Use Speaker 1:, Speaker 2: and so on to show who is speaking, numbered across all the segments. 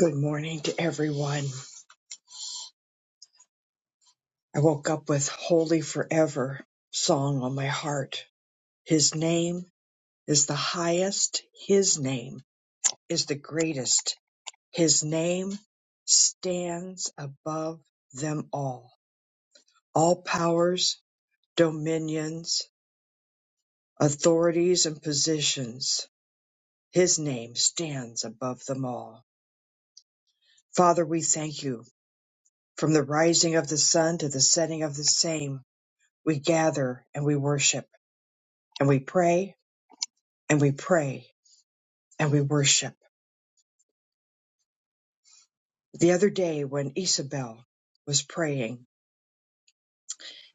Speaker 1: Good morning to everyone. I woke up with Holy Forever song on my heart. His name is the highest, His name is the greatest. His name stands above them all. All powers, dominions, authorities, and positions. His name stands above them all. Father, we thank you. From the rising of the sun to the setting of the same, we gather and we worship and we pray and we pray and we worship. The other day when Isabel was praying,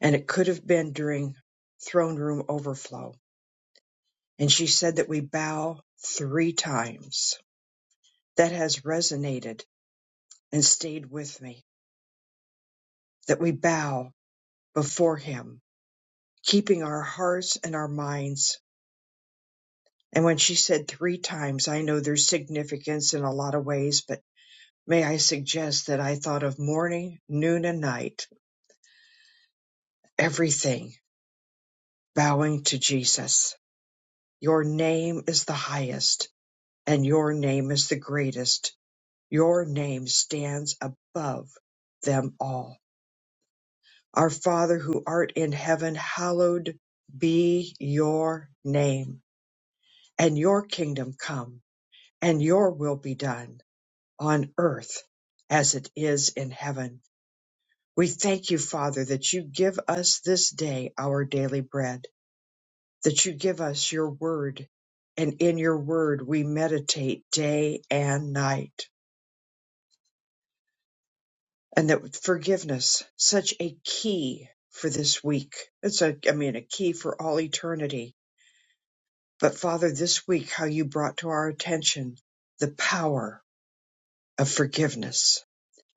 Speaker 1: and it could have been during throne room overflow, and she said that we bow three times. That has resonated and stayed with me, that we bow before him, keeping our hearts and our minds. And when she said three times, I know there's significance in a lot of ways, but may I suggest that I thought of morning, noon, and night, everything bowing to Jesus. Your name is the highest, and your name is the greatest. Your name stands above them all. Our Father who art in heaven, hallowed be your name, and your kingdom come, and your will be done on earth as it is in heaven. We thank you, Father, that you give us this day our daily bread that you give us your word, and in your word we meditate day and night. And that forgiveness, such a key for this week. It's a, I mean, a key for all eternity. But Father, this week, how you brought to our attention the power of forgiveness.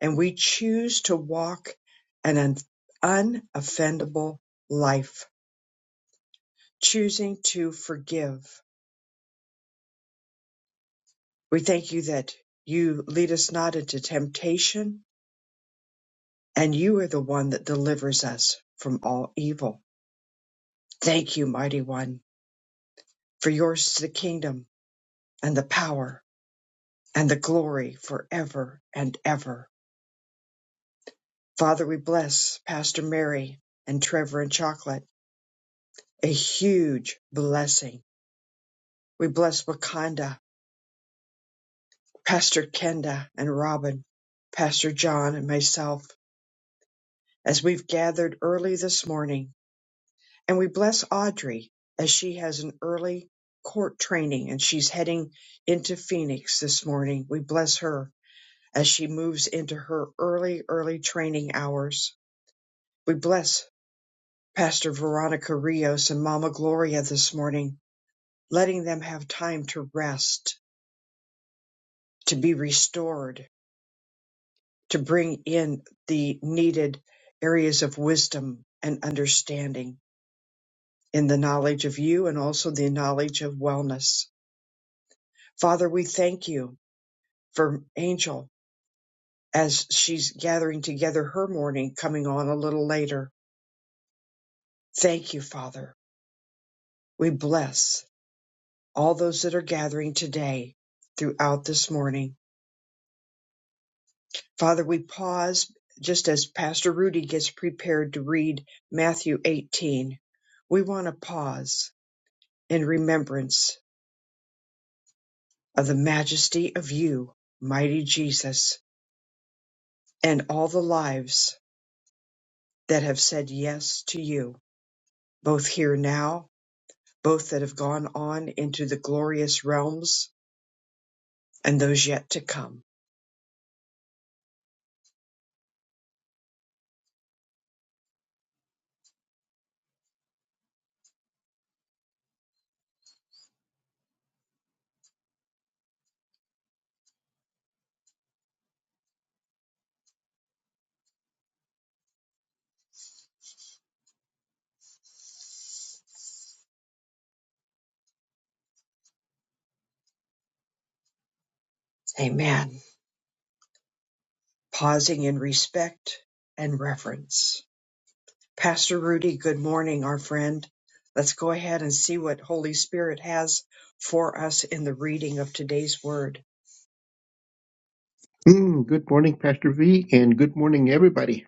Speaker 1: And we choose to walk an un- unoffendable life, choosing to forgive. We thank you that you lead us not into temptation, and you are the one that delivers us from all evil. Thank you, mighty one, for yours is the kingdom and the power and the glory forever and ever. Father, we bless Pastor Mary and Trevor and Chocolate, a huge blessing. We bless Wakanda, Pastor Kenda and Robin, Pastor John and myself as we've gathered early this morning And we bless Audrey as she has an early court training and she's heading into Phoenix this morning. We bless her as she moves into her early, early training hours. We bless Pastor Veronica Rios and Mama Gloria this morning, letting them have time to rest, to be restored, to bring in the needed areas of wisdom and understanding in the knowledge of you and also the knowledge of wellness. Father, we thank you for Angel as she's gathering together her morning coming on a little later. Thank you, Father. We bless all those that are gathering today throughout this morning. Father, we pause just as Pastor Rudy gets prepared to read Matthew 18. We want to pause in remembrance of the majesty of you, mighty Jesus, and all the lives that have said yes to you, both here now both that have gone on into the glorious realms and those yet to come. Amen. Pausing in respect and reverence. Pastor Rudy, good morning, our friend. Let's go ahead and see what Holy Spirit has for us in the reading of today's word.
Speaker 2: Mm, good morning, Pastor V, and good morning, everybody.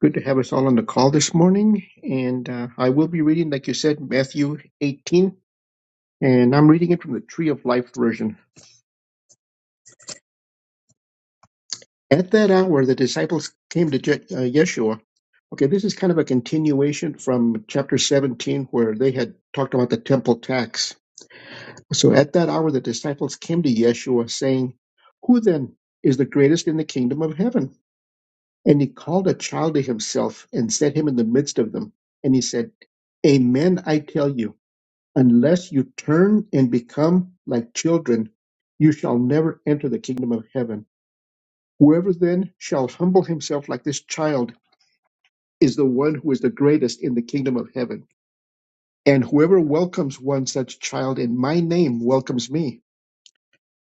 Speaker 2: Good to have us all on the call this morning. And uh, I will be reading, like you said, Matthew 18, and I'm reading it from the Tree of Life version. At that hour, the disciples came to Je- uh, Yeshua. Okay, this is kind of a continuation from chapter 17, where they had talked about the temple tax. So at that hour, the disciples came to Yeshua, saying, Who then is the greatest in the kingdom of heaven? And he called a child to himself and set him in the midst of them. And he said, Amen, I tell you, unless you turn and become like children, you shall never enter the kingdom of heaven. Whoever then shall humble himself like this child is the one who is the greatest in the kingdom of heaven. And whoever welcomes one such child in my name welcomes me.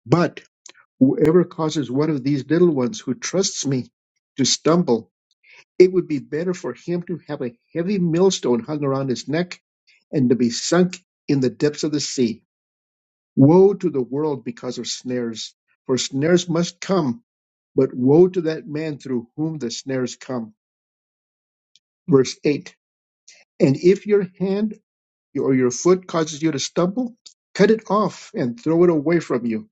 Speaker 2: But whoever causes one of these little ones who trusts me to stumble, It would be better for him to have a heavy millstone hung around his neck and to be sunk in the depths of the sea. Woe to the world because of snares, for snares must come, but woe to that man through whom the snares come. Verse 8 And if your hand or your foot causes you to stumble, cut it off and throw it away from you.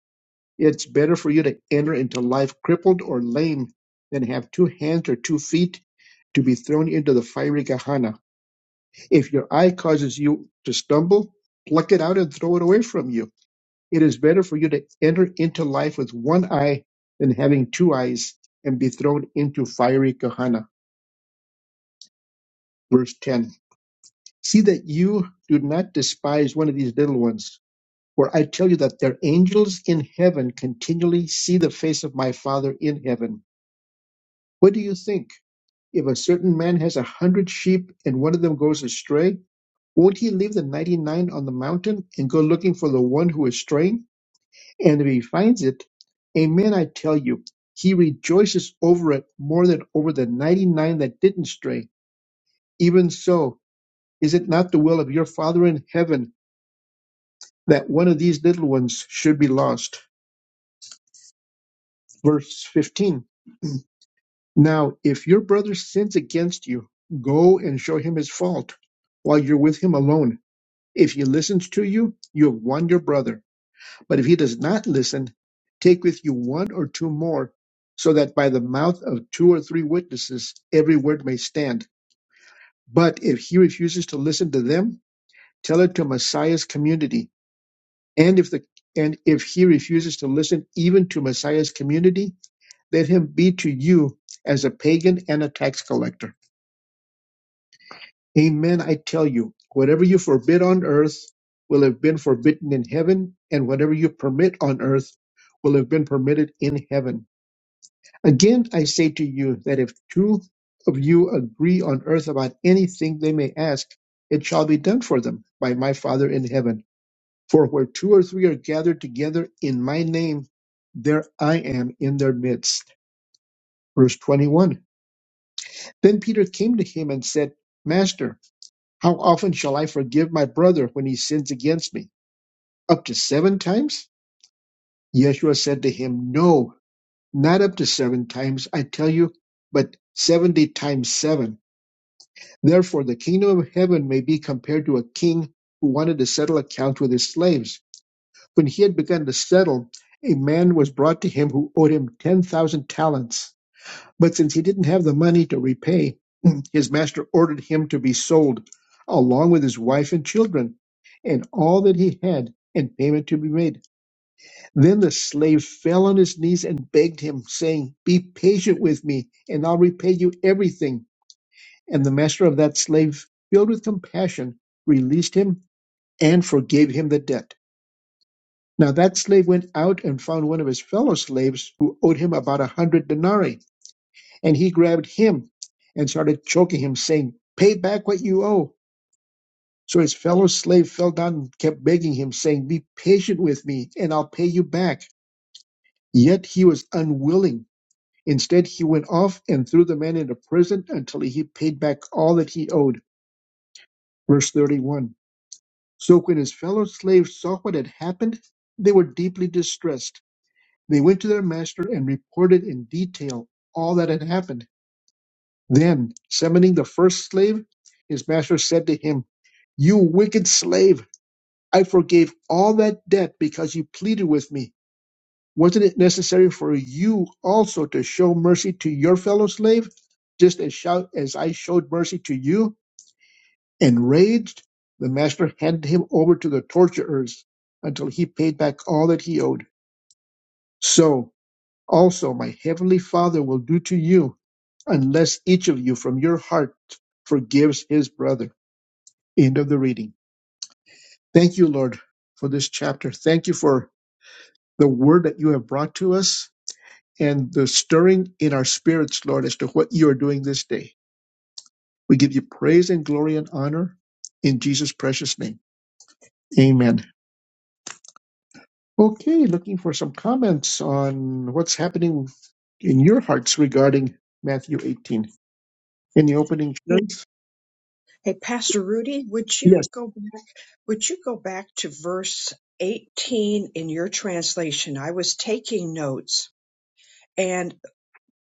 Speaker 2: It's better for you to enter into life crippled or lame than have two hands or two feet to be thrown into the fiery Gehenna If your eye causes you to stumble, pluck it out and throw it away from you. It is better for you to enter into life with one eye than having two eyes and be thrown into fiery Kohana. Verse 10 See that you do not despise one of these little ones, for I tell you that their angels in heaven continually see the face of my Father in heaven. What do you think? If a certain man has a hundred sheep and one of them goes astray, Won't he leave the ninety-nine on the mountain and go looking for the one who is straying? And if he finds it, amen, I tell you, he rejoices over it more than over the ninety-nine that didn't stray. Even so, is it not the will of your Father in heaven that one of these little ones should be lost? Verse 15. Now, if your brother sins against you, go and show him his fault while you're with him alone. If he listens to you, you have won your brother. But if he does not listen, take with you one or two more, so that by the mouth of two or three witnesses every word may stand. But if he refuses to listen to them, tell it to Messiah's community. And if the and if he refuses to listen even to Messiah's community, let him be to you as a pagan and a tax collector. Amen, I tell you, whatever you forbid on earth will have been forbidden in heaven, and whatever you permit on earth will have been permitted in heaven. Again, I say to you that if two of you agree on earth about anything they may ask, it shall be done for them by my Father in heaven. For where two or three are gathered together in my name, there I am in their midst. Verse 21. Then Peter came to him and said, Master, how often shall I forgive my brother when he sins against me? Up to seven times? Yeshua said to him, No, not up to seven times, I tell you, but seventy times seven. Therefore, the kingdom of heaven may be compared to a king who wanted to settle accounts with his slaves. When he had begun to settle, a man was brought to him who owed him 10,000 talents. But since he didn't have the money to repay, his master ordered him to be sold, along with his wife and children, and all that he had, and payment to be made. Then the slave fell on his knees and begged him, saying, Be patient with me, and I'll repay you everything. And the master of that slave, filled with compassion, released him and forgave him the debt. Now that slave went out and found one of his fellow slaves who owed him about a hundred denarii. And he grabbed him and started choking him, saying, Pay back what you owe. So his fellow slave fell down and kept begging him, saying, Be patient with me, and I'll pay you back. Yet he was unwilling. Instead, he went off and threw the man into prison until he paid back all that he owed. Verse 31. So when his fellow slaves saw what had happened, they were deeply distressed. They went to their master and reported in detail all that had happened. Then, summoning the first slave, his master said to him, You wicked slave, I forgave all that debt because you pleaded with me. Wasn't it necessary for you also to show mercy to your fellow slave, just as, shou- as I showed mercy to you? Enraged, the master handed him over to the torturers until he paid back all that he owed. So also my heavenly Father will do to you, unless each of you from your heart forgives his brother. End of the reading. Thank you, Lord, for this chapter. Thank you for the word that you have brought to us and the stirring in our spirits, Lord, as to what you are doing this day. We give you praise and glory and honor in Jesus' precious name. Amen. Okay, looking for some comments on what's happening in your hearts regarding Matthew 18. Any opening comments?
Speaker 1: Hey, Pastor Rudy, would you
Speaker 2: Yes.
Speaker 1: go would you go back to verse 18 in your translation? I was taking notes and.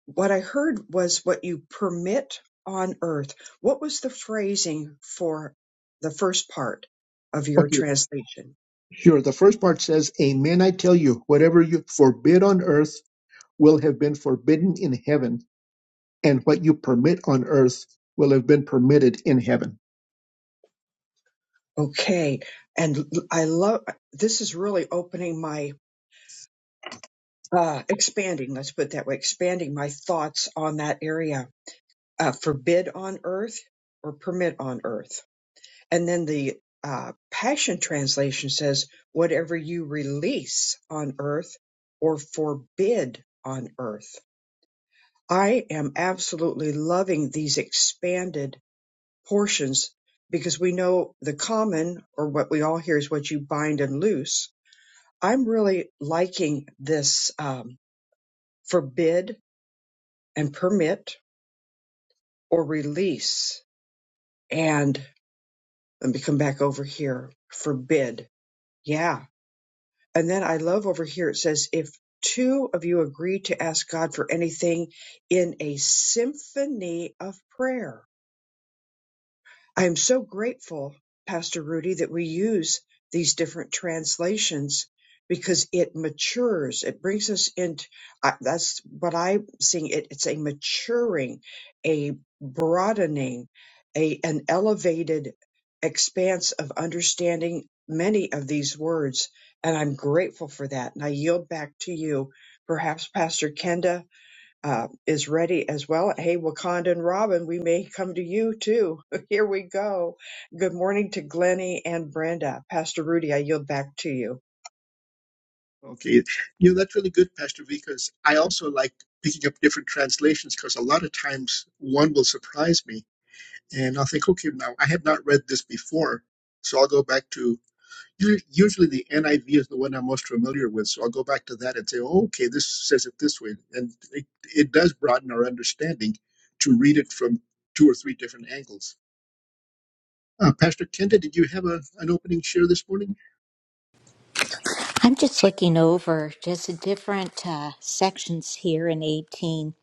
Speaker 1: what I heard was what you permit on earth. What was the phrasing for the first part of your
Speaker 2: Okay,
Speaker 1: translation?
Speaker 2: sure. The first part says, Amen, I tell you, whatever you forbid on earth will have been forbidden in heaven, and what you permit on earth will have been permitted in heaven.
Speaker 1: Okay. And I love this is really opening my uh expanding, let's put it that way, expanding my thoughts on that area. Uh forbid on earth or permit on earth. And then the uh passion translation says whatever you release on earth or forbid on earth I am absolutely loving these expanded portions because we know the common or what we all hear is what you bind and loose. I'm really liking this um, forbid and permit or release. And let me come back over here. Forbid. Yeah. And then I love over here it says, if two of you agree to ask God for anything in a symphony of prayer I am so grateful, Pastor Rudy, that we use these different translations because it matures. It brings us into I that's what I'm seeing. It, it's a maturing, a broadening, a an elevated expanse of understanding many of these words, and I'm grateful for that. And I yield back to you, perhaps Pastor Kenda uh, is ready as well. Hey, Wakanda and Robin, we may come to you too. Here we go. Good morning to Glennie and Brenda. Pastor Rudy, I yield back to you.
Speaker 2: Okay, you know, that's really good, Pastor V, because I also like picking up different translations because a lot of times one will surprise me and I'll think, okay, now I have not read this before, so I'll go back to usually the NIV is the one I'm most familiar with, so I'll go back to that and say, oh, okay, this says it this way, and it, it does broaden our understanding to read it from two or three different angles. Uh, Pastor Kenda, did you have a, an opening share this morning?
Speaker 3: I'm just looking over just the different uh, sections here in 18,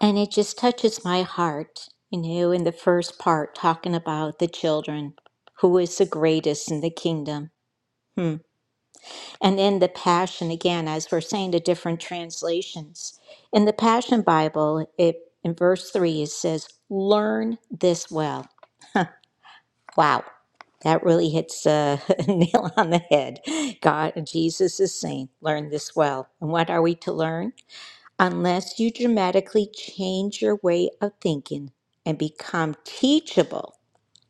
Speaker 3: and it just touches my heart. You know, in the first part, talking about the children, who is the greatest in the kingdom. Hmm. And then the Passion, again, as we're saying, the different translations. In the Passion Bible, it in verse 3, it says, Learn this well. Wow, that really hits a nail on the head. God, Jesus is saying, learn this well. And what are we to learn? Unless you dramatically change your way of thinking and become teachable.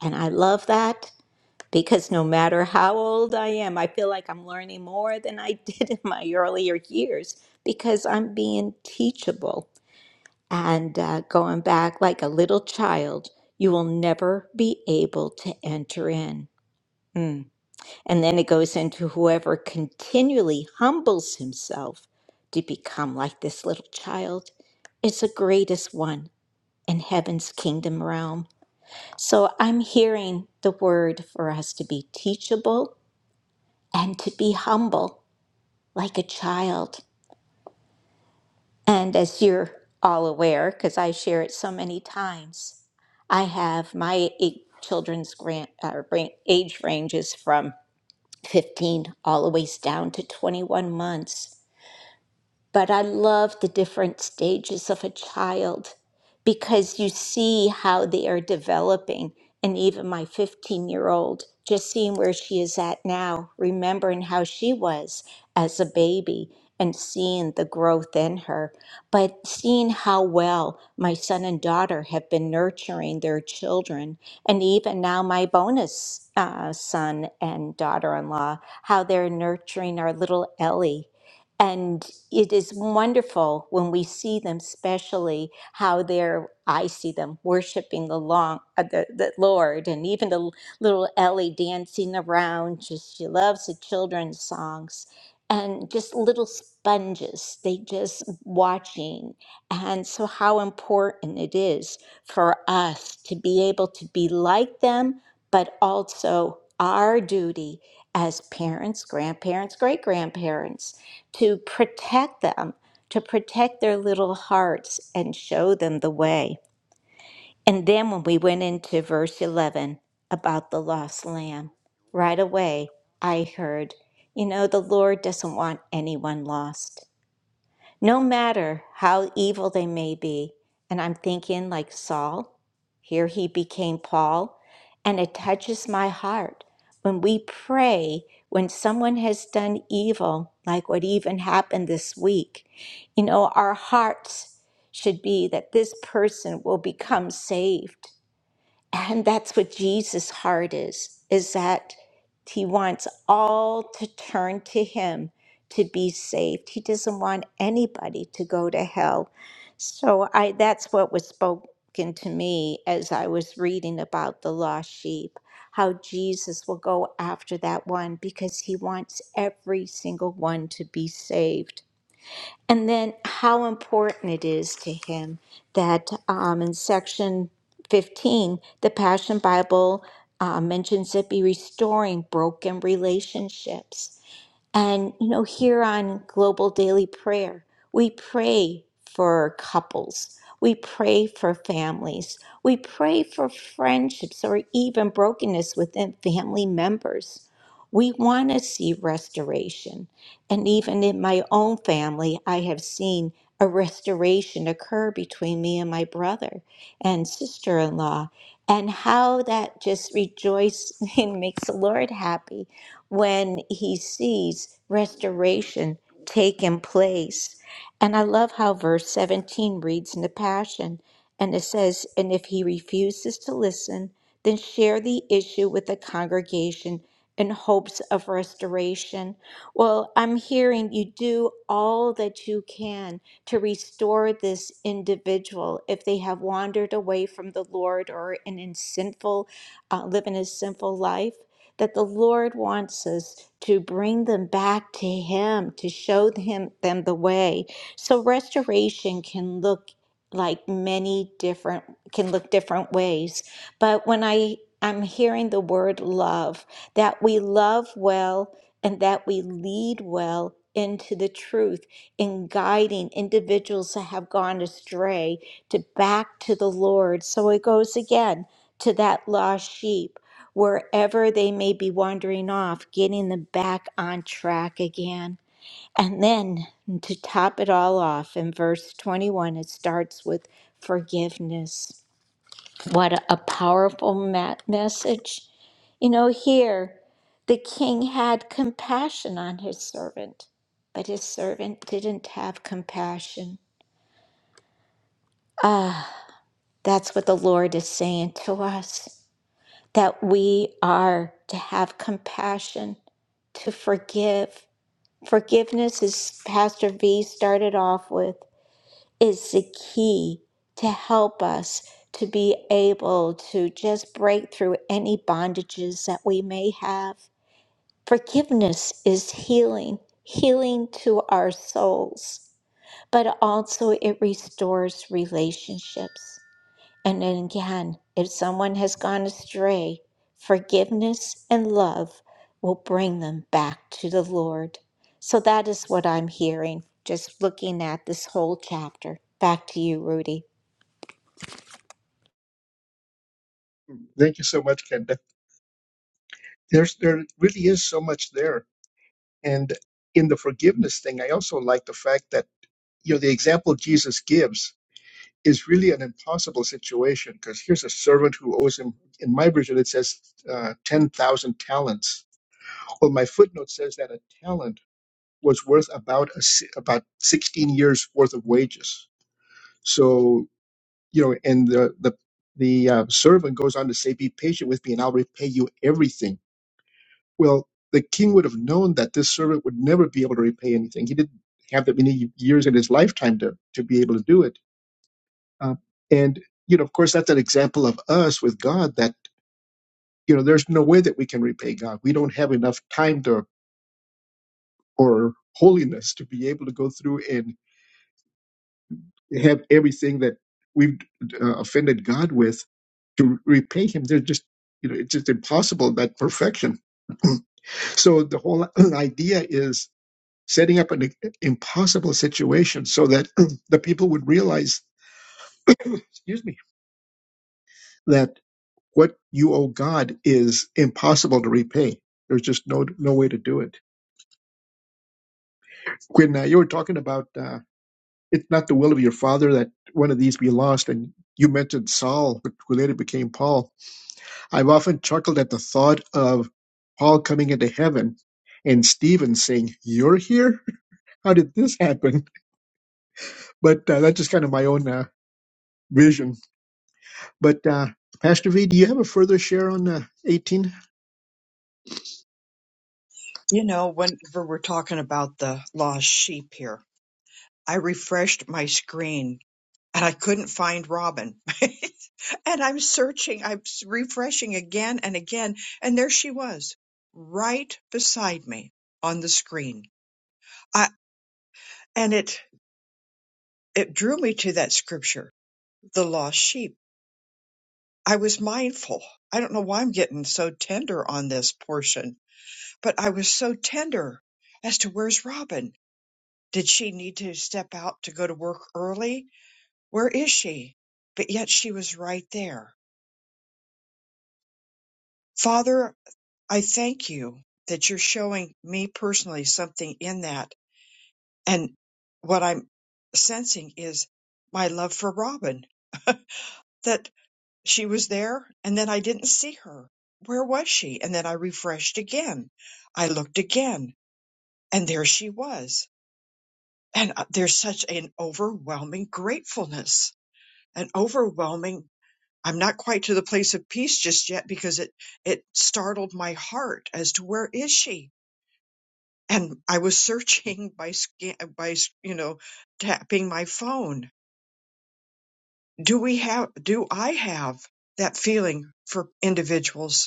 Speaker 3: And I love that because no matter how old I am, I feel like I'm learning more than I did in my earlier years because I'm being teachable and uh, going back like a little child. You will never be able to enter in. Mm. And then it goes into whoever continually humbles himself to become like this little child is the greatest one in heaven's kingdom realm. So I'm hearing the word for us to be teachable and to be humble like a child. And as you're all aware, because I share it so many times, I have my eight children's grant, uh, ran- age ranges from 15 all the way down to 21 months. But I love the different stages of a child because you see how they are developing. And even my 15 year old, just seeing where she is at now, remembering how she was as a baby and seeing the growth in her, but seeing how well my son and daughter have been nurturing their children. And even now, my bonus uh, son and daughter in law, how they're nurturing our little Ellie and it is wonderful when we see them, especially how they're, I see them worshiping the, long, uh, the, the Lord, and even the little Ellie dancing around. Just she loves the children's songs, and just little sponges. They just watching, and so how important it is for us to be able to be like them, but also our duty as parents, grandparents, great grandparents to protect them, to protect their little hearts and show them the way. And then when we went into verse 11 about the lost lamb, right away I heard, you know, the Lord doesn't want anyone lost no matter how evil they may be. And I'm thinking, like Saul, here he became Paul, and it touches my heart when we pray when someone has done evil, like what even happened this week. You know, our hearts should be that this person will become saved and that's what Jesus' heart is, is that he wants all to turn to him to be saved. He doesn't want anybody to go to hell. So I that's what was spoken to me as I was reading about the lost sheep, how Jesus will go after that one because he wants every single one to be saved. And then how important it is to him that um, in section 15, the Passion Bible uh, mentions it be restoring broken relationships. And, you know, here on Global Daily Prayer, we pray for couples, we pray for families, we pray for friendships or even brokenness within family members. We want to see restoration. And even in my own family, I have seen a restoration occur between me and my brother and sister in law, and how that just rejoices and makes the Lord happy when he sees restoration taking place. And I love how verse 17 reads in the Passion, and it says, And if he refuses to listen, then share the issue with the congregation in hopes of restoration. Well, I'm hearing you do all that you can to restore this individual if they have wandered away from the Lord or in, in sinful, uh, living a sinful life that the Lord wants us to bring them back to Him, to show him, them the way. So restoration can look like many different, can look different ways. But when I, I'm hearing the word love, that we love well and that we lead well into the truth in guiding individuals that have gone astray to back to the Lord. So it goes again to that lost sheep wherever they may be wandering off, getting them back on track again. And then to top it all off, in verse 21, it starts with forgiveness. What a powerful ma- message. You know, here the king had compassion on his servant, but his servant didn't have compassion. Ah, that's what the Lord is saying to us. that we are to have compassion, to forgive. Forgiveness, as Pastor V started off with, is the key to help us to be able to just break through any bondages that we may have. Forgiveness is healing, healing to our souls, but also it restores relationships. And then again, if someone has gone astray, forgiveness and love will bring them back to the Lord. So that is what I'm hearing, just looking at this whole chapter. Back to you, Rudy.
Speaker 2: Thank you so much, Kenda. There's there really is so much there, and in the forgiveness thing, I also like the fact that you know the example Jesus gives is really an impossible situation because here's a servant who owes him. In my version, it says uh, 10,000 talents. Well, my footnote says that a talent was worth about a, si- about 16 years worth of wages. So, you know, and the, the, the uh, servant goes on to say, Be patient with me and I'll repay you everything. Well, the king would have known that this servant would never be able to repay anything. He didn't have that many years in his lifetime to, to be able to do it Uh, and, you know, of course, that's an example of us with God that, you know, there's no way that we can repay God. We don't have enough time to, or holiness to be able to go through and have everything that we've uh, offended God with to repay Him. They're just, you know, it's just impossible that perfection. so the whole idea is setting up an i- impossible situation so that the people would realize, excuse me, that what you owe God is impossible to repay. There's just no no way to do it. Quinn, uh, you were talking about uh, it's not the will of your father that one of these be lost, and you mentioned Saul, who later became Paul. I've often chuckled at the thought of Paul coming into heaven and Stephen saying, "You're here? How did this happen?" But uh, that's just kind of my own uh, vision. But uh, Pastor V, do you have a further share on uh, 18?
Speaker 1: You know, whenever we're talking about the lost sheep here, I refreshed my screen and I couldn't find Robin. and I'm searching, I'm s- refreshing again and again. And there she was, right beside me on the screen. I, and it, it drew me to that scripture, the lost sheep I was mindful. I don't know why I'm getting so tender on this portion, but I was so tender as to where's Robin? Did she need to step out to go to work early? Where is she? But yet she was right there. Father, I thank you that you're showing me personally something in that. And what I'm sensing is my love for Robin that. She was there, and then I didn't see her. Where was she? And then I refreshed again. I looked again, and there she was. And uh, there's such an overwhelming gratefulness, an overwhelming. I'm not quite to the place of peace just yet because it it startled my heart as to where is she. And I was searching by scan, by you know tapping my phone. Do we have? Do I have that feeling for individuals?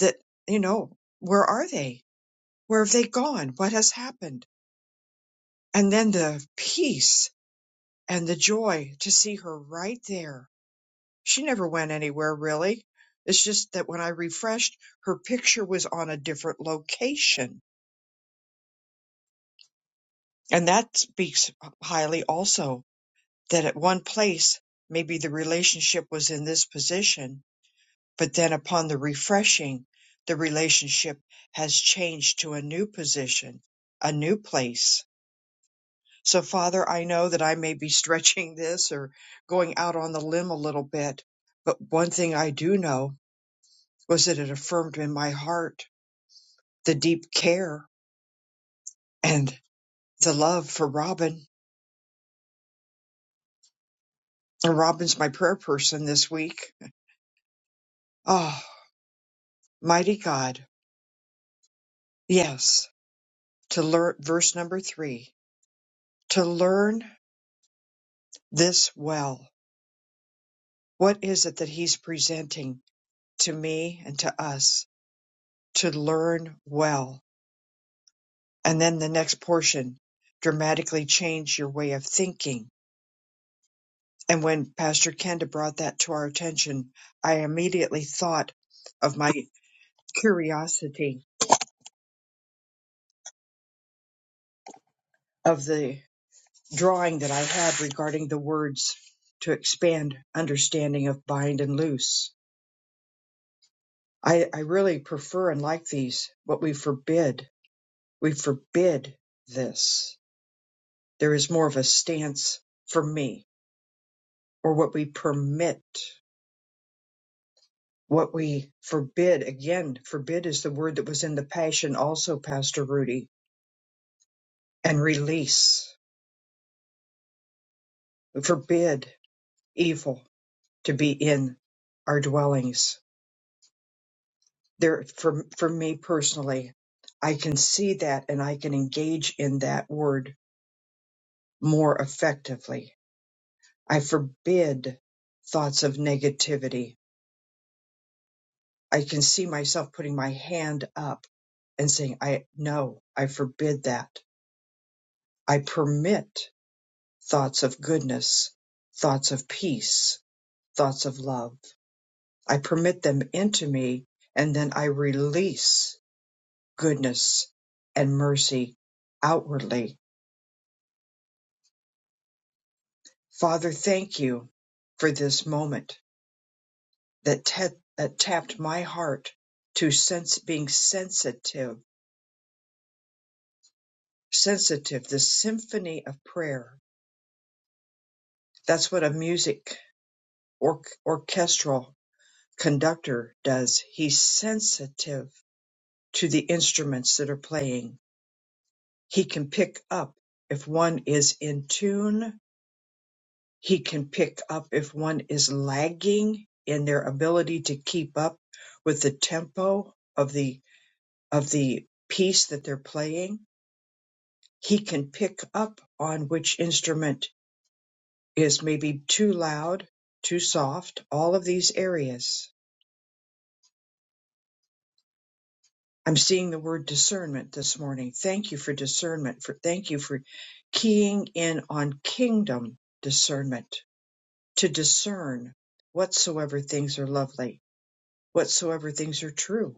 Speaker 1: that you know where are they where have they gone what has happened and then the peace and the joy to see her right there she never went anywhere really it's just that when i refreshed her picture was on a different location and that speaks highly also that at one place maybe the relationship was in this position but then upon the refreshing the relationship has changed to a new position a new place So, Father, I know that I may be stretching this or going out on the limb a little bit, but one thing I do know was that it affirmed in my heart the deep care and the love for Robin. And Robin's my prayer person this week. Oh, mighty God. Yes, to learn, verse number three, to learn this well. What is it that he's presenting to me and to us to learn well? and then the next portion dramatically change your way of thinking. And when Pastor Kenda brought that to our attention, I immediately thought of my curiosity of the drawing that I had regarding the words to expand understanding of bind and loose. I, I really prefer and like these, what we forbid. We forbid this. There is more of a stance for me, or what we permit what we forbid again forbid is the word that was in the passion also pastor rudy and release We forbid evil to be in our dwellings there for for me personally i can see that and i can engage in that word more effectively i forbid thoughts of negativity i can see myself putting my hand up and saying i no i forbid that i permit thoughts of goodness, thoughts of peace, thoughts of love. I permit them into me and then I release goodness and mercy outwardly. Father, thank you for this moment that, ta- that tapped my heart to sense being sensitive, sensitive, the symphony of prayer. That's what a music or- orchestral conductor does. He's sensitive to the instruments that are playing. He can pick up if one is in tune. He can pick up if one is lagging in their ability to keep up with the tempo of the of the piece that they're playing. He can pick up on which instrument is maybe too loud, too soft, all of these areas. I'm seeing the word discernment this morning. Thank you for discernment. For thank you for keying in on kingdom discernment to discern whatsoever things are lovely, whatsoever things are true,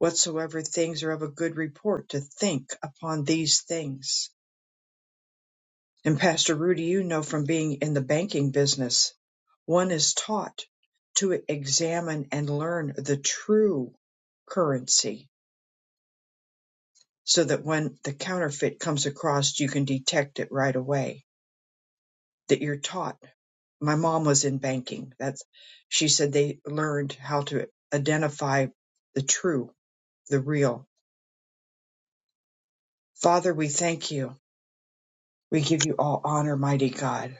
Speaker 1: whatsoever things are of a good report. To think upon these things. And Pastor Rudy, you know from being in the banking business, one is taught to examine and learn the true currency so that when the counterfeit comes across, you can detect it right away. That you're taught. My mom was in banking. That's she said they learned how to identify the true, the real. Father, we thank you. We give you all honor, mighty God.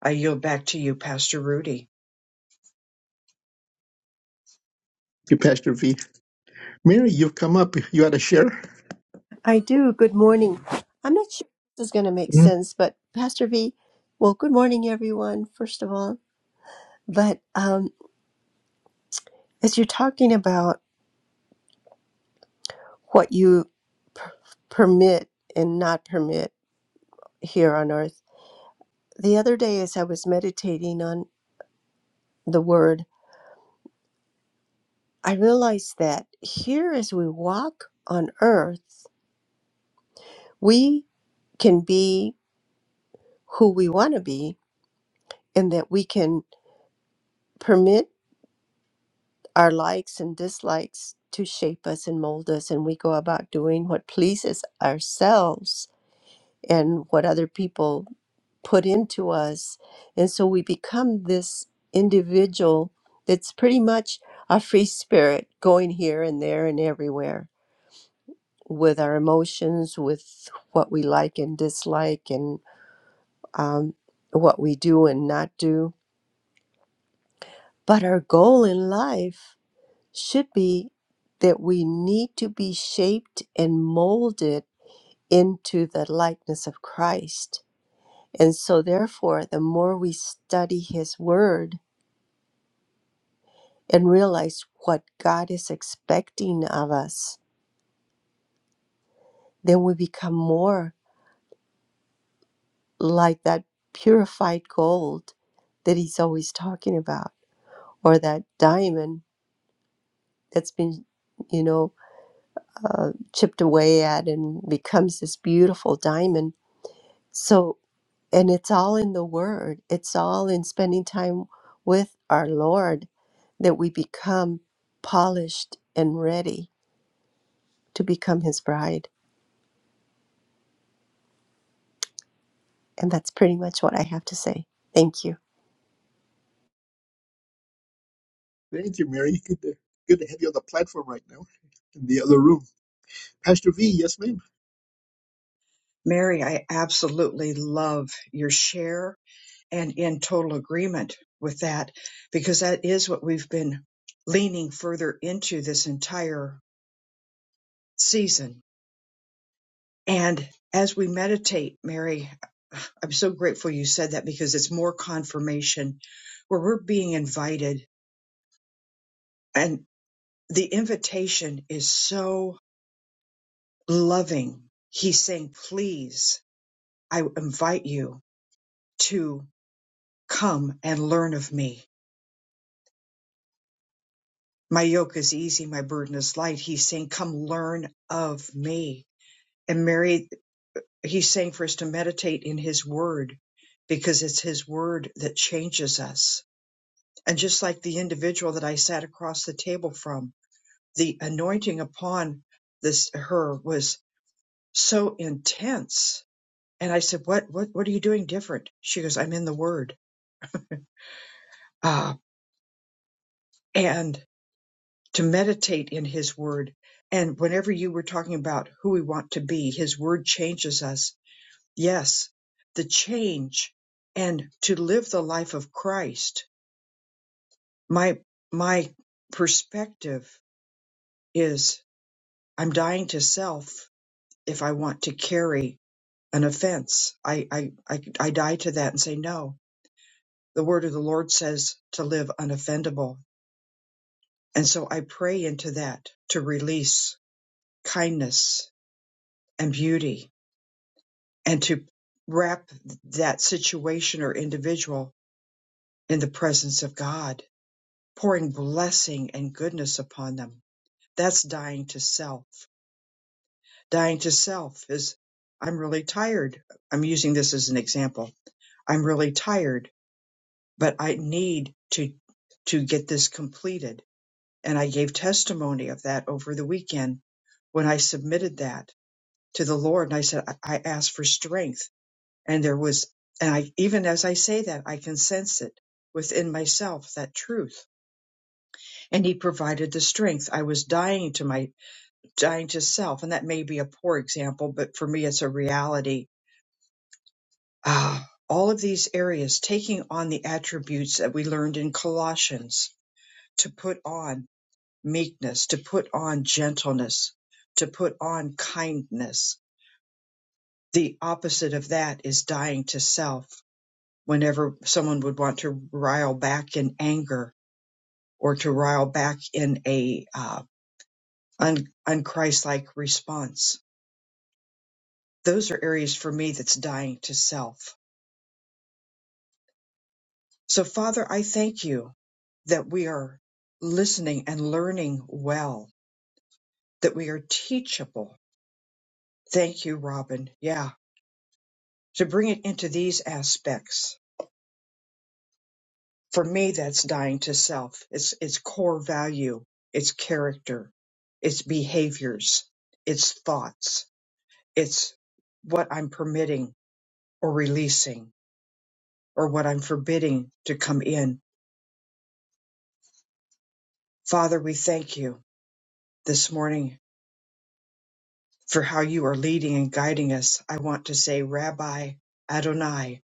Speaker 1: I yield back to you, Pastor Rudy.
Speaker 2: Pastor V. Mary, you've come up. You had a share.
Speaker 4: I do. Good morning. I'm not sure if this is going to make
Speaker 2: Mhm.
Speaker 4: sense, but Pastor V, well, good morning, everyone, first of all. But um, as you're talking about what you permit and not permit here on earth, the other day as I was meditating on the word, I realized that here as we walk on earth, we can be who we want to be and that we can permit our likes and dislikes to shape us and mold us and we go about doing what pleases ourselves and what other people put into us and so we become this individual that's pretty much a free spirit going here and there and everywhere with our emotions with what we like and dislike and um, what we do and not do but our goal in life should be that we need to be shaped and molded into the likeness of Christ. And so, therefore, the more we study His Word and realize what God is expecting of us, then we become more like that purified gold that He's always talking about, or that diamond that's been, you know, uh, chipped away at and becomes this beautiful diamond. So, And it's all in the Word, it's all in spending time with our Lord that we become polished and ready to become His bride. And that's pretty much what I have to say. Thank you.
Speaker 2: Thank you, Mary. Good to, good to have you on the platform right now in the other room. Pastor V, yes, ma'am.
Speaker 1: Mary, I absolutely love your share and in total agreement with that because that is what we've been leaning further into this entire season And as we meditate, Mary, I'm so grateful you said that because it's more confirmation where we're being invited. And the invitation is so loving. He's saying, Please, I invite you to come and learn of me. My yoke is easy, my burden is light. He's saying, Come learn of me. And Mary, he's saying for us to meditate in his word because it's his word that changes us And just like the individual that I sat across the table from, the anointing upon this her was so intense. And I said, "What what what are you doing different?" She goes, "I'm in the Word, uh, and to meditate in His Word." And whenever you were talking about who we want to be, His Word changes us. Yes, the change and to live the life of Christ. My my perspective is I'm dying to self if I want to carry an offense. I, I, I, I die to that and say, no, the word of the Lord says to live unoffendable. And so I pray into that to release kindness and beauty and to wrap that situation or individual in the presence of God, pouring blessing and goodness upon them. That's dying to self. Dying to self is, I'm really tired. I'm using this as an example. I'm really tired but I need to to get this completed. And I gave testimony of that over the weekend when I submitted that to the Lord and I said, I I asked for strength. And there was, and I, even as I say that, I can sense it within myself, that truth. And He provided the strength. I was dying to my, dying to self. And that may be a poor example, but for me, it's a reality. Ah, all of these areas taking on the attributes that we learned in Colossians to put on meekness, to put on gentleness, to put on kindness. The opposite of that is dying to self. Whenever someone would want to rile back in anger or to rile back in a uh, un- unchristlike response, those are areas for me that's dying to self. So, Father, I thank you that we are listening and learning well, that we are teachable. Thank you, Robin. Yeah, to bring it into these aspects For me, that's dying to self. It's, it's core value. It's character. It's behaviors. It's thoughts. It's what I'm permitting or releasing or what I'm forbidding to come in. Father, we thank you this morning for how you are leading and guiding us. I want to say, Rabbi Adonai,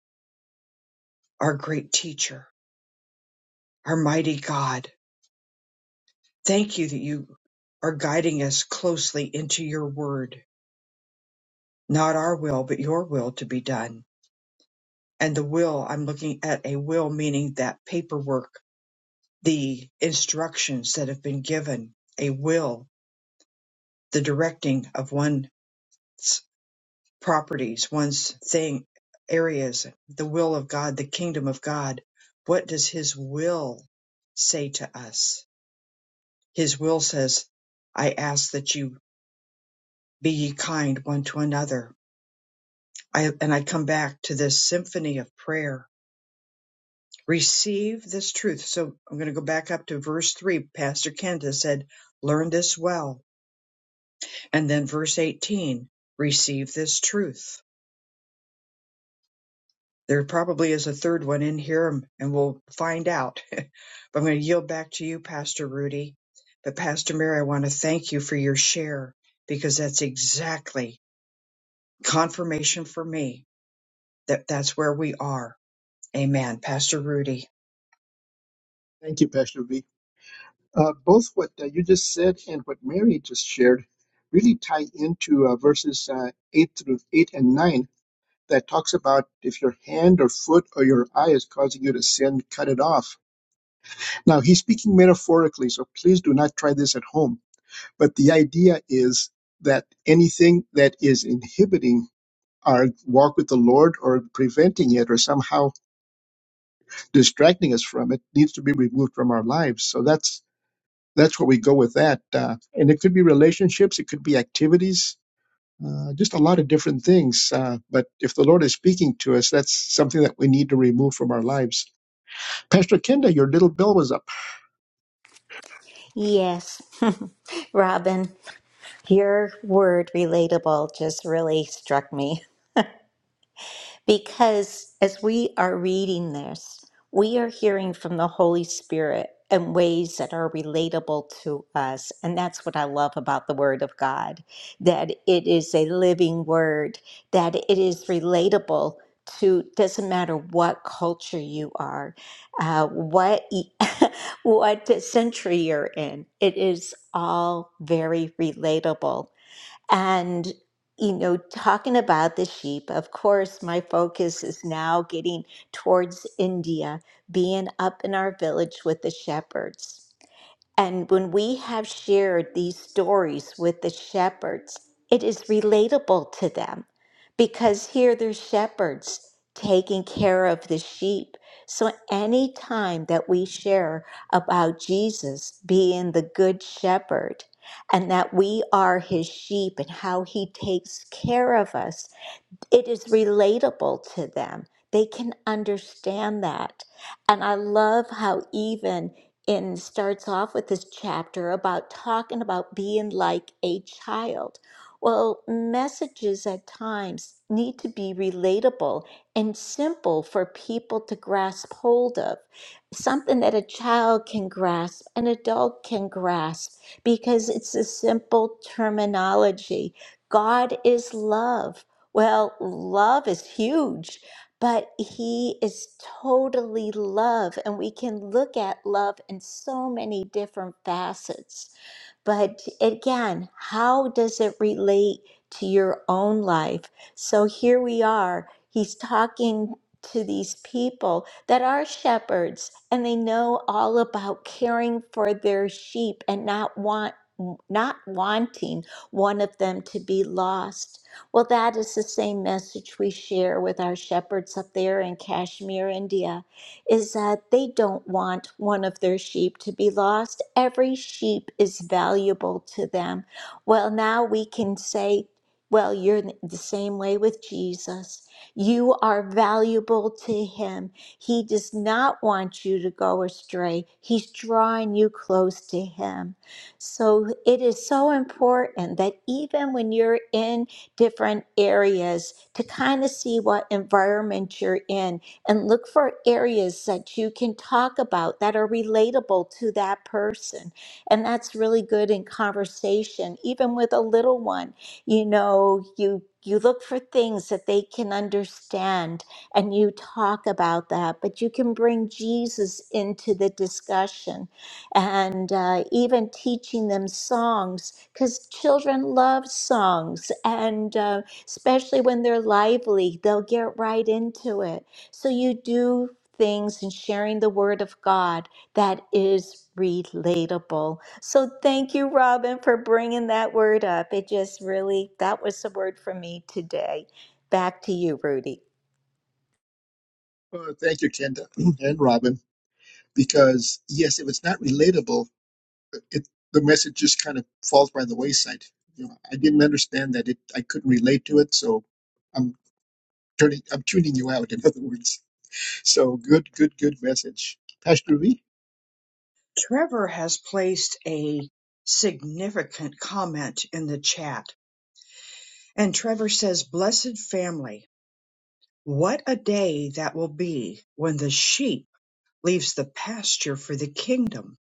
Speaker 1: our great teacher, our mighty God, thank you that you are guiding us closely into your word Not our will, but your will to be done. And the will, I'm looking at a will meaning that paperwork, the instructions that have been given, a will, the directing of one's properties, one's thing, areas, the will of God, the kingdom of God. What does his will say to us? His will says, I ask that you be ye kind one to another. I, and I come back to this symphony of prayer receive this truth. So I'm going to go back up to verse 3. Pastor Kenda said, Learn this well. And then verse 18, receive this truth. There probably is a third one in here and and we'll find out. but I'm going to yield back to you, Pastor Rudy. But Pastor Mary, I want to thank you for your share because that's exactly confirmation for me that that's where we are. Amen. Pastor Rudy.
Speaker 2: Thank you, Pastor V. Uh, both what uh, you just said and what Mary just shared really tie into uh, verses uh, eight through eight and nine that talks about if your hand or foot or your eye is causing you to sin, cut it off. Now he's speaking metaphorically, so please do not try this at home. But the idea is that anything that is inhibiting our walk with the Lord or preventing it or somehow distracting us from it needs to be removed from our lives. So that's that's where we go with that. Uh, and it could be relationships, it could be activities, uh, just a lot of different things. Uh, but if the Lord is speaking to us, that's something that we need to remove from our lives. Pastor Kenda, your little bell was up.
Speaker 3: Yes, Robin, your word relatable just really struck me. Because as we are reading this, we are hearing from the Holy Spirit in ways that are relatable to us. And that's what I love about the Word of God that it is a living Word, that it is relatable to, doesn't matter what culture you are, uh, what, what century you're in, it is all very relatable. And, you know, talking about the sheep, of course, my focus is now getting towards India, being up in our village with the shepherds. And when we have shared these stories with the shepherds, it is relatable to them because here they're shepherds taking care of the sheep. So any time that we share about Jesus being the good shepherd and that we are his sheep and how he takes care of us it is relatable to them. They can understand that. And I love how even in starts off with this chapter about talking about being like a child. Well, messages at times need to be relatable and simple for people to grasp hold of. Something that a child can grasp, an adult can grasp, because it's a simple terminology. God is love well, love is huge, but he is totally love, and we can look at love in so many different facets. But again, how does it relate to your own life? So here we are. He's talking to these people that are shepherds and they know all about caring for their sheep and not want not wanting one of them to be lost. Well, that is the same message we share with our shepherds up there in Kashmir, India, is that they don't want one of their sheep to be lost. Every sheep is valuable to them. Well, now we can say, well, you're the same way with Jesus. You are valuable to him. He does not want you to go astray. He's drawing you close to him. So it is so important that even when you're in different areas to kind of see what environment you're in and look for areas that you can talk about that are relatable to that person. And that's really good in conversation, even with a little one. You know, you you look for things that they can understand and you talk about that, but you can bring Jesus into the discussion and uh, even teaching them songs because children love songs and uh, especially when they're lively they'll get right into it so you do things and sharing the word of god that is relatable so thank you robin for bringing that word up it just really that was the word for me today back to you rudy
Speaker 2: Oh, thank you, Kenda and Robin. Because yes, if it's not relatable, it, the message just kind of falls by the wayside. You know, I didn't understand that it. I couldn't relate to it, so I'm turning. I'm tuning you out. In other words, so good, good, good message, Pastor V.
Speaker 1: Trevor has placed a significant comment in the chat. And Trevor says, Blessed family, what a day that will be when the sheep leaves the pasture for the kingdom.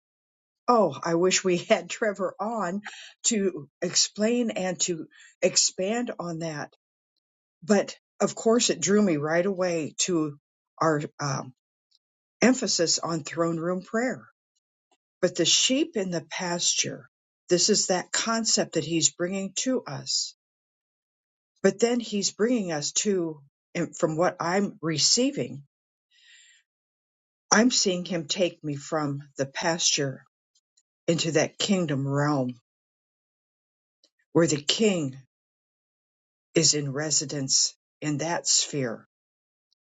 Speaker 1: Oh, I wish we had Trevor on to explain and to expand on that. But of course, it drew me right away to our um, emphasis on throne room prayer But the sheep in the pasture, this is that concept that he's bringing to us. But then he's bringing us to, and from what I'm receiving, I'm seeing him take me from the pasture into that kingdom realm where the king is in residence in that sphere.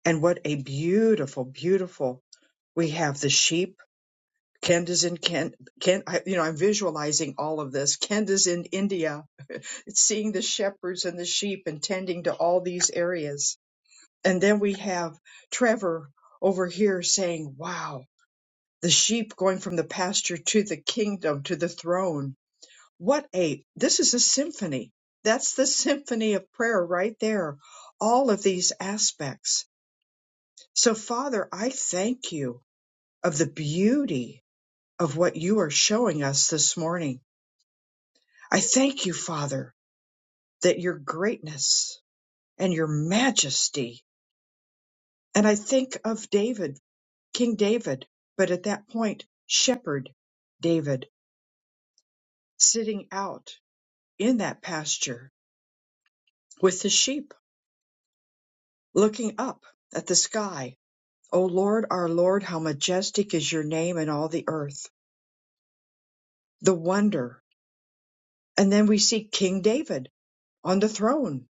Speaker 1: And what a beautiful, beautiful, we have the sheep. Kent is in Kent. Kent, I, you know, I'm visualizing all of this. Kent is in India It's seeing the shepherds and the sheep and tending to all these areas. And then we have Trevor over here saying, Wow, the sheep going from the pasture to the kingdom, to the throne. What a, this is a symphony. That's the symphony of prayer right there. All of these aspects. So, Father, I thank you of the beauty of what you are showing us this morning. I thank you, Father, that your greatness and your majesty And I think of David, King David, but at that point, shepherd David sitting out in that pasture with the sheep, looking up at the sky. O Lord, our Lord, how majestic is your name in all the earth, the wonder. And then we see King David on the throne,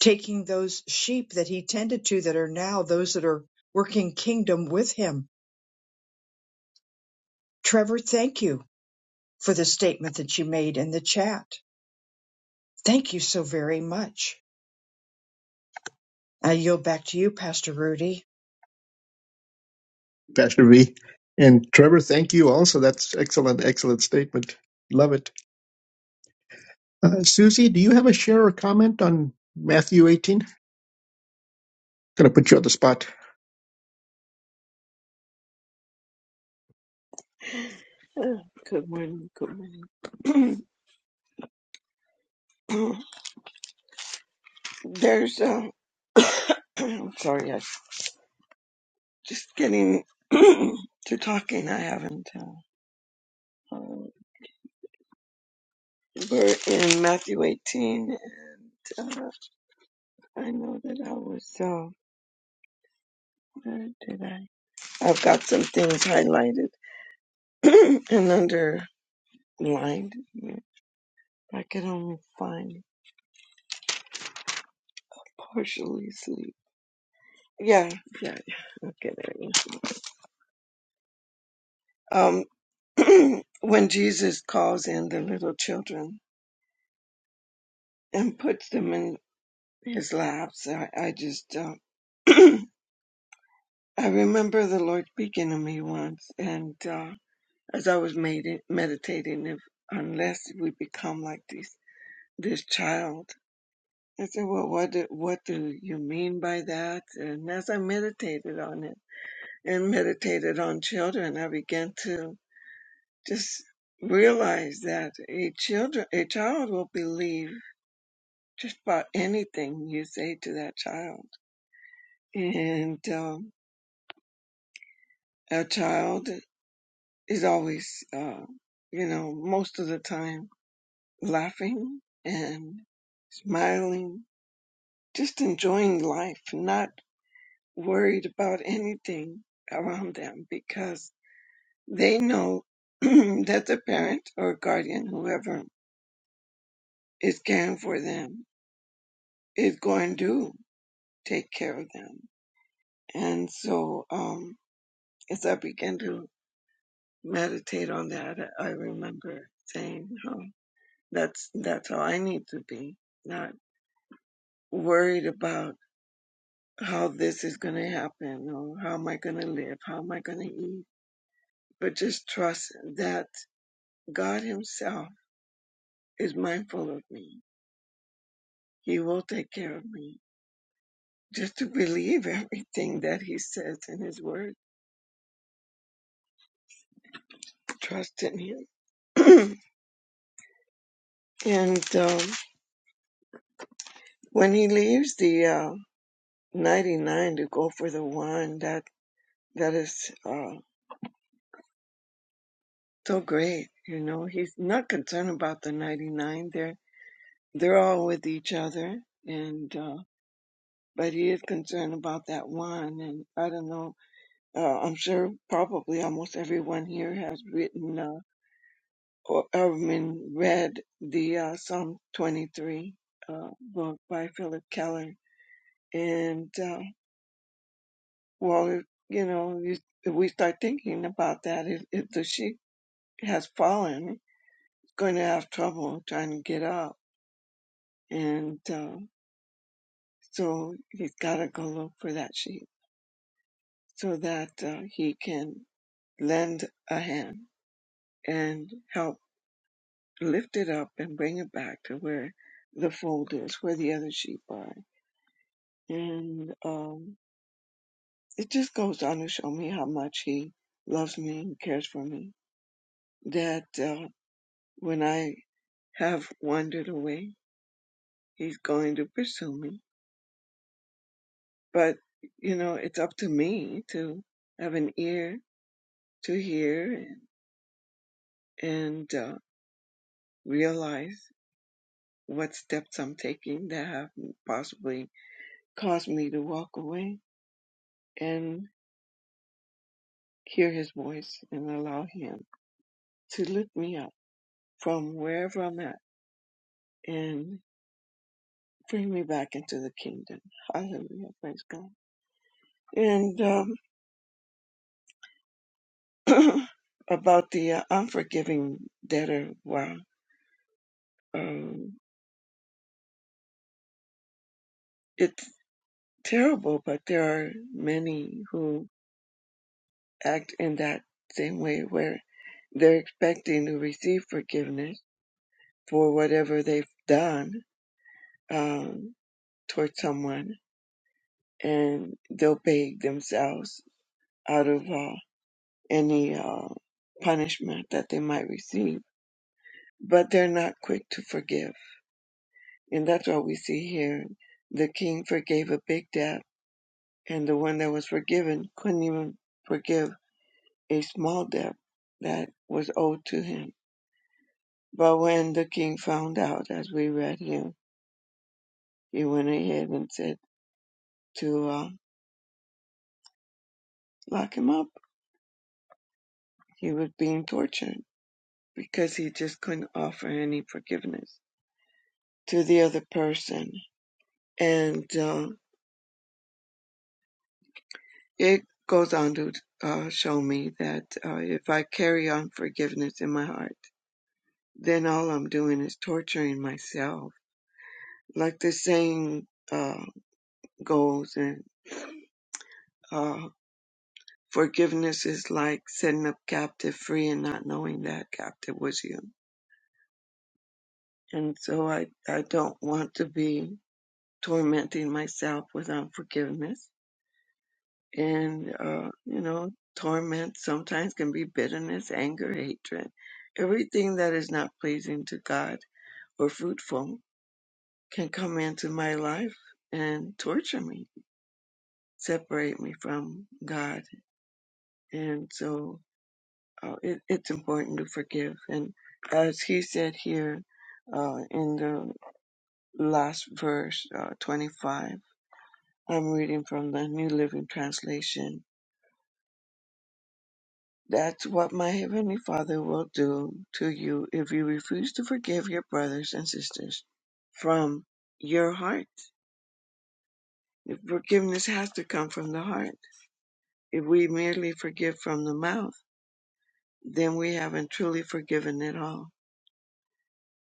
Speaker 1: taking those sheep that he tended to that are now those that are working kingdom with him. Trevor, thank you for the statement that you made in the chat Thank you so very much. I yield back to you, Pastor Rudy.
Speaker 2: Pastor V. And Trevor, thank you. Also, that's excellent, excellent statement. Love it. Uh, Susie, do you have a share or comment on Matthew 18? Gonna put you on the spot.
Speaker 5: Uh, Good morning. Good morning. There's um, I'm sorry, I'm just getting to talking. I haven't. Uh, um, we're in Matthew 18, and uh, I know that I was. Uh, where did I? I've got some things highlighted and underlined. I can only find partially sleep. Yeah, yeah, yeah. Okay, there. you go. Um, when Jesus calls in the little children and puts them in his laps, I, I just, uh, I remember the Lord speaking to me once, and uh, as I was made, meditating, if unless we become like this this child, I said, well, what do, what do you mean by that? And as I meditated on it and meditated on children, I began to Just realize that a children a child will believe just about anything you say to that child, and um, a child is always, uh, you know, most of the time laughing and smiling, just enjoying life, not worried about anything around them because they know that the parent or guardian, whoever is caring for them, is going to. take care of them. And so, um, as I began to meditate on that, I remember saying, oh, that's, that's how I need to be, not worried about how this is going to happen or how am I going to live? How am I going to eat? But just trust that God himself is mindful of me. He will take care of me. Just to believe everything that he says in his word, trust in him. and, um, When he leaves the uh, 99 to go for the one, that that is uh, so great. You know, he's not concerned about the 99. They're they're all with each other, and uh, but he is concerned about that one. And I don't know. Uh, I'm sure probably almost everyone here has written uh, or I mean read the uh, Psalm 23 uh, book by Philip Keller, and. Uh, Well, if, you know, you, if we start thinking about that, if, if the sheep has fallen, it's going to have trouble trying to get up. And uh, so he's got to go look for that sheep so that uh, he can lend a hand and help lift it up and bring it back to where the fold is, where the other sheep are. And um, it just goes on to show me how much he loves me and cares for me. That uh, When I have wandered away, he's going to pursue me. But, you know, it's up to me to have an ear to hear and, and uh, realize what steps I'm taking that have possibly caused me to walk away and hear his voice and allow him to lift me up from wherever I'm at and bring me back into the kingdom. Hallelujah. Praise God. And, um, about the uh, unforgiving debtor. Wow. Um, it's terrible, but there are many who act in that same way where they're expecting to receive forgiveness for whatever they've done um, towards someone, and they'll beg themselves out of uh, any uh, punishment that they might receive. But they're not quick to forgive And that's what we see here. The king forgave a big debt, and the one that was forgiven couldn't even forgive a small debt that was owed to him. But when the king found out, as we read here, he went ahead and said to uh, lock him up. He was being tortured because he just couldn't offer any forgiveness to the other person. And uh, it goes on to uh, show me that uh, if I carry on forgiveness in my heart, then all I'm doing is torturing myself. Like the saying uh, goes, and uh, forgiveness is like setting up captive free and not knowing that captive was you. And so I, I don't want to be tormenting myself with unforgiveness. And, uh, you know, torment sometimes can be bitterness, anger, hatred. Everything that is not pleasing to God or fruitful can come into my life and torture me separate me from God. And so uh, it, it's important to forgive. And as he said here uh, in the last verse, uh, 25, I'm reading from the New Living Translation. That's what my Heavenly Father will do to you if you refuse to forgive your brothers and sisters from your heart. The forgiveness has to come from the heart. If we merely forgive from the mouth, then we haven't truly forgiven at all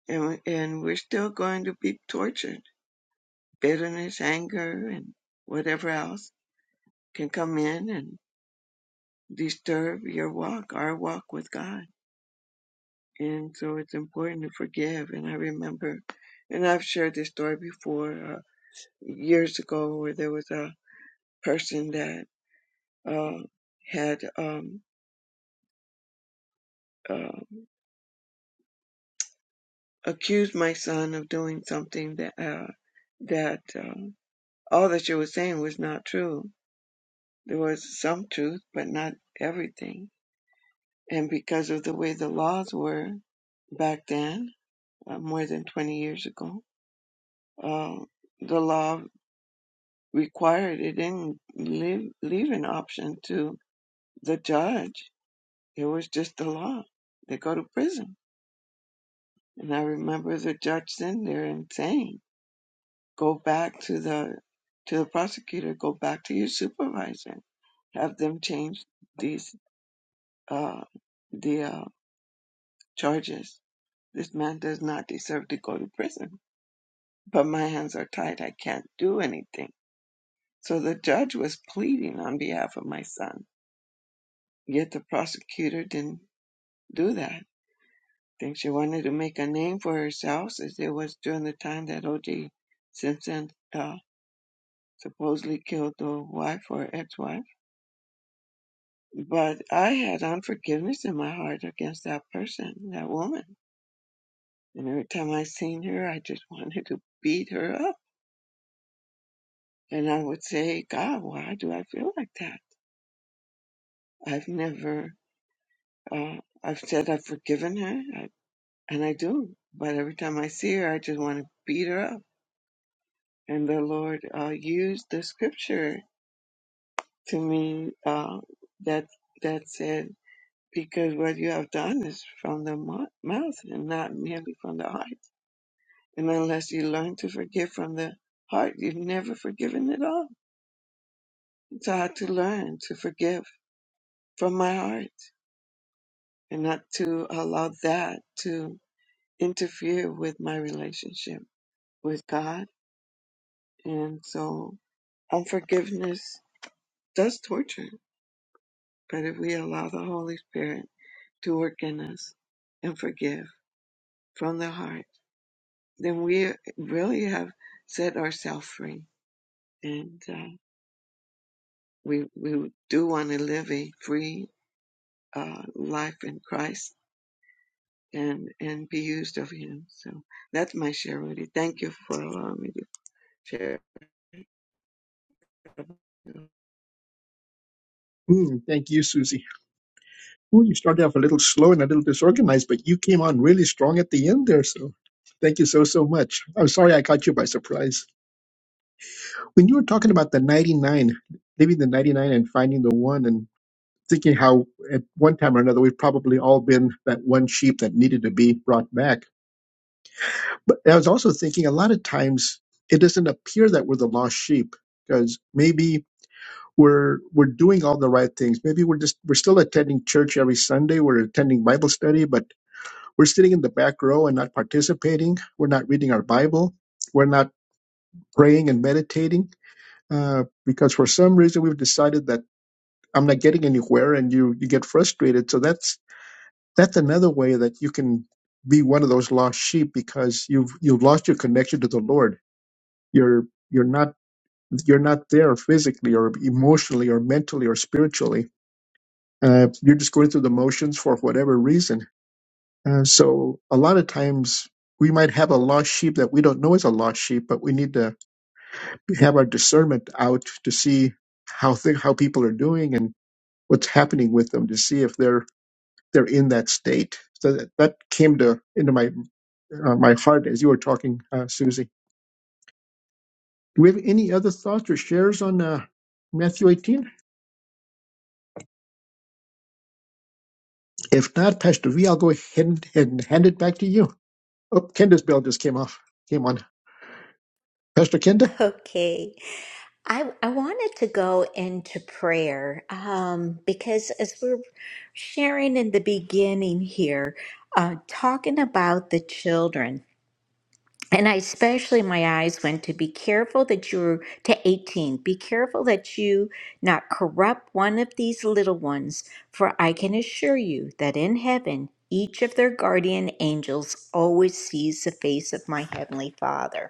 Speaker 5: and, and we're still going to be tortured. Bitterness, anger, and whatever else can come in and disturb your walk, our walk with God. And so it's important to forgive. And I remember, and I've shared this story before uh, years ago, where there was a person that uh, had um, uh, accused my son of doing something that uh, that uh, all that she was saying was not true There was some truth, but not everything. And because of the way the laws were back then, uh, more than 20 years ago, uh, the law required it didn't leave, leave an option to the judge. It was just the law. They go to prison. And I remember the judge sitting there and saying, "Go back to the to the prosecutor. Go back to your supervisor. Have them change these uh, the uh, charges. This man does not deserve to go to prison, but my hands are tied. I can't do anything. So the judge was pleading on behalf of my son, yet the prosecutor didn't do that. I think she wanted to make a name for herself as it was during the time that O.J. Simpson uh, supposedly killed the wife or ex-wife. But I had unforgiveness in my heart against that person, that woman. And every time I seen her, I just wanted to beat her up And I would say, God, why do I feel like that? I've never, uh, I've said I've forgiven her, I, and I do. But every time I see her, I just want to beat her up. And the Lord uh, used the scripture to me uh, that that said, because what you have done is from the mo- mouth and not merely from the heart. And unless you learn to forgive from the heart, you've never forgiven at all. So I had to learn to forgive from my heart and not to allow that to interfere with my relationship with God. And so unforgiveness does torture, but if we allow the Holy Spirit to work in us and forgive from the heart, then we really have set ourselves free. And uh, we, we do want to live a free uh, life in Christ and, and be used of Him. So that's my share, Rudy. Thank you for allowing me to share. Yeah.
Speaker 2: Mm, thank you, Susie. Ooh, you started off a little slow and a little disorganized, but you came on really strong at the end there. So thank you so, so much. I'm sorry I caught you by surprise. When you were talking about the 99, leaving the 99 and finding the one, thinking how at one time or another we've probably all been that one sheep that needed to be brought back. But I was also thinking a lot of times it doesn't appear that we're the lost sheep because maybe we're we're doing all the right things. Maybe we're just we're still attending church every Sunday. We're attending Bible study, but we're sitting in the back row and not participating. We're not reading our Bible. We're not praying and meditating uh, because for some reason we've decided that I'm not getting anywhere, and you you get frustrated. So that's that's another way that you can be one of those lost sheep because you've you've lost your connection to the Lord. You're you're not you're not there physically or emotionally or mentally or spiritually. Uh, you're just going through the motions for whatever reason. Uh, so a lot of times we might have a lost sheep that we don't know is a lost sheep, but we need to have our discernment out to see how th- how people are doing and what's happening with them to see if they're they're in that state. So that, that came to into my uh, my heart as you were talking, uh, Susie. Do we have any other thoughts or shares on uh, Matthew 18? If not, Pastor V, I'll go ahead and, and hand it back to you. Oh, Kenda's bell just came off. Came on. Pastor Kenda?
Speaker 3: Okay. I, I wanted to go into prayer um, because as we're sharing in the beginning here, uh, talking about the children, and I especially my eyes went to be careful that you're to 18, be careful that you not corrupt one of these little ones, for I can assure you that in heaven, each of their guardian angels always sees the face of my heavenly Father.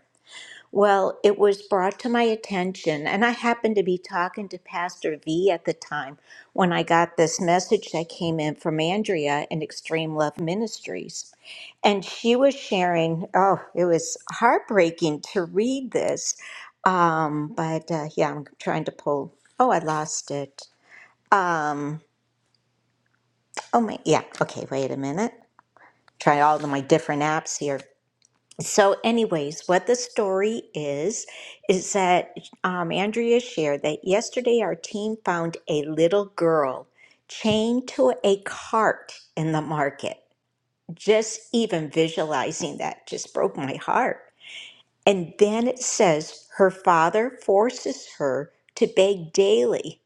Speaker 3: Well, it was brought to my attention, and I happened to be talking to Pastor V at the time when I got this message that came in from Andrea in Extreme Love Ministries. And she was sharing, oh, it was heartbreaking to read this. Um, but uh, yeah, I'm trying to pull. Oh, I lost it. Um, oh, my, yeah, okay, wait a minute. Try all of my different apps here. So, anyways, what the story is, is that um, Andrea shared that yesterday our team found a little girl chained to a cart in the market. Just even visualizing that just broke my heart. And then it says her father forces her to beg daily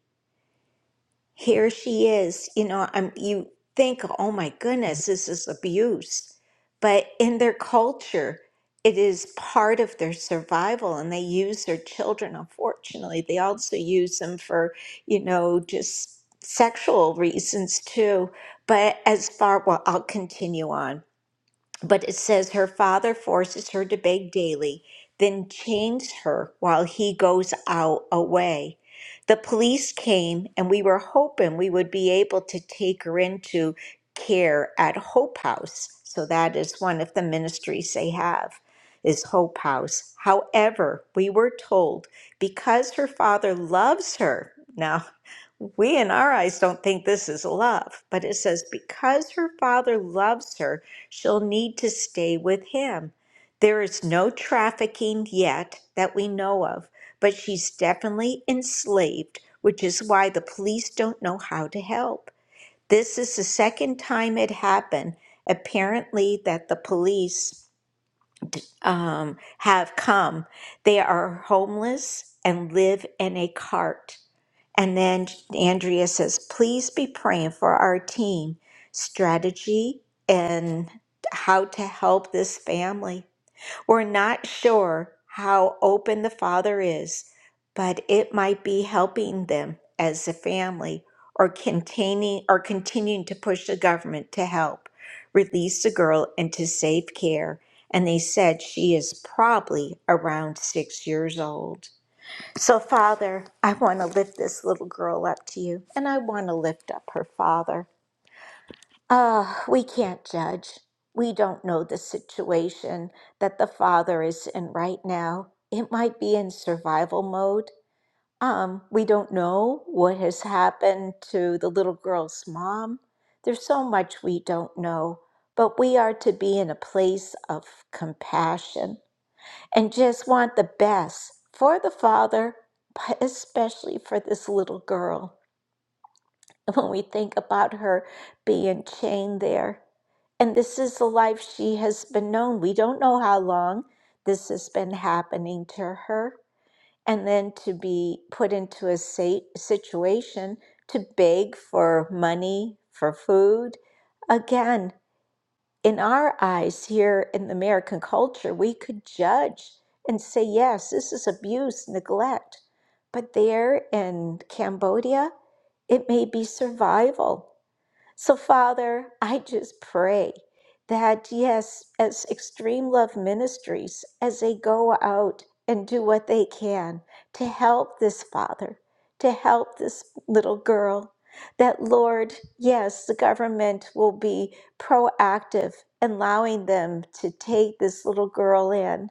Speaker 3: here she is you know i'm you think oh my goodness this is abuse but in their culture it is part of their survival and they use their children unfortunately they also use them for you know just sexual reasons too but as far well i'll continue on but it says her father forces her to beg daily, then chains her while he goes out away. The police came, and we were hoping we would be able to take her into care at Hope House. So that is one of the ministries they have, is Hope House. However, we were told because her father loves her. Now, we in our eyes don't think this is love, but it says because her father loves her, she'll need to stay with him. There is no trafficking yet that we know of, but she's definitely enslaved, which is why the police don't know how to help. This is the second time it happened, apparently, that the police um, have come. They are homeless and live in a cart. And then Andrea says, please be praying for our team strategy and how to help this family. We're not sure how open the father is, but it might be helping them as a family or containing or continuing to push the government to help release the girl into safe care. And they said she is probably around six years old. So, Father, I want to lift this little girl up to you, and I want to lift up her father. Uh, we can't judge. We don't know the situation that the father is in right now. It might be in survival mode. Um, we don't know what has happened to the little girl's mom. There's so much we don't know, but we are to be in a place of compassion and just want the best for the father, but especially for this little girl. When we think about her being chained there, and this is the life she has been known. We don't know how long this has been happening to her. And then to be put into a sa- situation to beg for money, for food. again in our eyes here in the American culture, we could judge and say, yes, this is abuse, neglect. But there in Cambodia, it may be survival. So, Father, I just pray that, yes, as Extreme Love Ministries, as they go out and do what they can to help this father, to help this little girl, that, Lord, yes, the government will be proactive, allowing them to take this little girl in.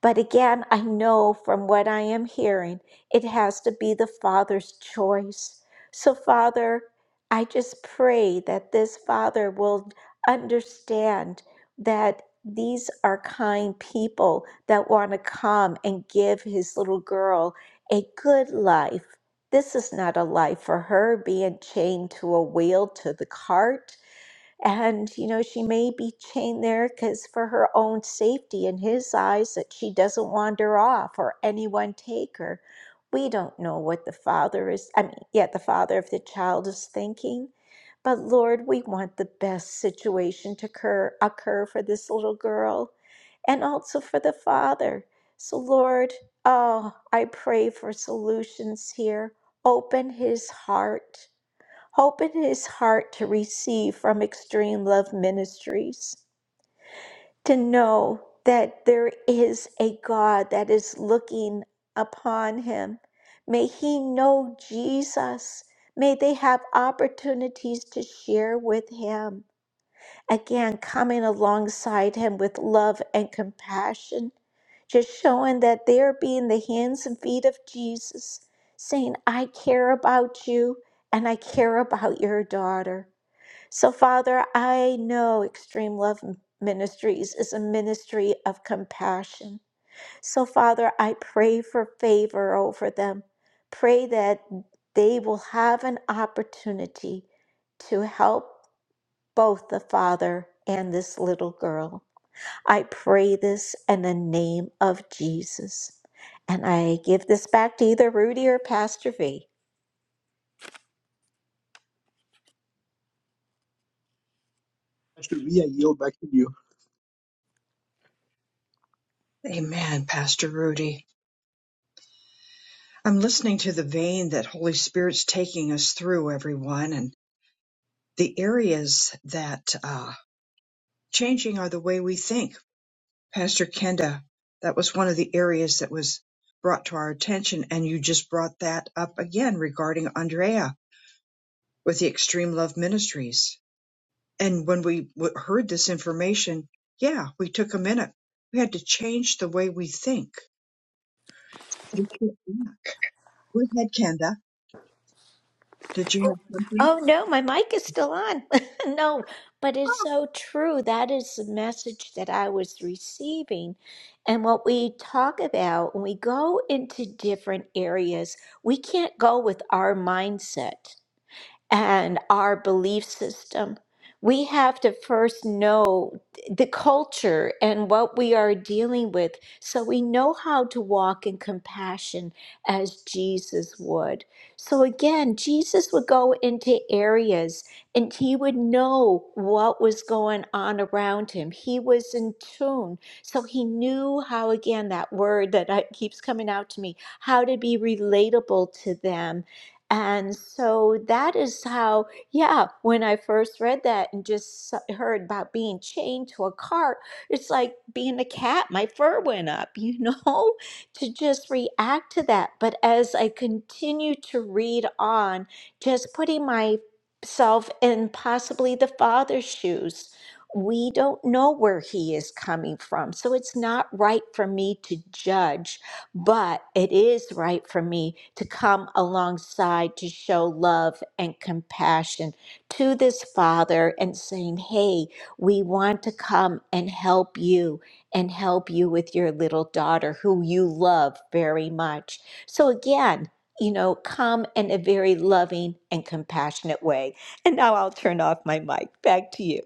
Speaker 3: But again, I know from what I am hearing, it has to be the Father's choice. So, Father, I just pray that this Father will understand that these are kind people that want to come and give his little girl a good life. This is not a life for her being chained to a wheel to the cart. And, you know, she may be chained there because for her own safety in his eyes that she doesn't wander off or anyone take her. We don't know what the father is, I mean, yeah, the father of the child is thinking. But Lord, we want the best situation to occur, occur for this little girl and also for the father. So, Lord, oh, I pray for solutions here. Open his heart Open his heart to receive from Extreme Love Ministries, to know that there is a God that is looking upon him. May he know Jesus. May they have opportunities to share with him. Again, coming alongside him with love and compassion, just showing that they're being the hands and feet of Jesus, saying, I care about you and I care about your daughter. So, Father, I know Extreme Love Ministries is a ministry of compassion. So, Father, I pray for favor over them. Pray that they will have an opportunity to help both the father and this little girl. I pray this in the name of Jesus. And I give this back to either Rudy or Pastor V.
Speaker 2: Pastor V, I yield back to you.
Speaker 1: Amen, Pastor Rudy. I'm listening to the vein that Holy Spirit's taking us through, everyone, and the areas that uh, changing are the way we think. Pastor Kenda, that was one of the areas that was brought to our attention, and you just brought that up again regarding Andrea with the Extreme Love Ministries. and when we w- heard this information, yeah, we took a minute. We had to change the way we think. Go ahead, Kenda. Did you have something?
Speaker 3: Oh no, my mic is still on. no, but it's so true. That is the message that I was receiving. And what we talk about when we go into different areas, we can't go with our mindset and our belief system. We have to first know the culture and what we are dealing with so we know how to walk in compassion as Jesus would. So, again, Jesus would go into areas and he would know what was going on around him. He was in tune. So, he knew how, again, that word that I- keeps coming out to me, how to be relatable to them and so that is how, yeah, when I first read that and just s- heard about being chained to a cart, it's like being a cat. My fur went up, you know, to just react to that. But as I continue to read on, just putting myself in possibly the father's shoes, we don't know where he is coming from. So it's not right for me to judge but it is right for me to come alongside to show love and compassion to this father and saying, Hey, we want to come and help you and help you with your little daughter who you love very much. So, again, you know, come in a very loving and compassionate way. And now I'll turn off my mic. Back to you.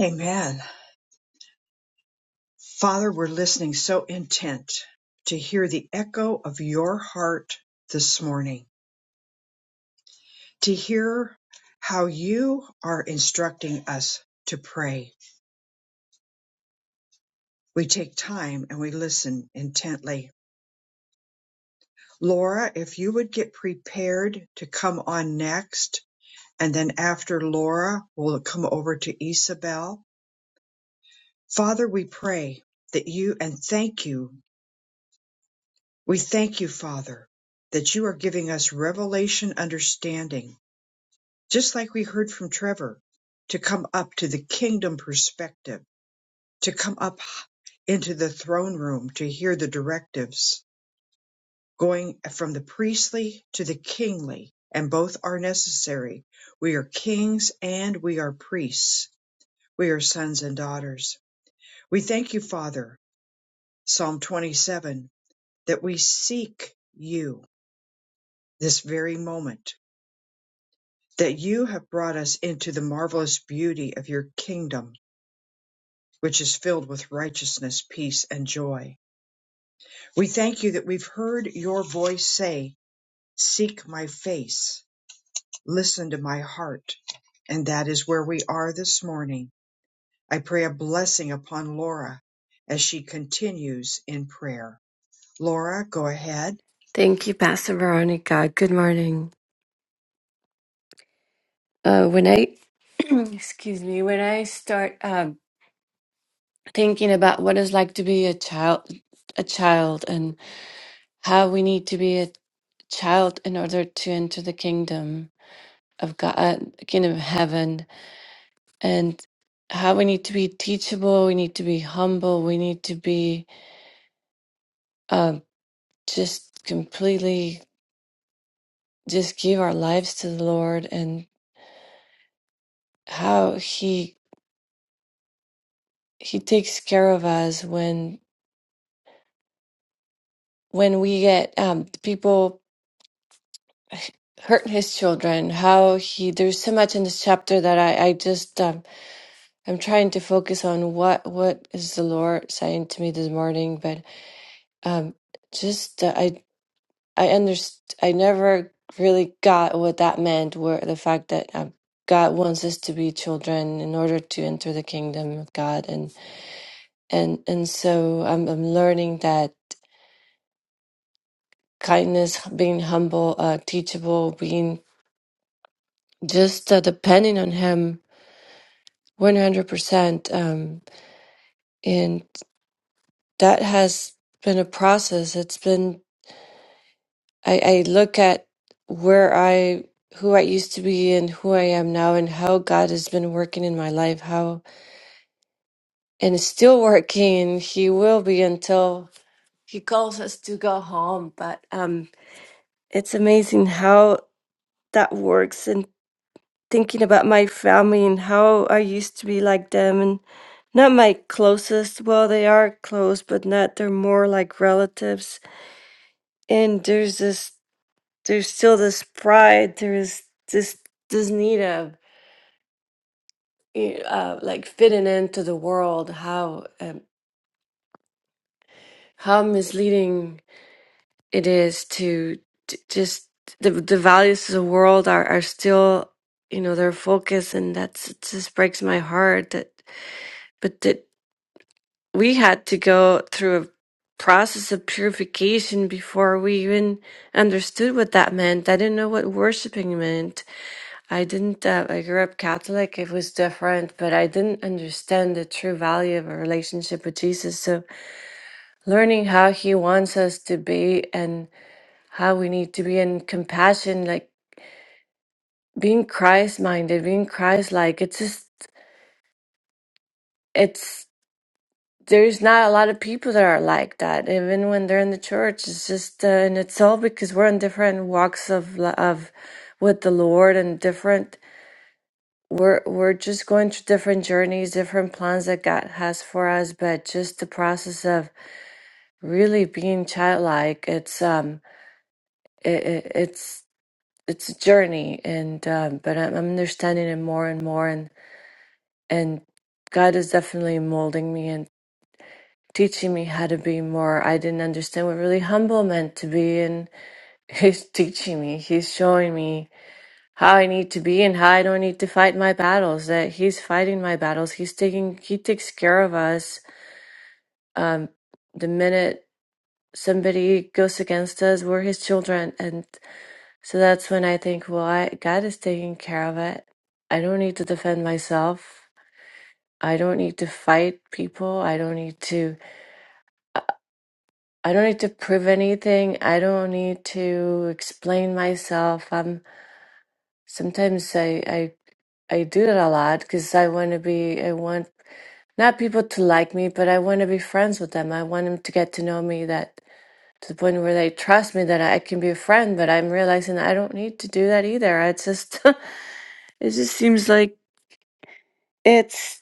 Speaker 1: Amen. Father, we're listening so intent to hear the echo of your heart this morning, to hear how you are instructing us to pray. We take time and we listen intently. Laura, if you would get prepared to come on next, and then after Laura, we'll come over to Isabel. Father, we pray that you and thank you. We thank you, Father, that you are giving us revelation understanding, just like we heard from Trevor, to come up to the kingdom perspective, to come up into the throne room to hear the directives, going from the priestly to the kingly, and both are necessary. We are kings and we are priests. We are sons and daughters We thank you, Father, Psalm 27, that we seek you this very moment, that you have brought us into the marvelous beauty of your kingdom, which is filled with righteousness, peace, and joy. We thank you that we've heard your voice say, Seek my face, listen to my heart. And that is where we are this morning. I pray a blessing upon Laura as she continues in prayer. Laura, go ahead.
Speaker 6: Thank you, Pastor Veronica. Good morning. Uh, when I, excuse me, when I start um, thinking about what it's like to be a child, a child, and how we need to be a child in order to enter the kingdom of God, uh, kingdom of heaven, and how we need to be teachable, we need to be humble, we need to be um just completely just give our lives to the Lord, and how He He takes care of us when when we get um, people hurt his children, how he there's so much in this chapter that I I just um, I'm trying to focus on what what is the Lord saying to me this morning, but um, just uh, I I underst I never really got what that meant, where the fact that um, God wants us to be children in order to enter the kingdom of God, and and and so I'm I'm learning that kindness, being humble, uh, teachable, being just uh, depending on him 100% um, and that has been a process it's been I, I look at where i who i used to be and who i am now and how god has been working in my life how and is still working and he will be until he calls us to go home but um it's amazing how that works and thinking about my family and how i used to be like them and Not my closest, well, they are close, but not, they're more like relatives. And there's this, there's still this pride, there's this, this need of eh, uh, like fitting into the world, how, um, how misleading it is to t- just the, the values of the world are, are still, you know, their focus. And that's, it just breaks my heart that, but that. we had to go through a process of purification before we even understood what that meant. I didn't know what worshiping meant. I didn't, uh, I grew up Catholic, it was different, but I didn't understand the true value of a relationship with Jesus. So learning how he wants us to be and how we need to be in compassion, like being Christ minded, being Christ like, it's just, it's there's not a lot of people that are like that, even when they're in the church. It's just, uh, and it's all because we're in different walks of li- of with the Lord and different. We're we're just going through different journeys, different plans that God has for us. But just the process of really being childlike, it's um, it, it, it's it's a journey, and um, but I'm I'm understanding it more and more, and and God is definitely molding me teaching me how to be more. I didn't understand what really humble meant to be, and he's teaching me. He's showing me how I need to be and how I don't need to fight my battles. That he's fighting my battles. He's taking. He takes care of us. Um, the minute somebody goes against us, we're his children, and so that's when I think, well, I, God is taking care of it. I don't need to defend myself. I don't need to fight people. I don't need to. I don't need to prove anything. I don't need to explain myself. Um, sometimes I, I, I do it a lot because I want to be, I want not people to like me, but I want to be friends with them. I want them to get to know me that to the point where they trust me that I can be a friend, but I'm realizing I don't need to do that either. It's just, it just seems like it's.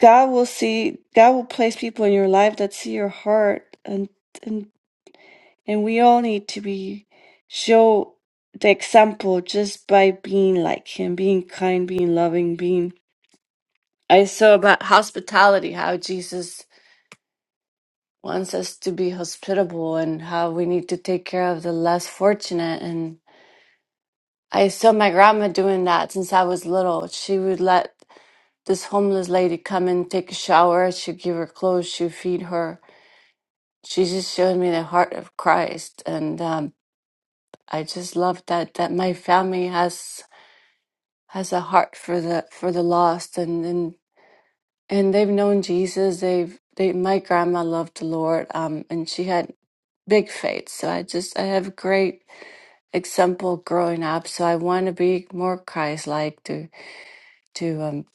Speaker 6: God will see, God will place people in your life that see your heart and and and we all need to be show the example just by being like him, being kind, being loving, being I saw about hospitality, how Jesus wants us to be hospitable and how we need to take care of the less fortunate and I saw my grandma doing that since I was little. She would let this homeless lady come and take a shower, she'd give her clothes, she'd feed her she just showed me the heart of Christ, and um, I just love that that my family has has a heart for the for the lost, and and and they've known Jesus. They've they my grandma loved the Lord, um, and she had big faith. So I just I have great example growing up. So I want to be more Christ like to to um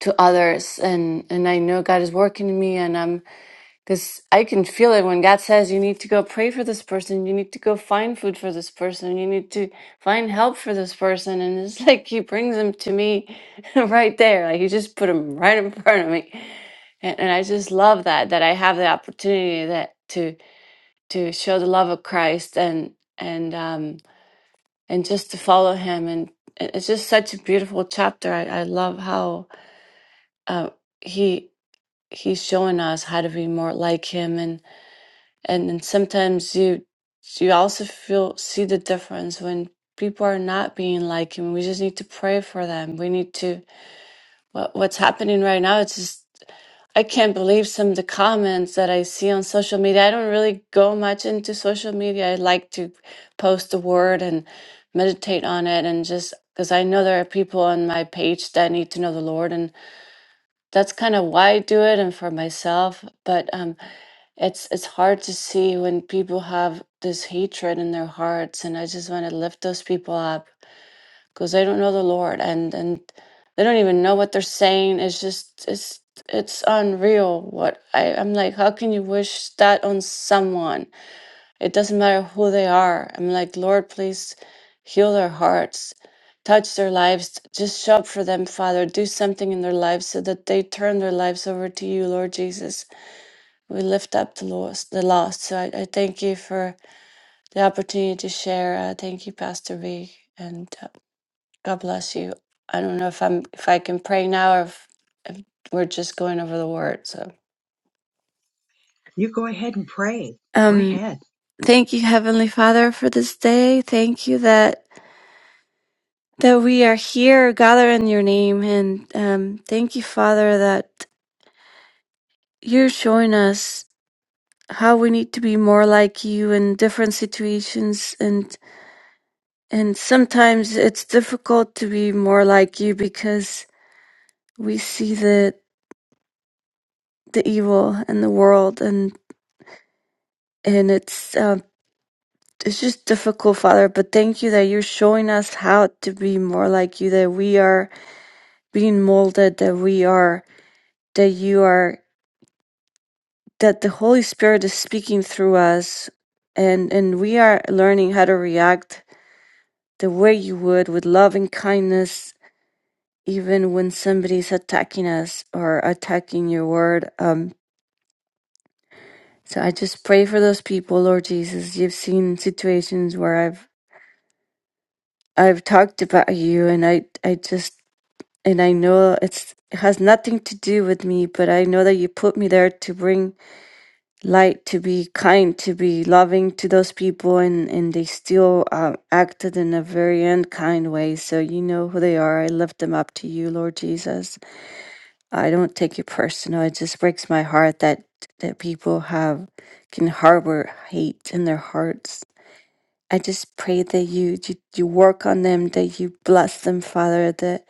Speaker 6: to others, and and I know God is working in me, and I'm Because I can feel it when God says, you need to go pray for this person, you need to go find food for this person, you need to find help for this person. And it's like He brings them to me right there. Like He just put them right in front of me. And, and I just love that, that I have the opportunity that to to show the love of Christ and and um and just to follow him and it- it's just such a beautiful chapter. I, I love how uh, he he's showing us how to be more like him and then sometimes you you also feel see the difference when people are not being like him we just need to pray for them we need to what, what's happening right now it's just i can't believe some of the comments that i see on social media i don't really go much into social media i like to post the word and meditate on it and just because i know there are people on my page that need to know the lord and that's kind of why I do it and for myself. But um, it's it's hard to see when people have this hatred in their hearts, and I just want to lift those people up because they don't know the Lord and and they don't even know what they're saying. It's just it's it's unreal. What I I'm like, how can you wish that on someone? It doesn't matter who they are. I'm like, Lord, please heal their hearts, touch their lives, just show up for them, Father. Do something in their lives so that they turn their lives over to you, Lord Jesus. We lift up the lost. The lost. So I, I thank you for the opportunity to share. Uh, thank you, Pastor V, and uh, God bless you. I don't know if I'm if I can pray now or if, if we're just going over the word. So,
Speaker 1: You go ahead and pray. Go
Speaker 6: um,
Speaker 1: ahead.
Speaker 6: thank you, Heavenly Father, for this day. Thank you that. that we are here gathering in your name. And um, thank you, Father, that you're showing us how we need to be more like you in different situations. And, and sometimes it's difficult to be more like you because we see the, the evil in the world and, and it's, um, it's just difficult, Father, but thank you that you're showing us how to be more like you, that we are being molded, that we are, that you are that the Holy Spirit is speaking through us and and we are learning how to react the way you would with love and kindness even when somebody's attacking us or attacking your word um so I just pray for those people Lord Jesus you've seen situations where I've I've talked about you and I I just and I know it's it has nothing to do with me but I know that you put me there to bring light, to be kind, to be loving to those people, and and they still uh, acted in a very unkind way. So you know who they are. I lift them up to you, Lord Jesus. I don't take it personal. It just breaks my heart that that people have can harbor hate in their hearts. I just pray that you you, you work on them, that you bless them, Father, that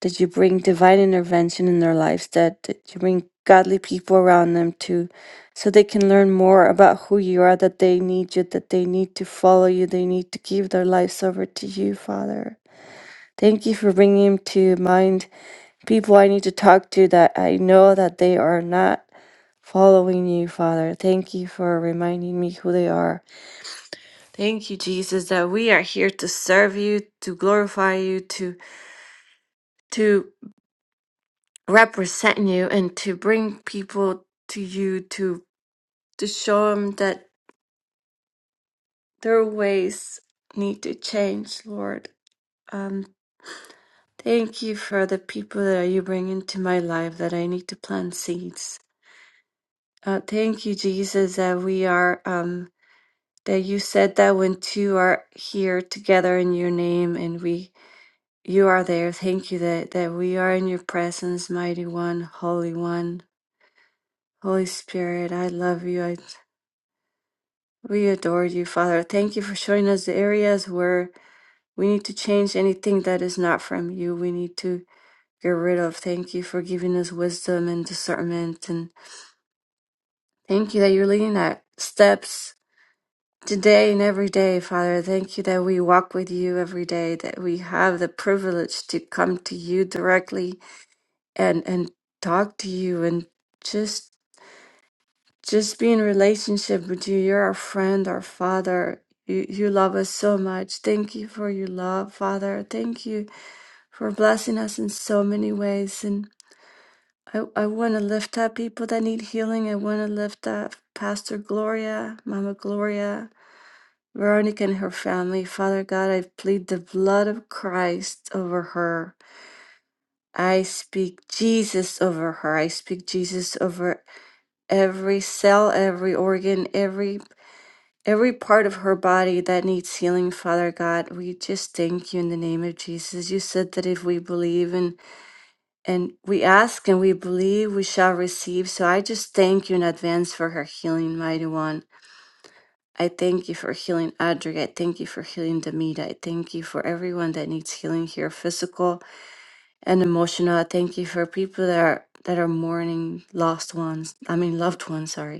Speaker 6: that you bring divine intervention in their lives, that, that you bring godly people around them to so they can learn more about who you are, that they need you, that they need to follow you, they need to give their lives over to you, Father. Thank you for bringing to mind people I need to talk to that I know that they are not following you, Father. Thank you for reminding me who they are. Thank you, Jesus, that we are here to serve you, to glorify you, to to represent you and to bring people to you to to show them that their ways need to change lord um thank you for the people that you bring into my life that i need to plant seeds uh, thank you jesus that we are um that you said that when two are here together in your name and we you are there thank you that that we are in your presence mighty one holy one holy spirit i love you I. We adore you, Father. Thank you for showing us the areas where we need to change anything that is not from you. We need to get rid of. Thank you for giving us wisdom and discernment. And thank you that you're leading our steps today and every day, Father. Thank you that we walk with you every day, that we have the privilege to come to you directly and, and talk to you and just just be in relationship with you. You're our friend, our Father. You, you love us so much. Thank you for your love, Father. Thank you for blessing us in so many ways. And I, I want to lift up people that need healing. I want to lift up Pastor Gloria, Mama Gloria, Veronica, and her family. Father God, I plead the blood of Christ over her. I speak Jesus over her. I speak Jesus over every cell, every organ, every Every part of her body that needs healing, Father God, we just thank you in the name of Jesus. You said that if we believe and and we ask and we believe, we shall receive. So I just thank you in advance for her healing, mighty one. I thank you for healing Audrey. I thank you for healing Demita. I thank you for everyone that needs healing here, physical and emotional. I thank you for people that are that are mourning lost ones. I mean loved ones, sorry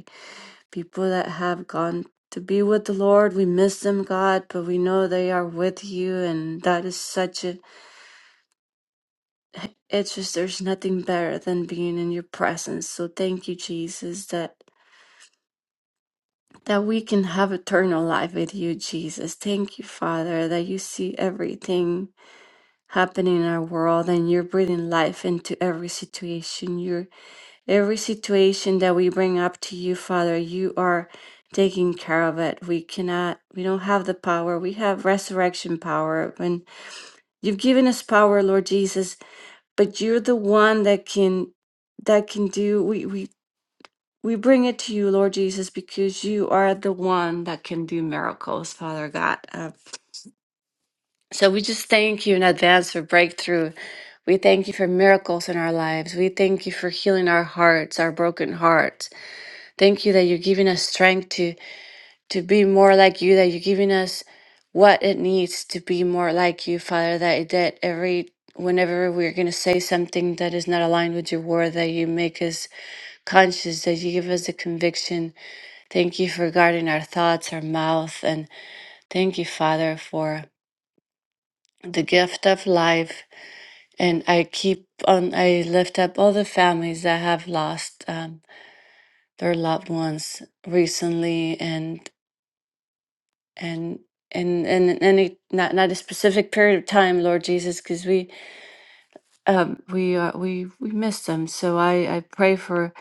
Speaker 6: people that have gone to be with the Lord. We miss them, God, but we know they are with you, and that is such a. It's just there's nothing better than being in your presence. So thank you, Jesus, that that we can have eternal life with you, Jesus. Thank you, Father, that you see everything happening in our world and you're breathing life into every situation. You're. Every situation that we bring up to you, Father, you are taking care of it. We cannot, we don't have the power. We have resurrection power. And you've given us power, Lord Jesus, but you're the one that can, that can do, we, we, we bring it to you, Lord Jesus, because you are the one that can do miracles, Father God. Uh, so we just thank you in advance for breakthrough. We thank you for miracles in our lives. We thank you for healing our hearts, our broken hearts. Thank you that you're giving us strength to to be more like you, that you're giving us what it needs to be more like you, Father, that that every whenever we're gonna say something that is not aligned with your word, that you make us conscious, that you give us the conviction. Thank you for guarding our thoughts, our mouth, and thank you, Father, for the gift of life. And I keep on I lift up all the families that have lost um, their loved ones recently and. and and and and any not not a specific period of time, Lord Jesus, because we um we uh, we we miss them. So I I pray for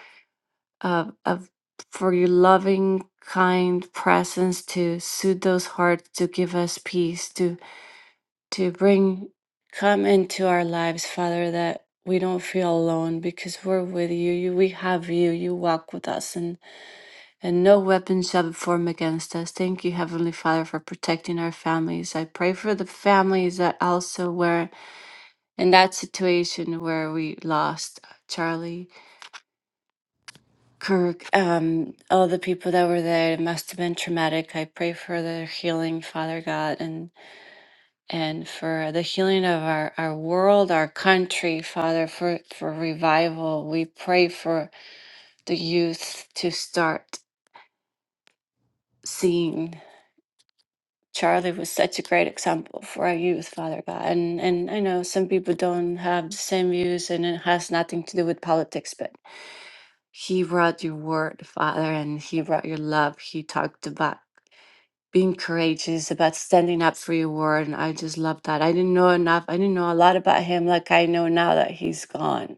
Speaker 6: uh of for your loving kind presence to soothe those hearts, to give us peace, to to bring come into our lives, Father, that we don't feel alone because we're with you. You we have you. You walk with us and no weapon shall be formed against us. Thank you, Heavenly Father, for protecting our families. I pray for the families that also were in that situation where we lost Charlie, Kirk, um, all the people that were there. It must have been traumatic. I pray for their healing, Father God, and and for the healing of our, our world, our country, Father, for, for revival. We pray for the youth to start seeing. Charlie was such a great example for our youth, Father God. And and I know some people don't have the same views and it has nothing to do with politics, but he brought your word, Father, and he brought your love. He talked about being courageous, about standing up for your word, and I just love that. I didn't know enough. I didn't know a lot about him like I know now that he's gone.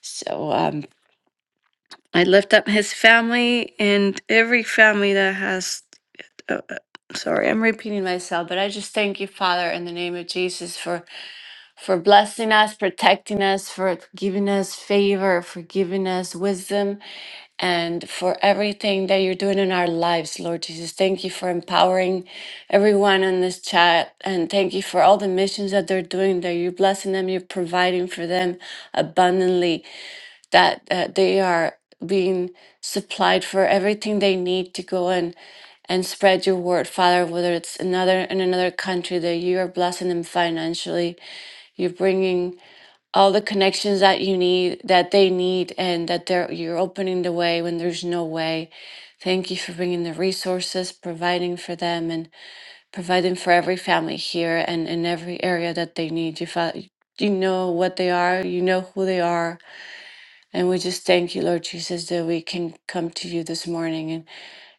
Speaker 6: So um. I lift up his family and every family that has. Uh, uh, sorry, I'm repeating myself, but I just thank you, Father, in the name of Jesus, for for blessing us, protecting us, for giving us favor, for giving us wisdom, and for everything that you're doing in our lives, Lord Jesus. Thank you for empowering everyone on this chat, and thank you for all the missions that they're doing. That you're blessing them, you're providing for them abundantly that uh, they are being supplied for everything they need to go and and spread your word, Father, whether it's another in another country that you are blessing them financially. You're bringing all the connections that you need, that they need, and that they're you're opening the way when there's no way. Thank you for bringing the resources, providing for them, and providing for every family here and in every area that they need. You, fa- you know what they are, you know who they are, and we just thank you, Lord Jesus, that we can come to you this morning and,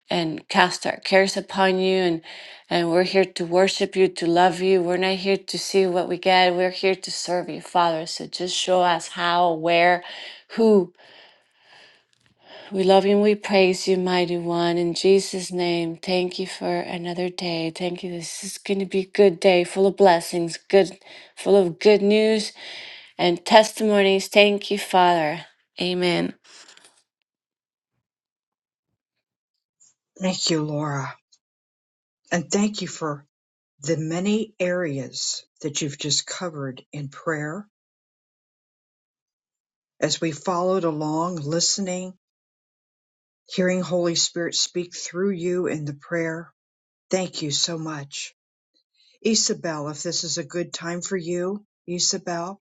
Speaker 6: and cast our cares upon you. And, and we're here to worship you, to love you. We're not here to see what we get. We're here to serve you, Father. So just show us how, where, who. We love you and we praise you, mighty one. In Jesus' name, thank you for another day. Thank you. This is going to be a good day, full of blessings, good, full of good news and testimonies. Thank you, Father. Amen.
Speaker 1: Thank you, Laura. And thank you for the many areas that you've just covered in prayer as we followed along, listening, hearing Holy Spirit speak through you in the prayer. Thank you so much. Isabel, if this is a good time for you, Isabel,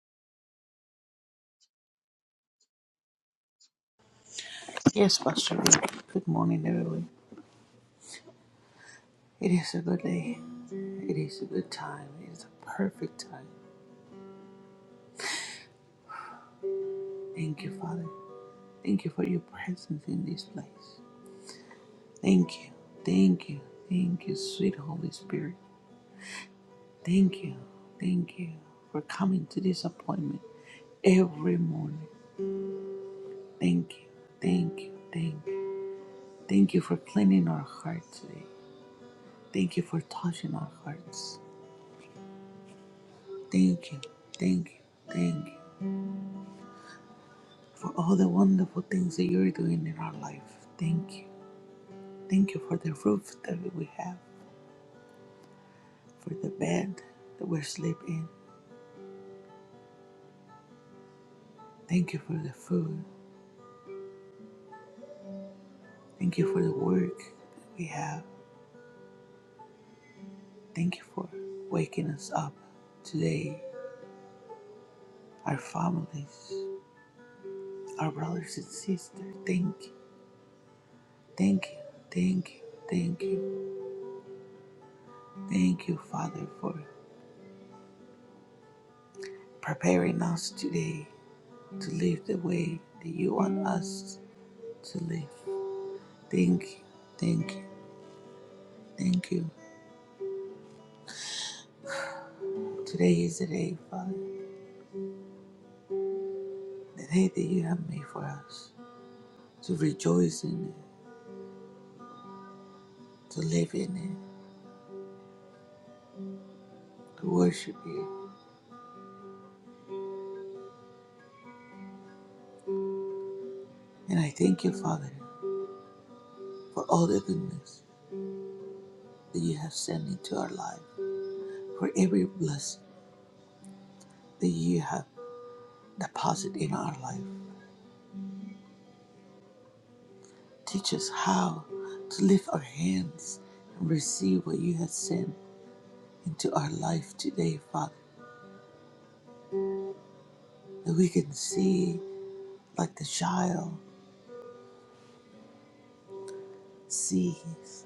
Speaker 7: Yes, Pastor Rick. Good morning, everyone. It is a good day. It is a good time. It is a perfect time. Thank you, Father. Thank you for your presence in this place. Thank you. Thank you. Thank you, sweet Holy Spirit. Thank you. Thank you for coming to this appointment every morning. Thank you. Thank you. Thank you. Thank you for cleaning our hearts today. Thank you for touching our hearts. Thank you. Thank you. Thank you. for all the wonderful things that you're doing in our life. Thank you. Thank you for the roof that we have, for the bed that we're sleeping in. Thank you for the food. Thank you for the work that we have. Thank you for waking us up today, our families, our brothers and sisters. Thank you. Thank you. Thank you. Thank you. Thank you, Father, for preparing us today to live the way that you want us to live. Thank you, thank you, thank you. Today is the day, Father, the day that you have made for us to rejoice in it, to live in it, to worship you. And I thank you, Father, for all the goodness that you have sent into our life, for every blessing that you have deposited in our life. Teach us how to lift our hands and receive what you have sent into our life today, Father, that we can see like the child sees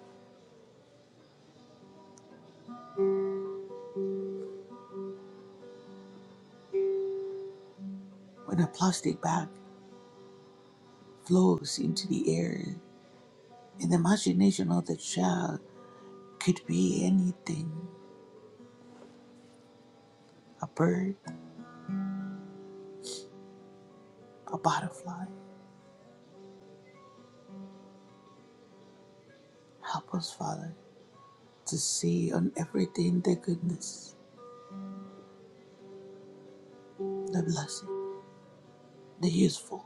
Speaker 7: When a plastic bag flows into the air, in the imagination of the child could be anything a bird, a butterfly. Help us, Father, to see on everything the goodness, the blessing, the useful,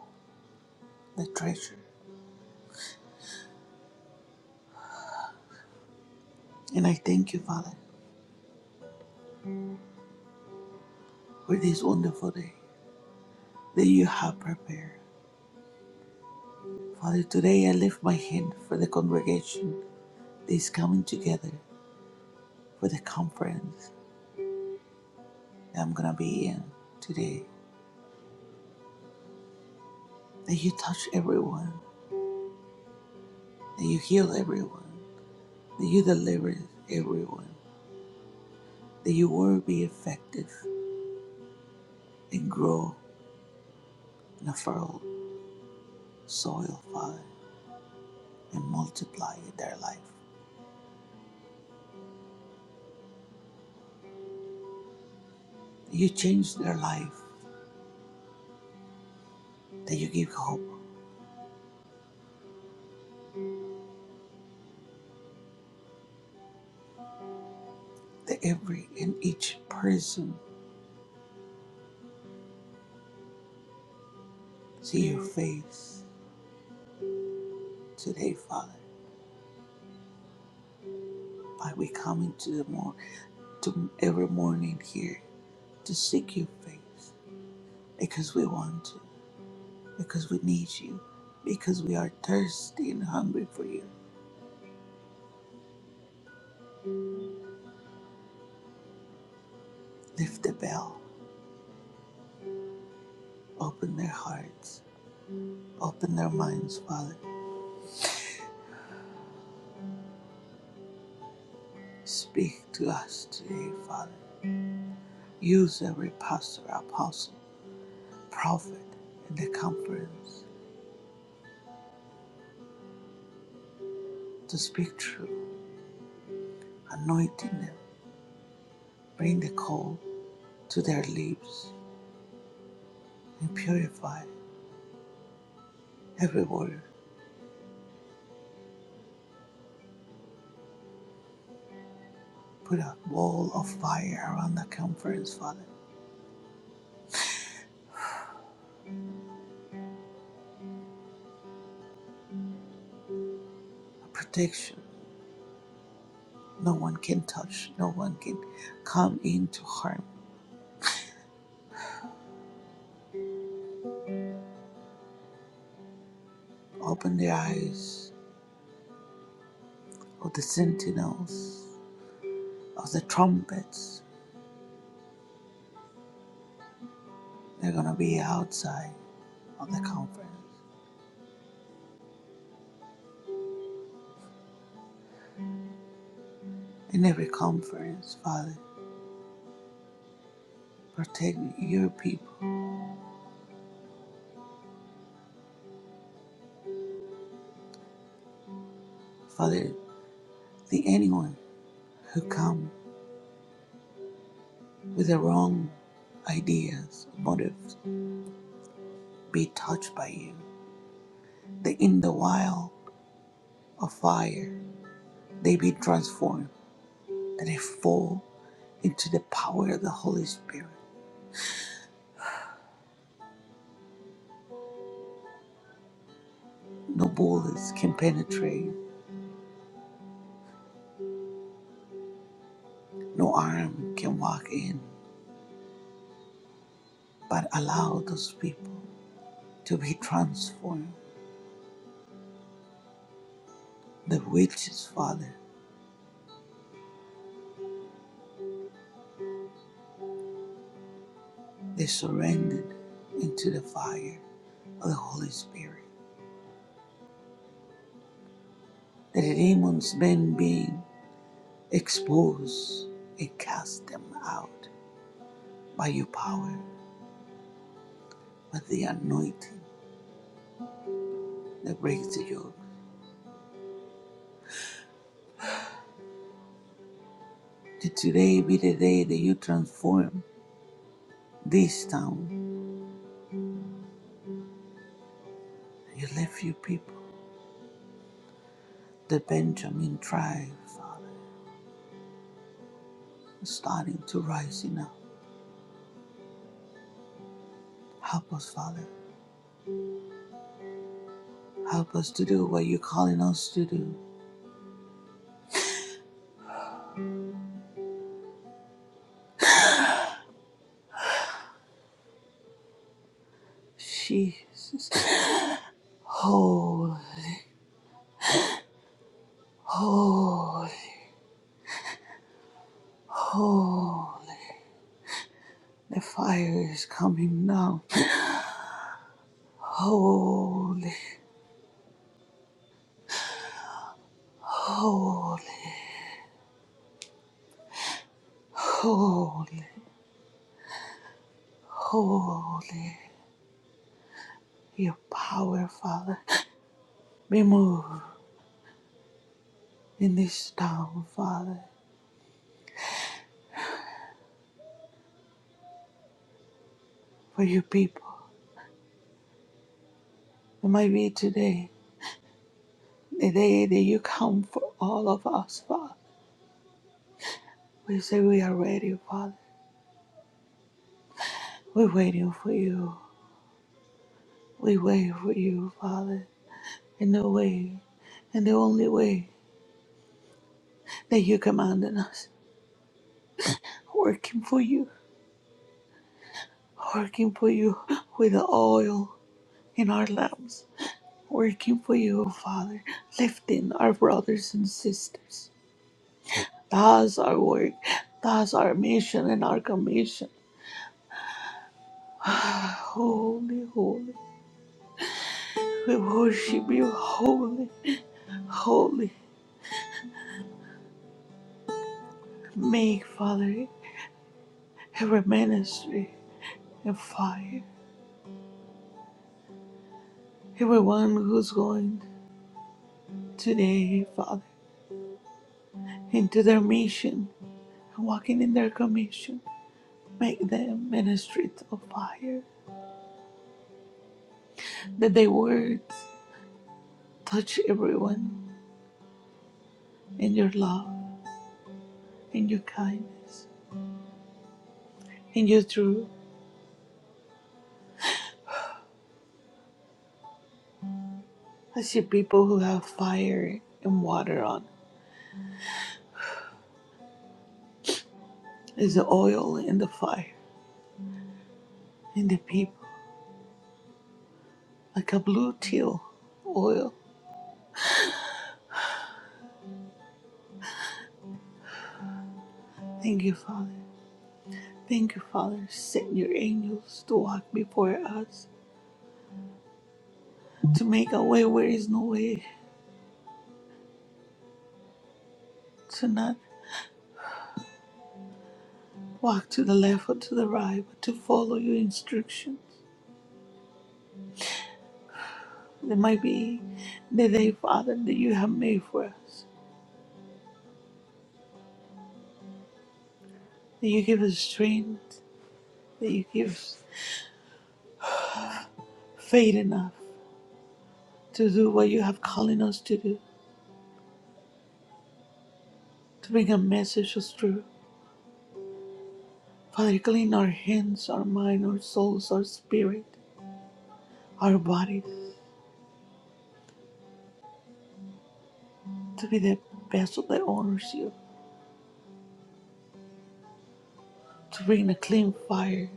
Speaker 7: the treasure. And I thank you, Father, for this wonderful day that you have prepared. Father, today I lift my hand for the congregation that is coming together for the conference that I'm going to be in today. that you touch everyone, that you heal everyone, that you deliver everyone, that your word be effective and grow in a fertile soil, Father, and multiply in their life. That you change their life, that you give hope, that every and each person see your face today, Father. By we come into the more to every morning here to seek your face because we want to. because we need you, because we are thirsty and hungry for you. Lift the bell, open their hearts, open their minds, Father. Speak to us today, Father. Use every pastor, apostle, prophet in the conference to speak truth, anointing them. Bring the coal to their lips and purify every word. Put a wall of fire around the conference, Father, a protection No one can touch, no one can come into harm. Open the eyes of the sentinels, of the trumpets. They're going to be outside of the conference. In every conference, Father, protect your people. Father, the anyone who come with the wrong ideas, motives, be touched by you. They in the wild of fire, they be transformed and they fall into the power of the Holy Spirit. No bullets can penetrate, no arm can walk in, but allow those people to be transformed. The witches, Father, they surrendered into the fire of the Holy Spirit. The demons, men being exposed and cast them out by your power, by the anointing that breaks the yoke. That today be the day that you transform this town. You left your people, the Benjamin tribe, Father. is starting to rise now. Help us, Father. Help us to do what you're calling us to do. Jesus. Holy, holy, holy. The fire is coming now. Holy, holy, holy, holy. Your power, Father. Be moved in this town, Father, for your people. It might be today, the day that you come for all of us, Father. We say we are ready, Father. We're waiting for you. We wait for you, Father, in the way, in the only way that you commanded us. Working for you, working for you with the oil in our lamps. Working for you, Father, lifting our brothers and sisters. That's our work. That's our mission and our commission. holy, holy. We worship you, holy, holy. Make, Father, every ministry and fire. Everyone who's going today, Father, into their mission, walking in their commission, make them ministry of fire, that their words touch everyone in your love, in your kindness, in your truth. I see people who have fire and water on. There's the oil in the fire, in the people, like a blue teal oil. Thank you, Father. Thank you, Father. Send your angels to walk before us to make a way where is no way, to not walk to the left or to the right, but to follow your instructions. There might be the day, Father, that you have made for us, that you give us strength, that you give us faith enough to do what you have calling us to do, to bring a message of truth. Father, clean our hands, our mind, our souls, our spirit, our bodies, to be the vessel that honors you, to bring a clean fire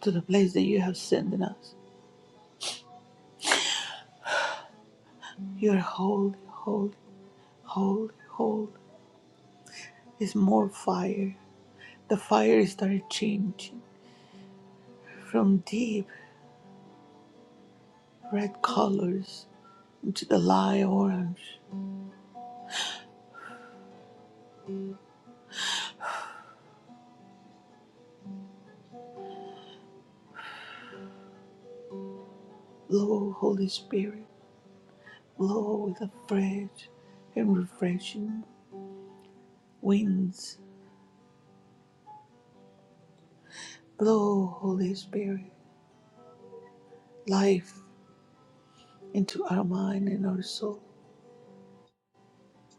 Speaker 7: to the place that you have sent us You're holy, holy, holy, holy. Is more fire. The fire started changing from deep red colors into the light orange. Blow, Holy Spirit, blow with a fresh and refreshing winds. Blow, Holy Spirit, life into our mind and our soul.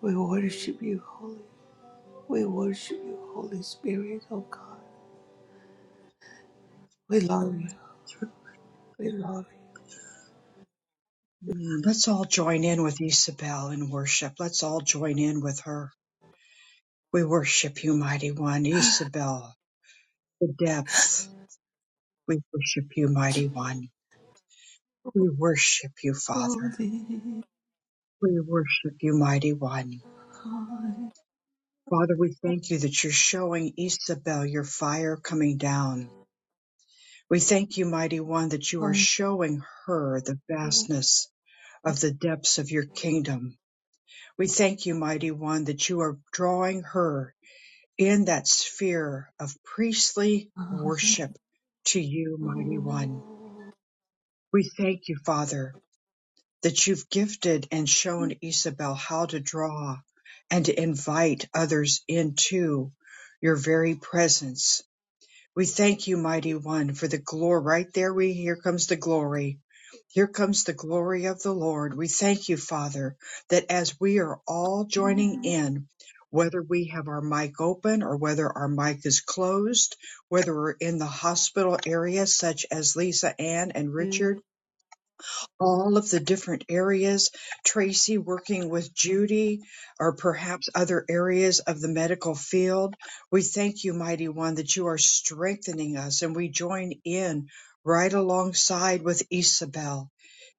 Speaker 7: We worship you, Holy. We worship you, Holy Spirit, oh God. We love you. We love you.
Speaker 1: mm, let's all join in with Isabel in worship. Let's all join in with her. We worship you, mighty one, Isabel, the depth. We worship you, mighty one. We worship you, Father.
Speaker 7: Holy.
Speaker 1: We worship you, mighty one.
Speaker 7: Hallelujah.
Speaker 1: Father, we thank you that you're showing Isabel your fire coming down. We thank you, mighty one, that you are showing her the vastness of the depths of your kingdom. We thank you, mighty one, that you are drawing her in that sphere of priestly worship to you, mighty one. We thank you, Father, that you've gifted and shown Isabel how to draw and to invite others into your very presence. We thank you, mighty one, for the glory. Right there, we here comes the glory. Here comes the glory of the Lord. We thank you, Father, that as we are all joining in, whether we have our mic open or whether our mic is closed, whether we're in the hospital area, such as Lisa Ann and Richard, all of the different areas, Tracy working with Judy, or perhaps other areas of the medical field. We thank you, Mighty One, that you are strengthening us, and we join in right alongside with Isabel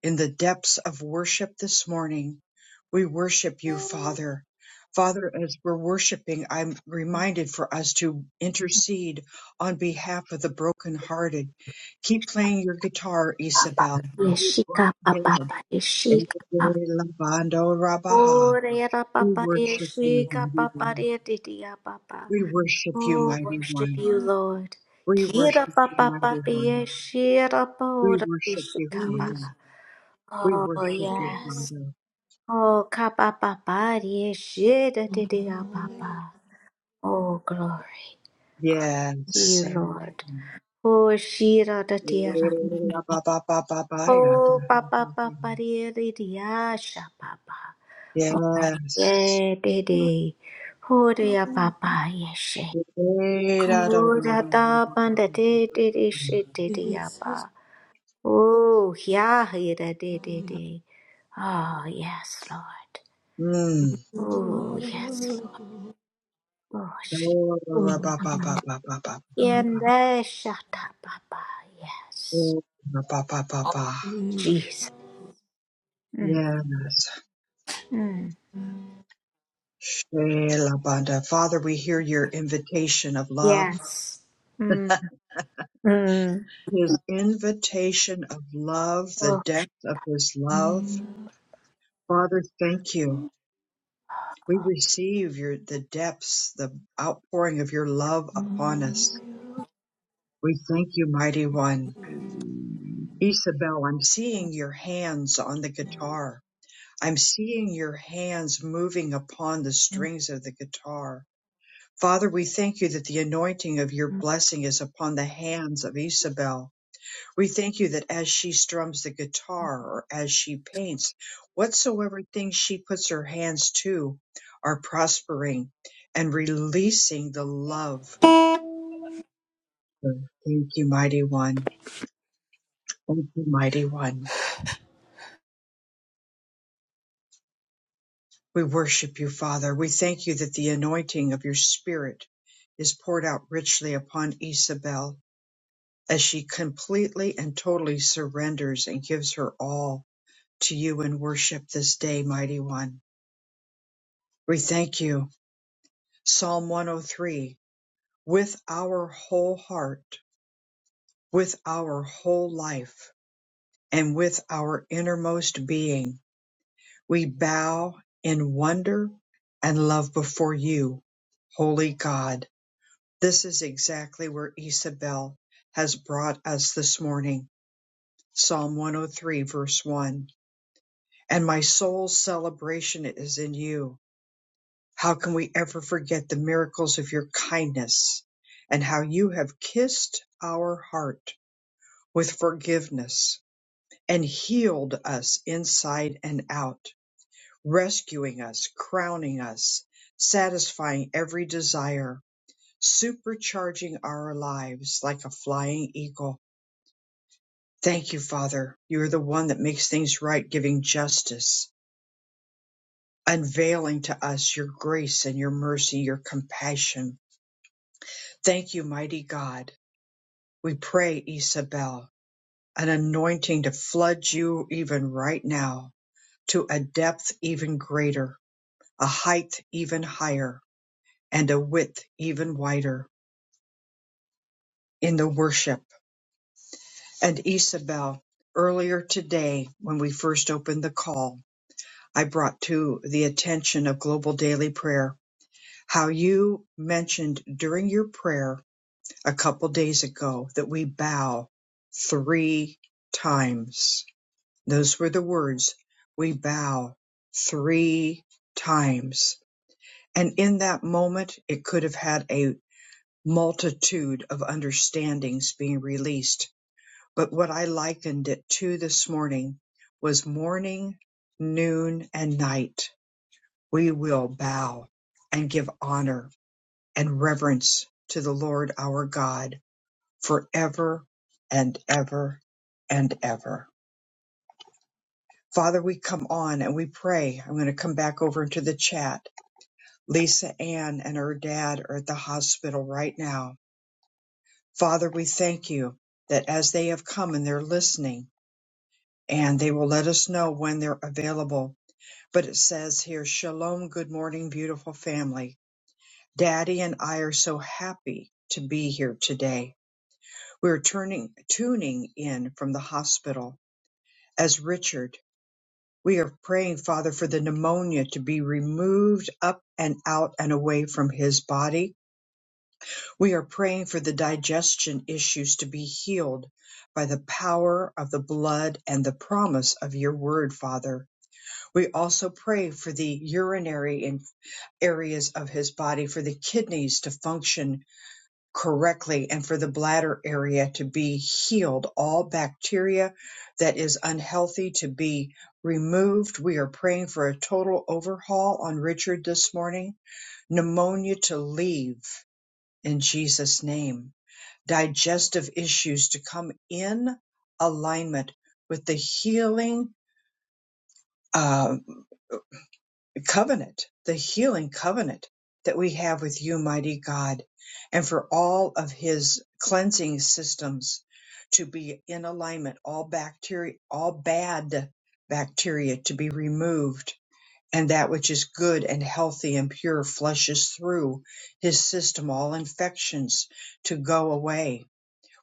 Speaker 1: in the depths of worship this morning. We worship you, Father. Father, as we're worshiping, I'm reminded for us to intercede on behalf of the brokenhearted. Keep playing your guitar, Isabel. Keep head. Ekelabando Rabaha.
Speaker 3: Oh, Rera
Speaker 1: We
Speaker 3: Papa, Rera
Speaker 1: worship you,
Speaker 3: Shika
Speaker 1: mighty
Speaker 3: Papa,
Speaker 1: one.
Speaker 3: Rera Didia Papa.
Speaker 1: We worship you,
Speaker 3: Oh,
Speaker 1: mighty
Speaker 3: worship
Speaker 1: one.
Speaker 3: you, Lord.
Speaker 1: We
Speaker 3: Kira
Speaker 1: worship you,
Speaker 3: Papa,
Speaker 1: mighty one.
Speaker 3: Papa, Shira
Speaker 1: We
Speaker 3: Pora
Speaker 1: worship you,
Speaker 3: Bishikapa.
Speaker 1: Father. We
Speaker 3: Oh,
Speaker 1: worship you,
Speaker 3: yes.
Speaker 1: Father.
Speaker 3: Oh, Kapa Papa, Rera Shira Didia Papa. Oh, glory,
Speaker 1: Yes,
Speaker 3: you, Lord.
Speaker 1: amen.
Speaker 3: Oh, Didia.
Speaker 1: Elabababababaya.
Speaker 3: Oh, Papa, Papa, Diasha Papa.
Speaker 1: Yes.
Speaker 3: Yeah, Didi. Oh, Papa, Yes. Kurata panda de de de shit de de yapa. Oh, yeah, yeah, da de de de. Oh, yes, Lord.
Speaker 1: Mm.
Speaker 3: Oh, yes, Lord. Oh, shit.
Speaker 1: Oh, ba ba ba ba ba ba ba.
Speaker 3: Yende shata papa. Yes.
Speaker 1: Oh, ba ba ba ba ba.
Speaker 3: Jesus. Mm.
Speaker 1: Yes.
Speaker 3: Mm.
Speaker 1: Elabada. Father, we hear your invitation of love,
Speaker 3: Yes. Mm. Mm.
Speaker 1: his invitation of love, the depth of his love. Father, thank you. We receive your the depths, the outpouring of your love upon us. We thank you, mighty one. Isabel, I'm seeing your hands on the guitar. I'm seeing your hands moving upon the strings of the guitar. Father, we thank you that the anointing of your blessing is upon the hands of Isabel We thank you that as she strums the guitar or as she paints, whatsoever things she puts her hands to are prospering and releasing the love. Thank you, mighty one. Thank you, mighty one. We worship you, Father. We thank you that the anointing of your spirit is poured out richly upon Isabel as she completely and totally surrenders and gives her all to you in worship this day, mighty one. We thank you. Psalm 103 With our whole heart, with our whole life, and with our innermost being, we bow in wonder and love before you, Holy God. This is exactly where Isabel has brought us this morning. Psalm 103, verse 1. And my soul's celebration is in you How can we ever forget the miracles of your kindness and how you have kissed our heart with forgiveness and healed us inside and out, rescuing us, crowning us, satisfying every desire, supercharging our lives like a flying eagle? Thank you, Father. You are the one that makes things right, giving justice, unveiling to us your grace and your mercy, your compassion. Thank you, mighty God We pray, Isabel, an anointing to flood you even right now to a depth even greater, a height even higher, and a width even wider in the worship. And Isabel, earlier today, when we first opened the call, I brought to the attention of Global Daily Prayer how you mentioned during your prayer a couple days ago that we bow three times Those were the words, we bow three times. And in that moment, it could have had a multitude of understandings being released. But what I likened it to this morning was morning, noon, and night. We will bow and give honor and reverence to the Lord our God forever and ever and ever. Father, we come on and we pray. I'm going to come back over into the chat. Lisa Ann and her dad are at the hospital right now. Father, we thank you that as they have come and they're listening and they will let us know when they're available. But it says here, Shalom, good morning, beautiful family. Daddy and I are so happy to be here today. We're turning, tuning in from the hospital as Richard We are praying, Father, for the pneumonia to be removed up and out and away from his body. We are praying for the digestion issues to be healed by the power of the blood and the promise of your word, Father. We also pray for the urinary in- areas of his body, for the kidneys to function correctly and for the bladder area to be healed. All bacteria that is unhealthy to be removed. We are praying for a total overhaul on Richard this morning. Pneumonia to leave in Jesus' name. Digestive issues to come in alignment with the healing. uh, covenant, the healing covenant that we have with you, mighty God, and for all of his cleansing systems to be in alignment, all bacteria, all bad bacteria to be removed, and that which is good and healthy and pure flushes through his system, all infections to go away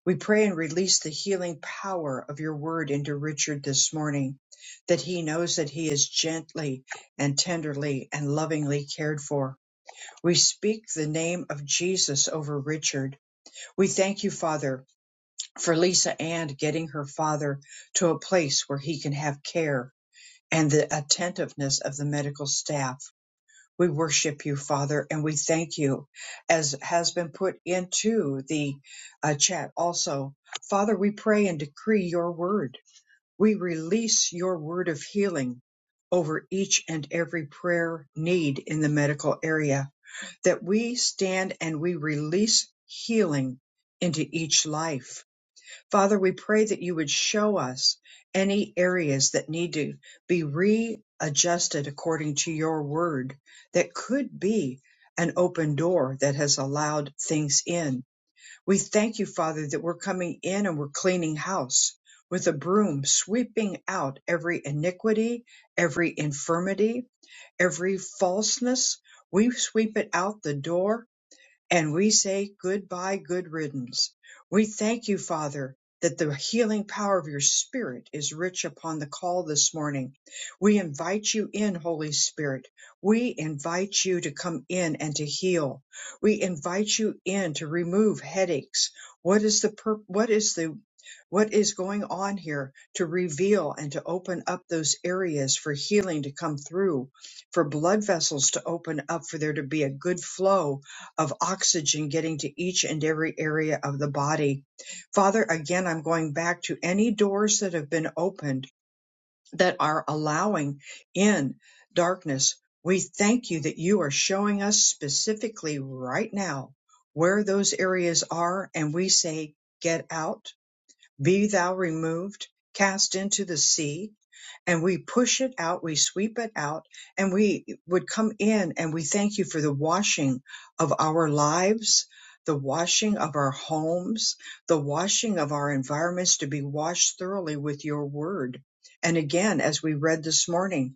Speaker 1: we pray and release the healing power of your word into Richard this morning, that he knows that he is gently and tenderly and lovingly cared for. We speak the name of Jesus over Richard. We thank you, Father, for Lisa Ann getting her father to a place where he can have care and the attentiveness of the medical staff. We worship you, Father, and we thank you, as has been put into the uh, chat also. Father, we pray and decree your word. We release your word of healing over each and every prayer need in the medical area, that we stand and we release healing into each life Father, we pray that you would show us any areas that need to be readjusted according to your word that could be an open door that has allowed things in. We thank you, Father, that we're coming in and we're cleaning house with a broom, sweeping out every iniquity, every infirmity, every falseness. We sweep it out the door and we say goodbye, good riddance. We thank you, Father, that the healing power of your Spirit is rich upon the call this morning. We invite you in, Holy Spirit. We invite you to come in and to heal. We invite you in to remove headaches. What is the pur- what is the what is going on here to reveal and to open up those areas for healing to come through, for blood vessels to open up, for there to be a good flow of oxygen getting to each and every area of the body. Father, again, I'm going back to any doors that have been opened that are allowing in darkness. We thank you that you are showing us specifically right now where those areas are, and we say, Get out, be thou removed, cast into the sea and we push it out, we sweep it out, and we would come in and we thank you for the washing of our lives, the washing of our homes, the washing of our environments to be washed thoroughly with your word. And again, as we read this morning,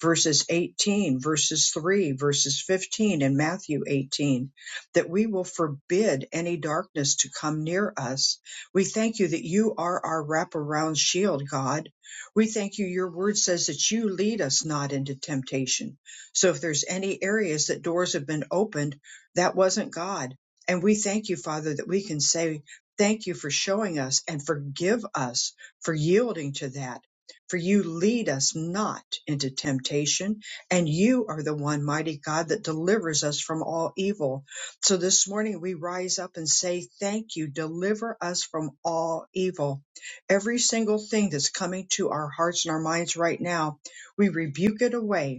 Speaker 1: verses 18, verses 3, verses 15 in Matthew 18, that we will forbid any darkness to come near us. We thank you that you are our wraparound shield, God we thank you. Your word says that you lead us not into temptation. So if there's any areas that doors have been opened, that wasn't God. And we thank you, Father, that we can say, Thank you for showing us and forgive us for yielding to that. For you lead us not into temptation, and you are the one mighty God that delivers us from all evil. So this morning we rise up and say, Thank you, deliver us from all evil Every single thing that's coming to our hearts and our minds right now, we rebuke it away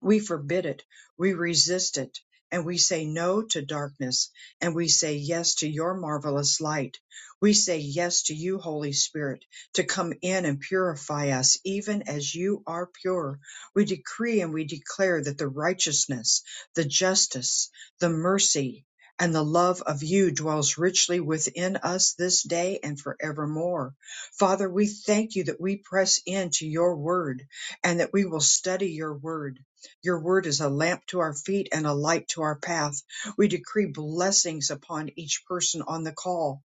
Speaker 1: we forbid it. We resist it. And we say no to darkness. And we say yes to your marvelous light. We say yes to you, Holy Spirit, to come in and purify us even as you are pure. We decree and we declare that the righteousness, the justice, the mercy, and the love of you dwells richly within us this day and forevermore. Father, we thank you that we press into your word and that we will study your word your word is a lamp to our feet and a light to our path. We decree blessings upon each person on the call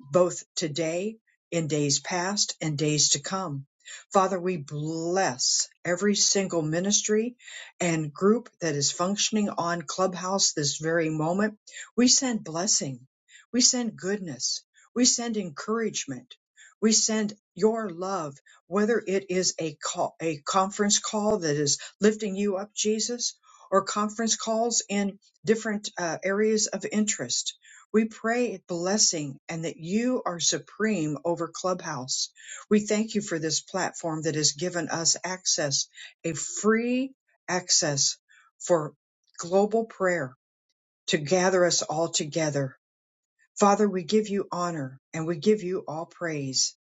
Speaker 1: both today, in days past, and days to come. Father, we bless every single ministry and group that is functioning on Clubhouse this very moment. We send blessing. We send goodness. We send encouragement. We send your love, whether it is a call, a conference call that is lifting you up, Jesus, or conference calls in different uh, areas of interest we pray blessing and that you are supreme over Clubhouse. We thank you for this platform that has given us access, a free access for global prayer to gather us all together. Father, we give you honor and we give you all praise.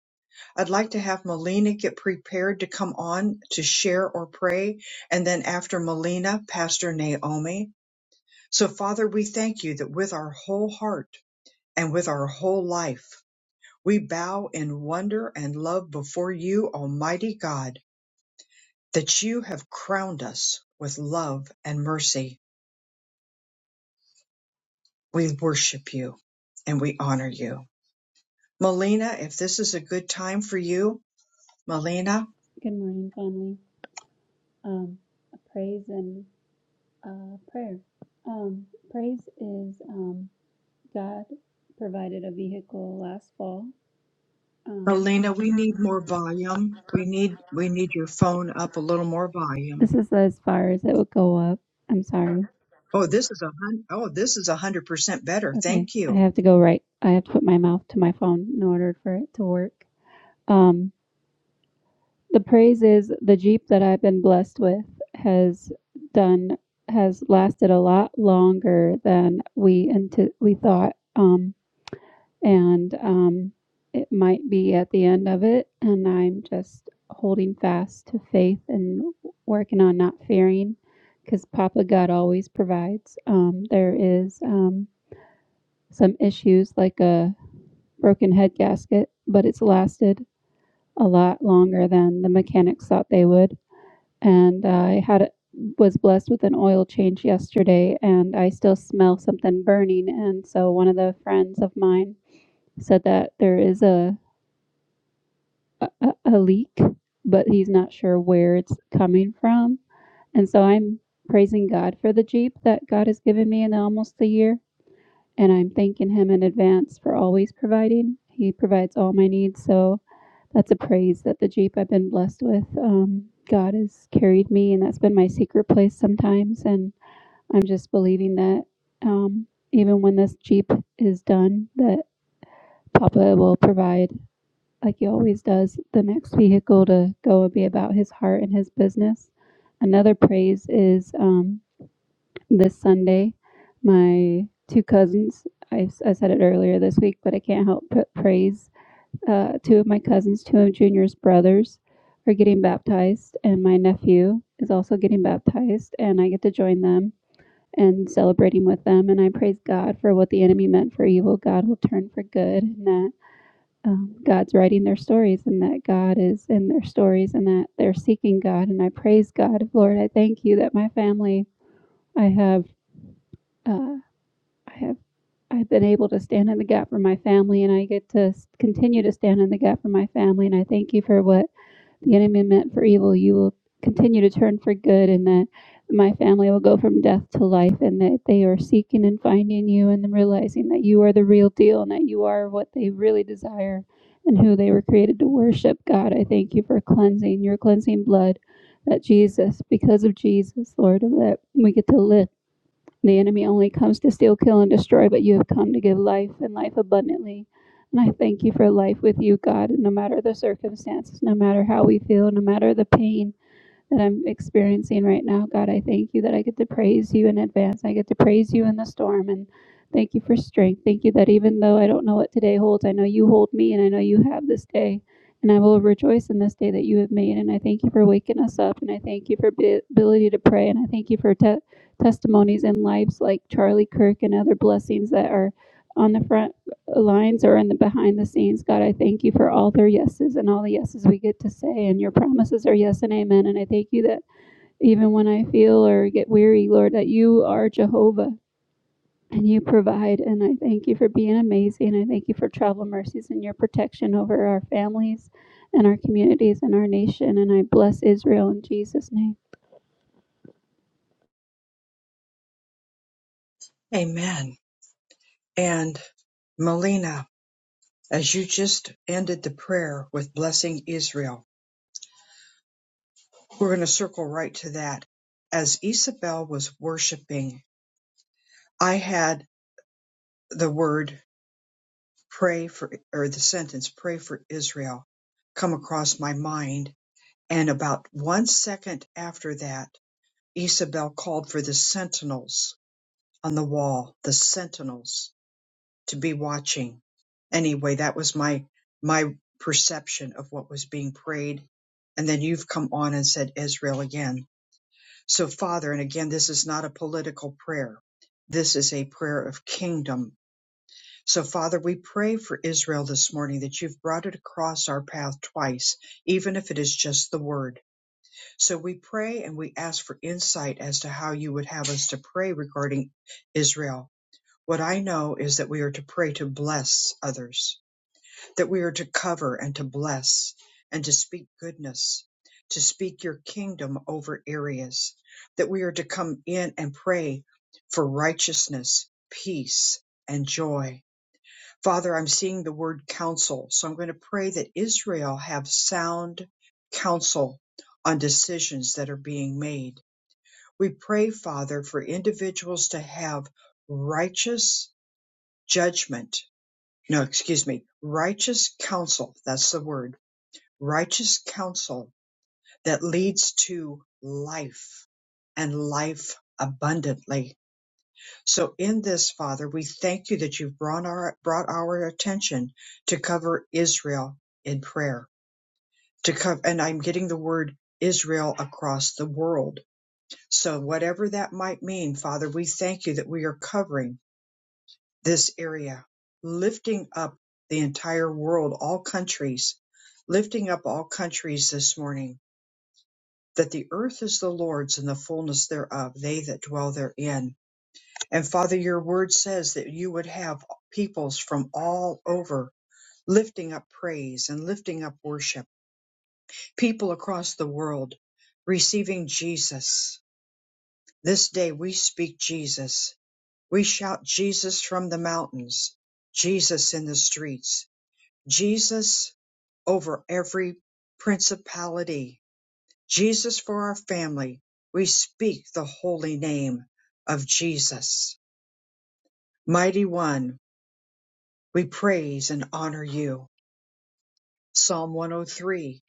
Speaker 1: I'd like to have Melina get prepared to come on to share or pray. And then after Melina, Pastor Naomi. So Father, we thank you that with our whole heart, and with our whole life. We bow in wonder and love before you, Almighty God, that you have crowned us with love and mercy. We worship you and we honor you. Melina, if this is a good time for you, Melina,
Speaker 8: Good morning, family. Um, a praise and uh, prayer. Um, praise is um, God provided a vehicle last fall. Um,
Speaker 1: Melina, we need more volume. We need we need your phone up a little more volume.
Speaker 8: this is as far as it would go up. I'm sorry.
Speaker 1: Oh, this is a hun- oh, this is a hundred percent better.
Speaker 8: Okay,
Speaker 1: Thank
Speaker 8: I
Speaker 1: you.
Speaker 8: have to go right. I have to put my mouth to my phone in order for it to work. Um, the praise is the Jeep that I've been blessed with has done has lasted a lot longer than we into we thought. Um, and um, it might be at the end of it. And I'm just holding fast to faith and working on not fearing because Papa God always provides. Um, there is um, some issues like a broken head gasket, but it's lasted a lot longer than the mechanics thought they would. And uh, I had a, was blessed with an oil change yesterday, and I still smell something burning. And so one of the friends of mine said that there is a a, a, a leak, but he's not sure where it's coming from. And so I'm praising God for the Jeep that God has given me in almost a year. And I'm thanking Him in advance for always providing. He provides all my needs. So that's a praise that the Jeep I've been blessed with. Um, God has carried me, and that's been my secret place sometimes. And I'm just believing that um, even when this Jeep is done, that Papa will provide like he always does, the next vehicle to go will be about his heart and his business. Another praise is um, this Sunday. My two cousins, I, I said it earlier this week, but I can't help but praise uh, two of my cousins, two of Junior's brothers, are getting baptized, and my nephew is also getting baptized, and I get to join them and celebrating with them. And I praise God for what the enemy meant for evil, God will turn for good, and that um, God's writing their stories and that God is in their stories and that they're seeking God. And I praise God, Lord. I thank you that my family, I have, uh, I have, I've been able to stand in the gap for my family, and I get to continue to stand in the gap for my family. And I thank you for what the enemy meant for evil, you will continue to turn for good, and that my family will go from death to life, and that they are seeking and finding you and realizing that you are the real deal and that you are what they really desire and who they were created to worship. God, I thank you for cleansing your cleansing blood that Jesus, because of Jesus, Lord, that we get to live the enemy only comes to steal, kill, and destroy, but you have come to give life and life abundantly. And I thank you for life with you, God, no matter the circumstances, no matter how we feel, no matter the pain, that I'm experiencing right now. God, I thank you that I get to praise you in advance. I get to praise you in the storm. And thank you for strength. Thank you that even though I don't know what today holds, I know you hold me and I know you have this day. And I will rejoice in this day that you have made. And I thank you for waking us up. And I thank you for bi- ability to pray. And I thank you for te- testimonies and lives like Charlie Kirk and other blessings that are on the front lines or in the behind the scenes. God, I thank you for all their yeses and all the yeses we get to say, and your promises are yes and amen. And I thank you that even when I feel or get weary, Lord, that you are Jehovah and you provide. And I thank you for being amazing. I thank you for travel mercies and your protection over our families and our communities and our nation. And I bless Israel in Jesus' name.
Speaker 1: Amen. And Melina, as you just ended the prayer with blessing Israel. We're going to circle right to that. As Isabel was worshiping, I had the word pray for, or the sentence pray for Israel come across my mind. And about one second after that, Isabel called for the sentinels on the wall, the sentinels. to be watching. Anyway, that was my my perception of what was being prayed. And then you've come on and said Israel again. So Father, and again this is not a political prayer. This is a prayer of kingdom. So Father, we pray for Israel this morning that you've brought it across our path twice, even if it is just the word. So we pray and we ask for insight as to how you would have us to pray regarding Israel. What I know is that we are to pray to bless others that we are to cover and to bless and to speak goodness, to speak your kingdom over areas, that we are to come in and pray for righteousness, peace, and joy. Father, I'm seeing the word counsel, so I'm going to pray that Israel have sound counsel on decisions that are being made. We pray, Father, for individuals to have righteous judgment. No, excuse me, righteous counsel. That's the word righteous counsel that leads to life and life abundantly. So in this, Father, we thank you that you've brought our, brought our attention to cover Israel in prayer, to cover, and I'm getting the word Israel across the world. So whatever that might mean, Father, we thank you that we are covering this area, lifting up the entire world, all countries, lifting up all countries this morning that the earth is the Lord's and the fullness thereof, they that dwell therein. And Father, your word says that you would have peoples from all over lifting up praise and lifting up worship, people across the world receiving Jesus. This day we speak Jesus. We shout Jesus from the mountains, Jesus in the streets, Jesus over every principality, Jesus for our family, we speak the holy name of Jesus. Mighty One, we praise and honor you. Psalm 103,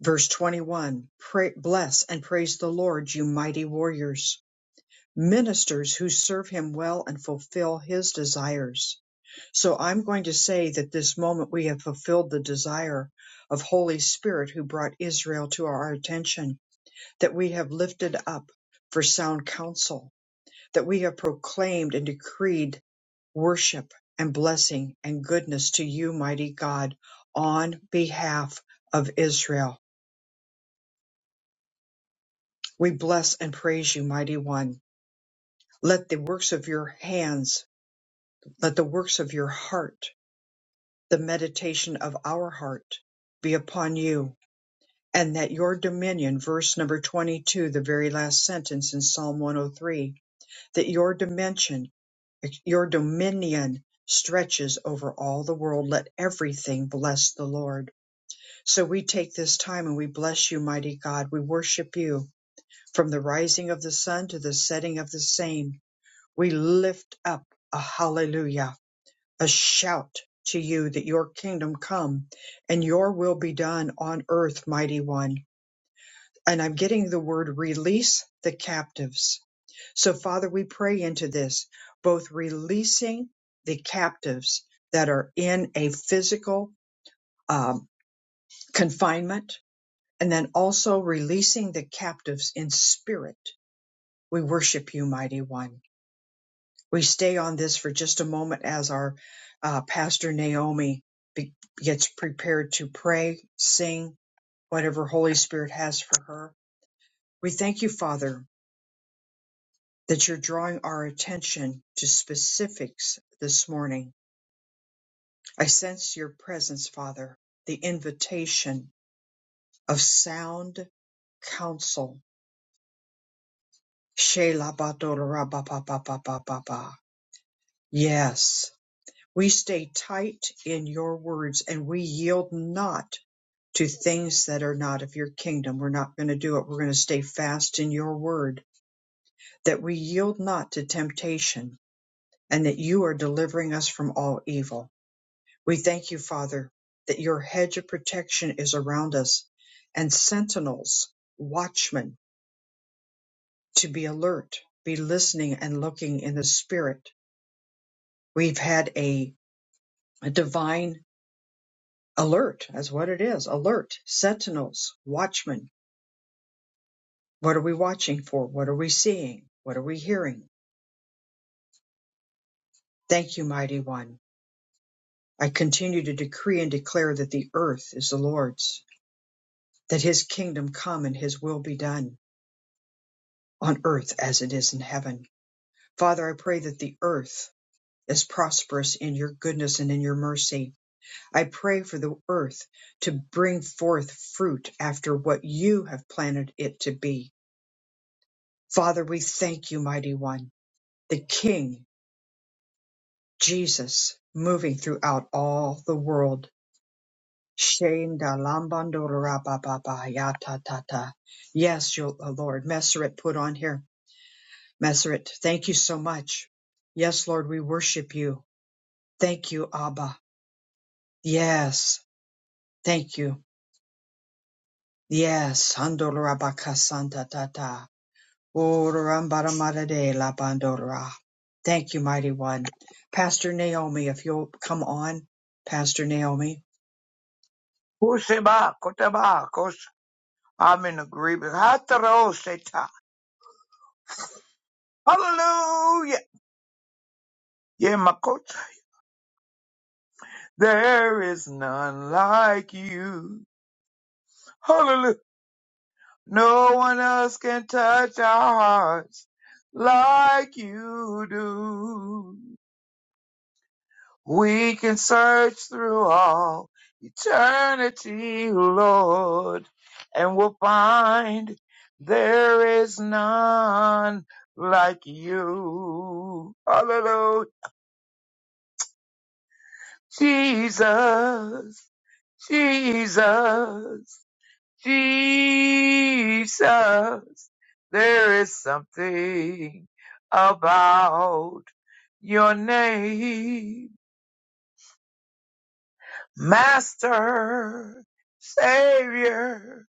Speaker 1: verse 21. Pray, bless and praise the Lord, you mighty warriors, ministers who serve him well and fulfill his desires. So I'm going to say that this moment we have fulfilled the desire of Holy Spirit who brought Israel to our attention, that we have lifted up for sound counsel that we have proclaimed and decreed worship and blessing and goodness to you, mighty God, on behalf of Israel. We bless and praise you, mighty one. Let the works of your hands, let the works of your heart, the meditation of our heart be upon you, and that your dominion, verse number 22, the very last sentence in Psalm 103, that your dimension Your dominion stretches over all the world. Let everything bless the Lord. So we take this time and we bless you, mighty God. We worship you from the rising of the sun to the setting of the same. We lift up a hallelujah, a shout to you that your kingdom come and your will be done on earth, mighty one. And I'm getting the word release the captives so, Father, we pray into this, both releasing the captives that are in a physical um, confinement, and then also releasing the captives in spirit. We worship you, Mighty One. We stay on this for just a moment as our uh, Pastor Naomi be- gets prepared to pray, sing, whatever Holy Spirit has for her. We thank you, Father, that you're drawing our attention to specifics this morning I sense your presence, Father, the invitation of sound counsel. Shelabadorababababababa. Yes, we stay tight in your words and we yield not to things that are not of your kingdom. We're not going to do it. We're going to stay fast in your word, that we yield not to temptation and that you are delivering us from all evil. We thank you, Father, that your hedge of protection is around us and sentinels, watchmen, to be alert, be listening and looking in the spirit. We've had a, a divine alert, that's what it is alert, sentinels, watchmen. What are we watching for? What are we seeing? What are we hearing? Thank you, Mighty One. I continue to decree and declare that the earth is the Lord's, that his kingdom come and his will be done on earth as it is in heaven. Father, I pray that the earth is prosperous in your goodness and in your mercy. I pray for the earth to bring forth fruit after what you have planted it to be. Father, we thank you, mighty one, the King, Jesus, moving throughout all the world. Shendalambandorabababayatata. Yes, your- uh, Lord. Messeret put on here. Messeret, thank you so much. Yes, Lord, we worship you. Thank you, Abba. Yes, thank you. Yes, Andorabakasanta tata. Orambaramade la bandora. Thank you, mighty one. Pastor Naomi, if you'll come on, Pastor Naomi.
Speaker 9: Useba, kotaba, kos. I'm in agreement. Hataro Hallelujah. Yeah, my coach. There is none like you. Hallelujah. No one else can touch our hearts like you do. We can search through all eternity, Lord, and we'll find there is none like you. Hallelujah. Jesus, Jesus, Jesus. There is something about your name. Master, Savior,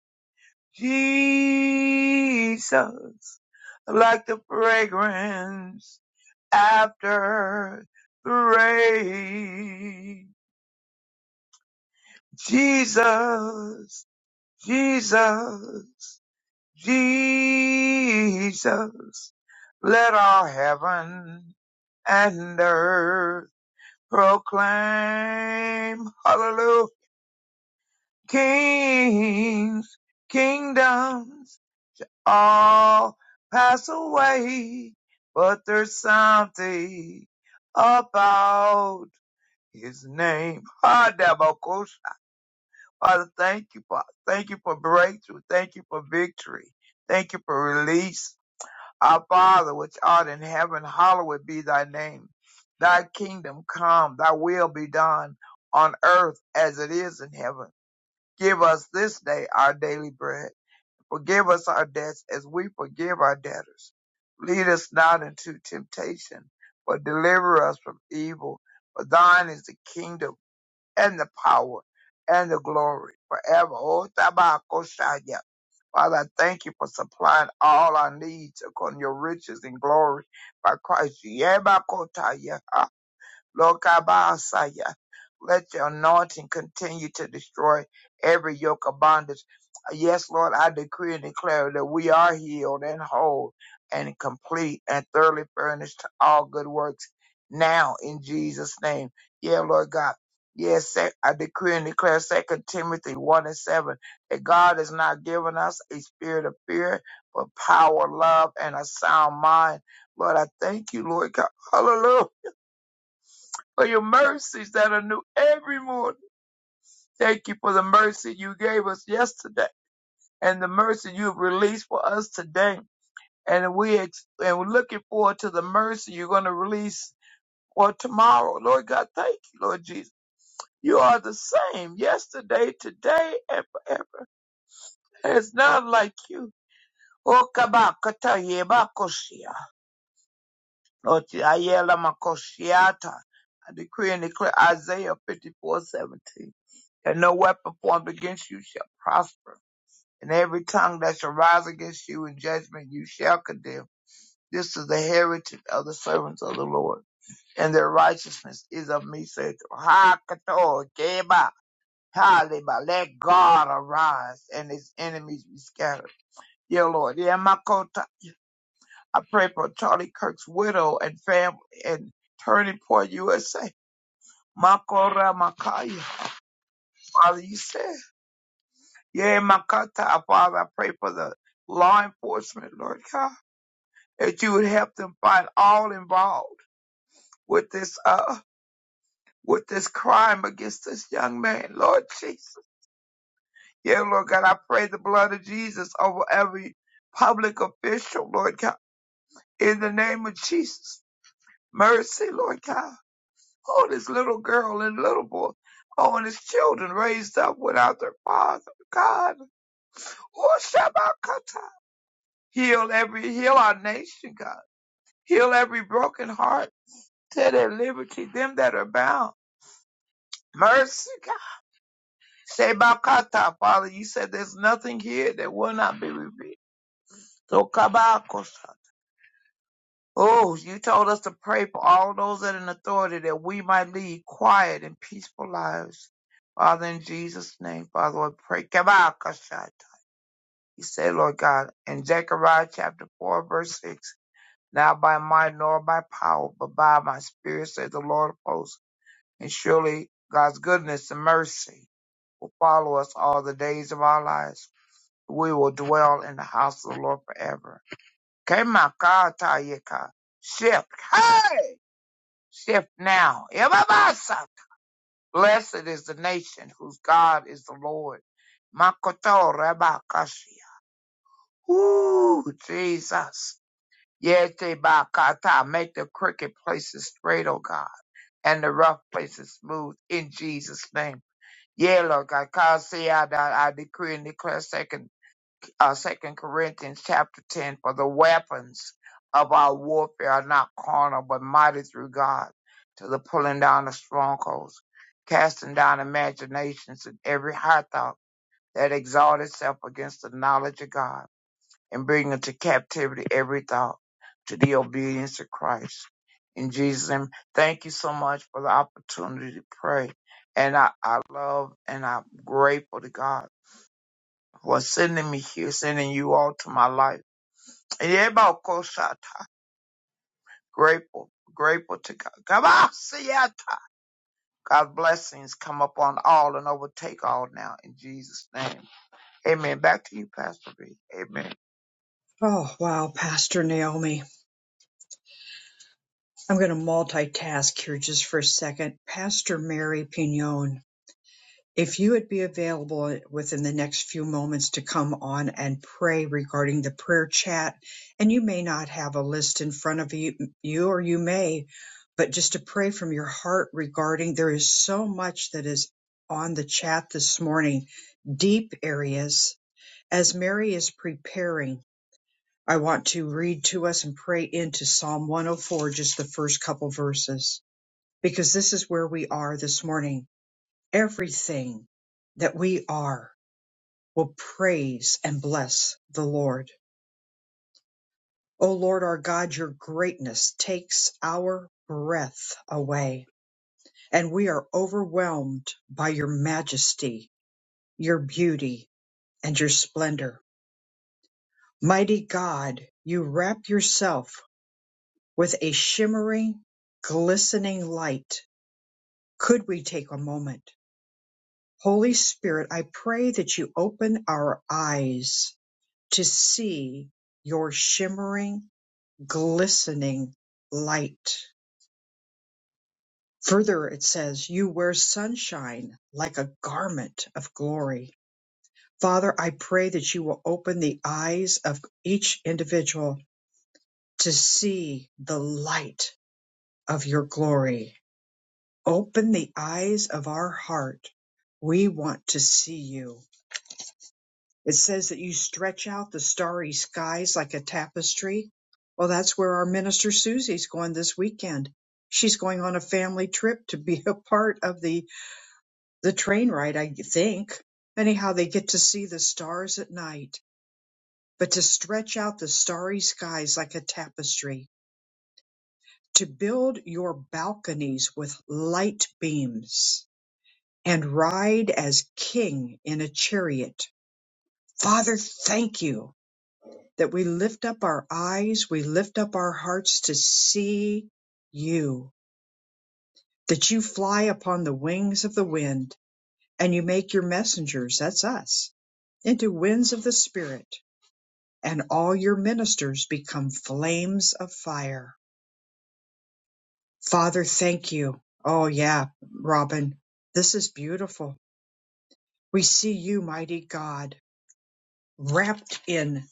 Speaker 9: Jesus, like the fragrance after the rain. Jesus, Jesus, Jesus, let all heaven and earth proclaim Hallelujah. Kings, kingdoms all pass away, but there's something about his name. Ah, Dabokos. Father, thank you, Father. Thank you for breakthrough. Thank you for victory. Thank you for release. Our Father, which art in heaven, hallowed be thy name. Thy kingdom come, thy will be done on earth as it is in heaven. Give us this day our daily bread Forgive us our debts as we forgive our debtors. Lead us not into temptation, but deliver us from evil. For thine is the kingdom and the power and the glory forever. O Tabakoshaya. Father, I thank you for supplying all our needs according to your riches and glory by Christ. Yebakotaya. Lord God, by our side, yeah. let your anointing continue to destroy every yoke of bondage. Uh, Yes, Lord, I decree and declare that we are healed and whole and complete and thoroughly furnished to all good works now in Jesus' name. Yeah, Lord God. Yes, sec- I decree and declare Second Timothy 1 and 7 that God has not given us a spirit of fear, but power, love, and a sound mind. Lord, I thank you, Lord God. Hallelujah for your mercies that are new every morning. Thank you for the mercy you gave us yesterday and the mercy you've released for us today. And we ex- and we're looking forward to the mercy you're going to release for tomorrow. Lord God, thank you, Lord Jesus. You are the same yesterday, today, and forever. There's none like you. Okabakatayebakoshia. Lord, ayela makoshiata. I decree and declare Isaiah 54:17. that no weapon formed against you shall prosper, and every tongue that shall rise against you in judgment you shall condemn. This is the heritage of the servants of the Lord, and their righteousness is of me, saith the Lord. Let God arise and his enemies be scattered. Yeah, Lord. Yeah, my kota. I pray for Charlie Kirk's widow and family and Turning Point USA. Makora Makaya. Father, you said. Yeah, Makata, Father, I pray for the law enforcement, Lord God, that you would help them find all involved with this uh with this crime against this young man, Lord Jesus. Yeah, Lord God, I pray the blood of Jesus over every public official, Lord God, in the name of Jesus. Mercy, Lord God. Oh, this little girl and little boy. Oh, and his children raised up without their father, God. Oh, Shabbat Kata. Heal every, heal our nation, God. Heal every broken heart. Set at liberty them that are bound. Mercy, God. Shebakata, Father. You said there's nothing here that will not be revealed. So kabakosa. Oh, you told us to pray for all those that are in authority that we might lead quiet and peaceful lives. Father, in Jesus' name, Father, we pray. Kabakashata. You said, Lord God, in Zechariah chapter 4, verse 6, not by might nor by power, but by my spirit, says the Lord of hosts. and surely God's goodness and mercy will follow us all the days of our lives. We will dwell in the house of the Lord forever. Kemakatayeka. Shift. Hey! Shift now. Yababasa. Blessed is the nation whose God is the Lord. Makoto Rabakashia. Ooh, Jesus. Yete bakata. Make the crooked places straight, O God, and the rough places smooth in Jesus' name. Yeah, Lord God, cause see I, I, I decree and declare second uh second Corinthians chapter ten for the weapons of our warfare are not carnal but mighty through God to the pulling down of strongholds, casting down imaginations and every high thought that exalts itself against the knowledge of God and bring into captivity every thought to the obedience of Christ. In Jesus' name, thank you so much for the opportunity to pray. And I, I love and I'm grateful to God for sending me here, sending you all to my life. And everybody, of course, I- am grateful, grateful to God. Come on, see ya. God's blessings come upon all and overtake all now in Jesus' name. Amen. Back to you, Pastor B. Amen.
Speaker 1: Oh, wow, Pastor Naomi. I'm going to multitask here just for a second. Pastor Mary Pignon. If you would be available within the next few moments to come on and pray regarding the prayer chat, and you may not have a list in front of you, you or you may, but just to pray from your heart regarding there is so much that is on the chat this morning, deep areas. As Mary is preparing, I want to read to us and pray into Psalm 104, just the first couple verses, because this is where we are this morning everything that we are will praise and bless the Lord. O Lord our God, your greatness takes our breath away, and we are overwhelmed by your majesty, your beauty, and your splendor. Mighty God, you wrap yourself with a shimmering, glistening light. Could we take a moment? Holy Spirit, I pray that you open our eyes to see your shimmering, glistening light. Further, it says, You wear sunshine like a garment of glory. Father, I pray that you will open the eyes of each individual to see the light of your glory. Open the eyes of our heart. We want to see you. It says that you stretch out the starry skies like a tapestry. Well, that's where our minister Susie's going this weekend. She's going on a family trip to be a part of the, the train ride, I think. Anyhow, they get to see the stars at night, but to stretch out the starry skies like a tapestry, to build your balconies with light beams and ride as king in a chariot. Father, thank you that we lift up our eyes, we lift up our hearts to see you, that you fly upon the wings of the wind and you make your messengers, that's us, into winds of the Spirit, and all your ministers become flames of fire. Father, thank you. Oh, yeah, Robin, this is beautiful. We see you, mighty God, wrapped in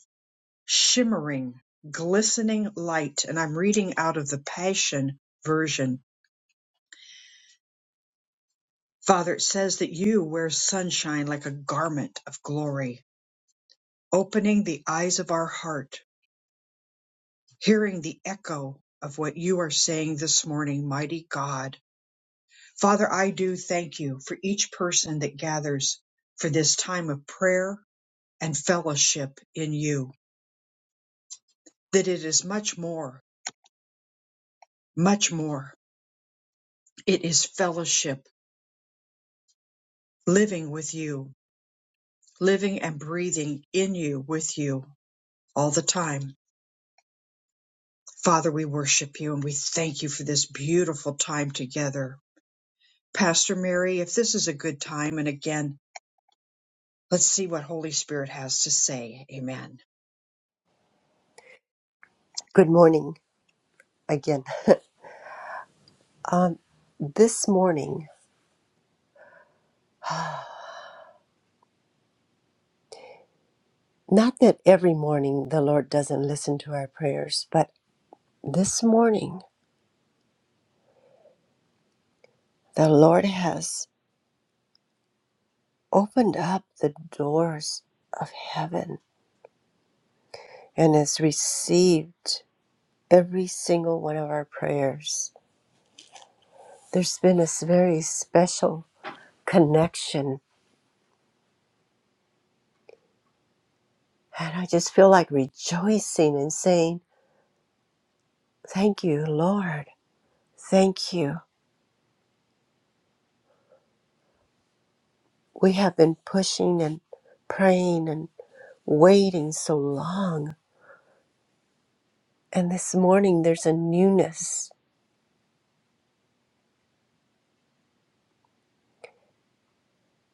Speaker 1: shimmering, glistening light. And I'm reading out of the Passion Version Father, it says that you wear sunshine like a garment of glory, opening the eyes of our heart, hearing the echo of what you are saying this morning, mighty God. Father, I do thank you for each person that gathers for this time of prayer and fellowship in you, that it is much more, much more. It is fellowship, living with you, living and breathing in you, with you all the time. Father, we worship you and we thank you for this beautiful time together. Pastor Mary, if this is a good time, and again, let's see what Holy Spirit has to say. Amen.
Speaker 4: Good morning again. Um, this morning, not that every morning the Lord doesn't listen to our prayers, but this morning the Lord has opened up the doors of heaven and has received every single one of our prayers. There's been this very special connection. And I just feel like rejoicing and saying, Thank you, Lord. Thank you. We have been pushing and praying and waiting so long. And this morning, there's a newness,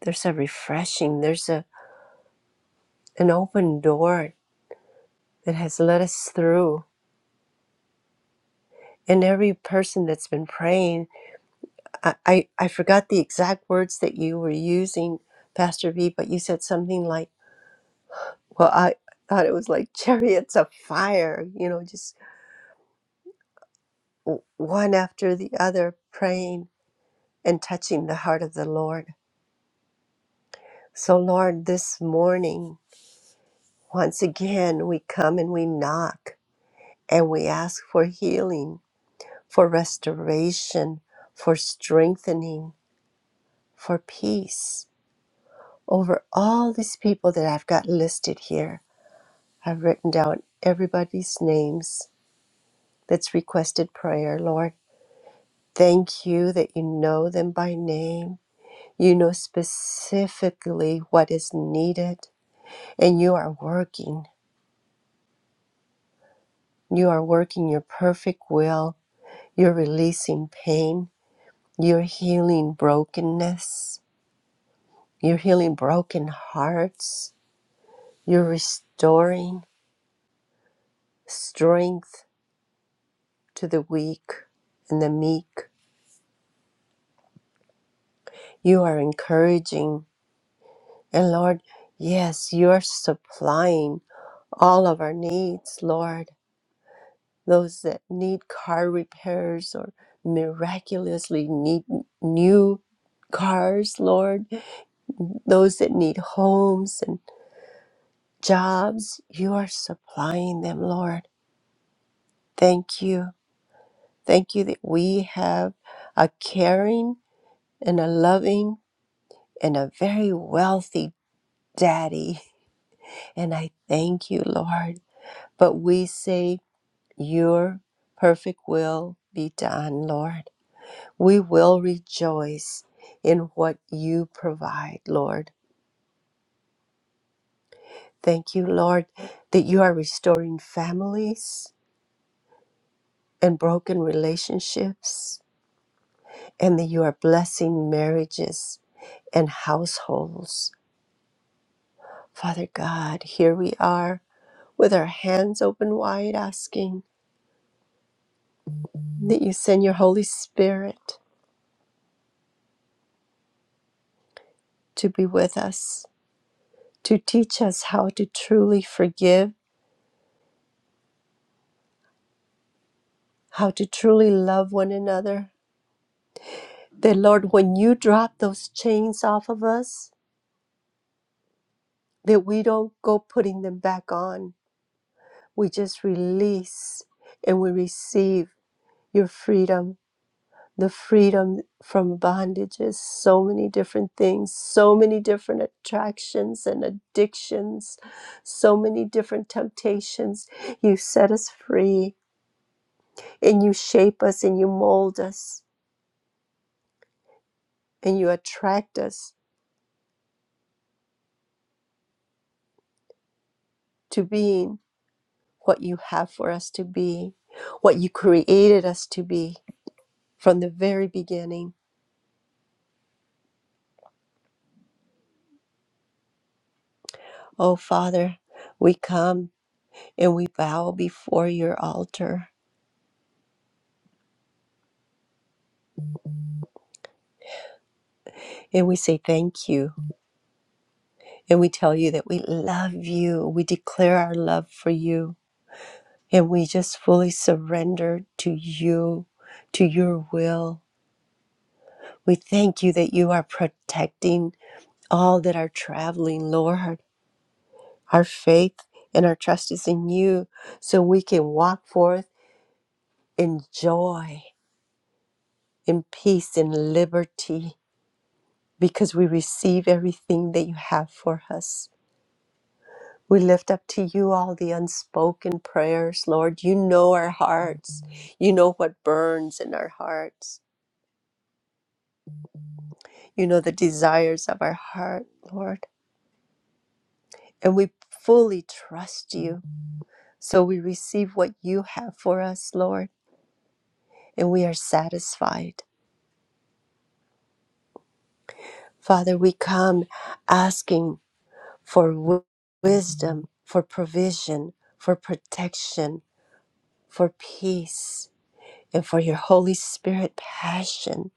Speaker 4: there's a refreshing, there's a, an open door that has let us through. And every person that's been praying I, I I forgot the exact words that you were using, Pastor V, but you said something like, well, I thought it was like chariots of fire, you know, just w- one after the other praying and touching the heart of the Lord. So, Lord, this morning, once again, we come and we knock and we ask for healing, for restoration, for strengthening, for peace over all these people that I've got listed here. I've written down everybody's names that's requested prayer, Lord. Thank you that you know them by name. You know specifically what is needed, and you are working. You are working your perfect will. You're releasing pain. You're healing brokenness. You're healing broken hearts. You're restoring strength to the weak and the meek. You are encouraging And Lord, yes, you're supplying all of our needs, Lord. Those that need car repairs or miraculously need new cars, Lord. Those that need homes and jobs, you are supplying them, Lord. Thank you. Thank you that we have a caring and a loving and a very wealthy daddy. And I thank you, Lord. But we say, Your perfect will be done, Lord. We will rejoice in what you provide, Lord. Thank you, Lord, that you are restoring families and broken relationships, and that you are blessing marriages and households. Father God, here we are with our hands open wide, asking that you send your Holy Spirit to be with us, to teach us how to truly forgive how to truly love one another. That, Lord, when you drop those chains off of us, that we don't go putting them back on. We just release and we receive your freedom, the freedom from bondages, so many different things, so many different attractions and addictions, so many different temptations. You set us free and you shape us and you mold us and you attract us to being. what you have for us to be, what you created us to be from the very beginning. Oh, Father, we come and we bow before your altar and we say thank you. And we tell you that we love you. We declare our love for you. And we just fully surrender to you, to your will. We thank you that you are protecting all that are traveling, Lord. Our faith and our trust is in you so we can walk forth in joy, in peace, in liberty, because we receive everything that you have for us. We lift up to you all the unspoken prayers, Lord. You know our hearts. You know what burns in our hearts. You know the desires of our heart, Lord. And we fully trust you. So we receive what you have for us, Lord, and we are satisfied. Father, we come asking for wi- wisdom, for provision, for protection, for peace, and for your Holy Spirit passion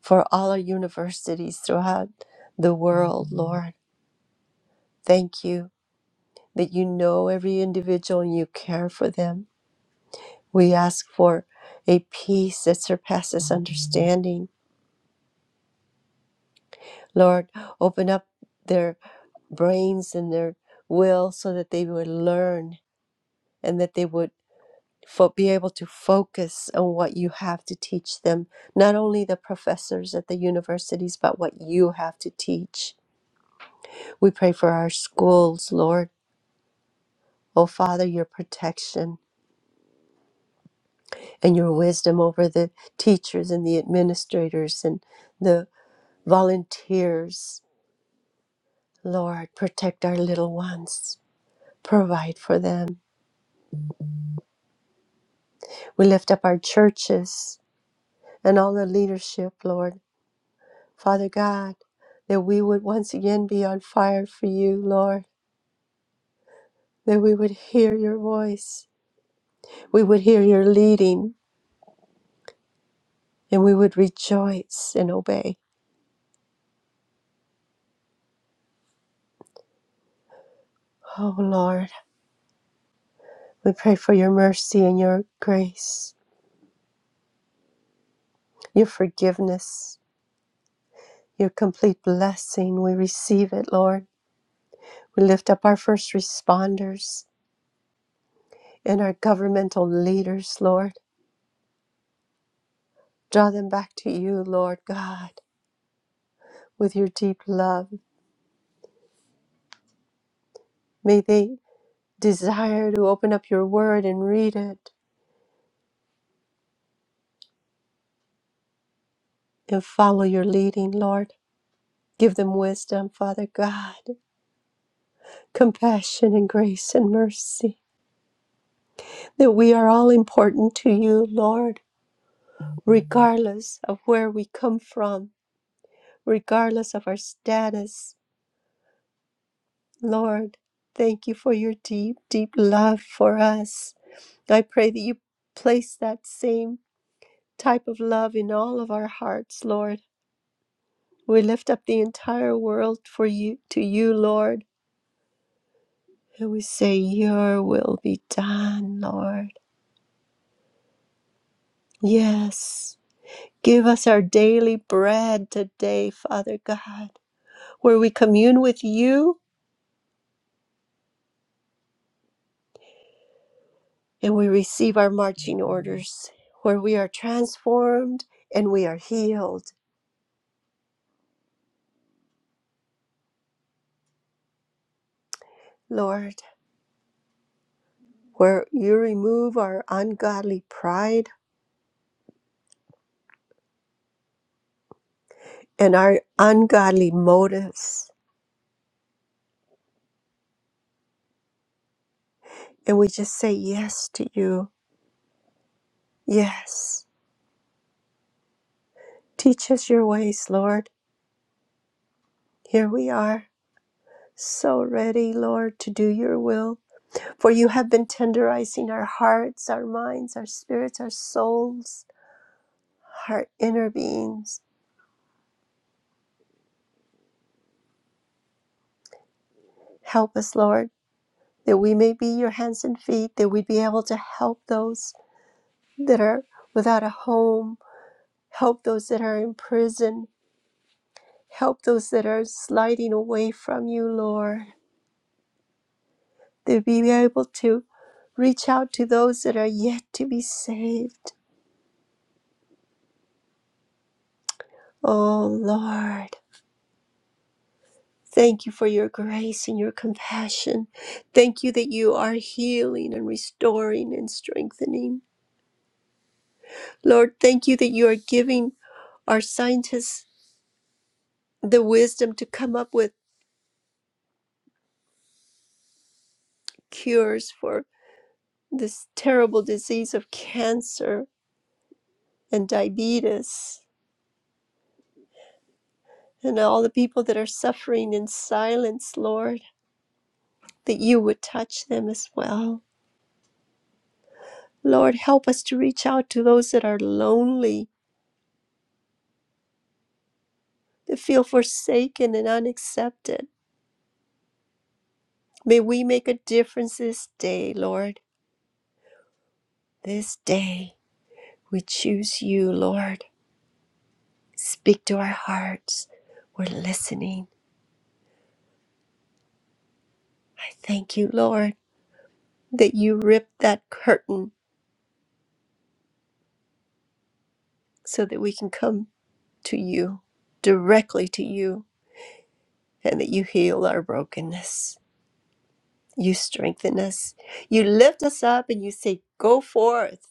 Speaker 4: for all our universities throughout the world, Lord. Thank you that you know every individual and you care for them. We ask for a peace that surpasses understanding. Lord, open up their brains and their will so that they would learn and that they would fo- be able to focus on what you have to teach them, not only the professors at the universities, but what you have to teach. We pray for our schools, Lord. Oh, Father, your protection and your wisdom over the teachers and the administrators and the volunteers. Lord, protect our little ones, provide for them. We lift up our churches and all the leadership, Lord. Father God, that we would once again be on fire for you, Lord, that we would hear your voice, we would hear your leading, and we would rejoice and obey. Oh, Lord, we pray for your mercy and your grace, your forgiveness, your complete blessing. We receive it, Lord. We lift up our first responders and our governmental leaders, Lord. Draw them back to you, Lord God, with your deep love. May they desire to open up your word and read it and follow your leading, Lord. Give them wisdom, Father God, compassion and grace and mercy, that we are all important to you, Lord, regardless of where we come from, regardless of our status. Lord, thank you for your deep, deep love for us. I pray that you place that same type of love in all of our hearts, Lord We lift up the entire world for you to you, Lord, and we say, Your will be done, Lord. Yes. Give us our daily bread today, Father God, where we commune with you and we receive our marching orders, where we are transformed and we are healed, Lord, where you remove our ungodly pride and our ungodly motives. And we just say yes to you. Yes. Teach us your ways, Lord. Here we are, so ready, Lord, to do your will. For you have been tenderizing our hearts, our minds, our spirits, our souls, our inner beings. Help us, Lord, that we may be your hands and feet, that we be able to help those that are without a home, help those that are in prison, help those that are sliding away from you, Lord. That we be able to reach out to those that are yet to be saved Oh Lord, thank you for your grace and your compassion. Thank you that you are healing and restoring and strengthening. Lord, thank you that you are giving our scientists the wisdom to come up with cures for this terrible disease of cancer and diabetes and all the people that are suffering in silence, Lord, that you would touch them as well. Lord, help us to reach out to those that are lonely to feel forsaken and unaccepted. May we make a difference this day, Lord. This day, we choose you, Lord. Speak to our hearts. We're listening. I thank you, Lord, that you ripped that curtain so that we can come to you, directly to you, and that you heal our brokenness. You strengthen us. You lift us up and you say, Go forth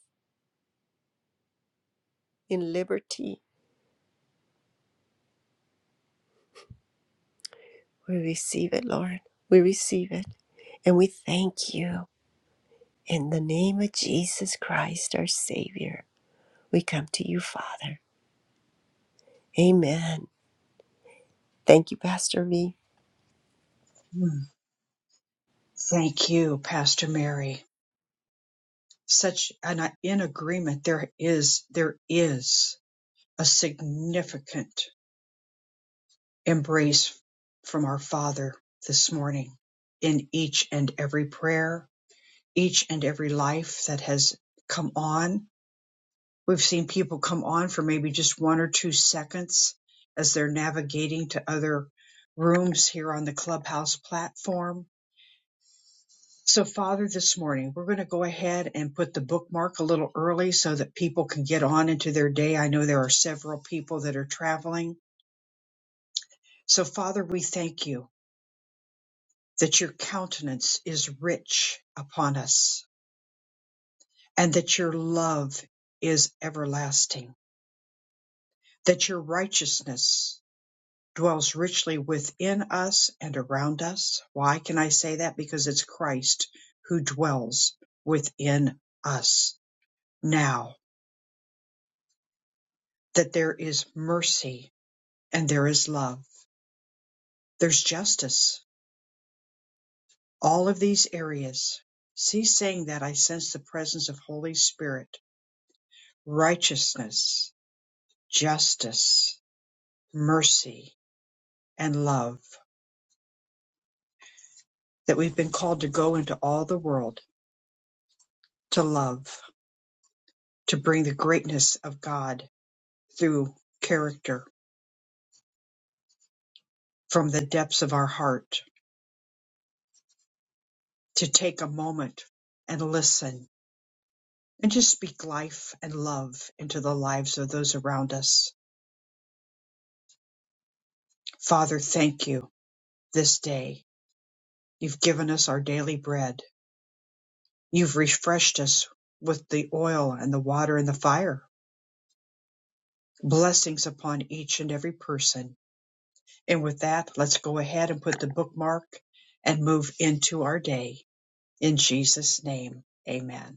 Speaker 4: in liberty We receive it, Lord. We receive it. And we thank you. In the name of Jesus Christ, our Savior, we come to you, Father. Amen. Thank you, Pastor V.
Speaker 1: Mm. Thank you, Pastor Mary. Such an in agreement there is there is a significant embrace from our Father this morning in each and every prayer, each and every life that has come on We've seen people come on for maybe just one or two seconds as they're navigating to other rooms here on the Clubhouse platform. So, Father, this morning we're going to go ahead and put the bookmark a little early so that people can get on into their day. I know there are several people that are traveling. So, Father, we thank you that your countenance is rich upon us and that your love is everlasting, that your righteousness dwells richly within us and around us. Why can I say that? Because it's Christ who dwells within us now, that there is mercy and there is love, there's justice, all of these areas. Cease saying that I sense the presence of Holy Spirit, righteousness, justice, mercy, and love, that we've been called to go into all the world to love, to bring the greatness of God through character from the depths of our heart to take a moment and listen and just speak life and love into the lives of those around us. Father, thank you this day. You've given us our daily bread. You've refreshed us with the oil and the water and the fire. Blessings upon each and every person. And with that, let's go ahead and put the bookmark and move into our day. In Jesus' name, amen.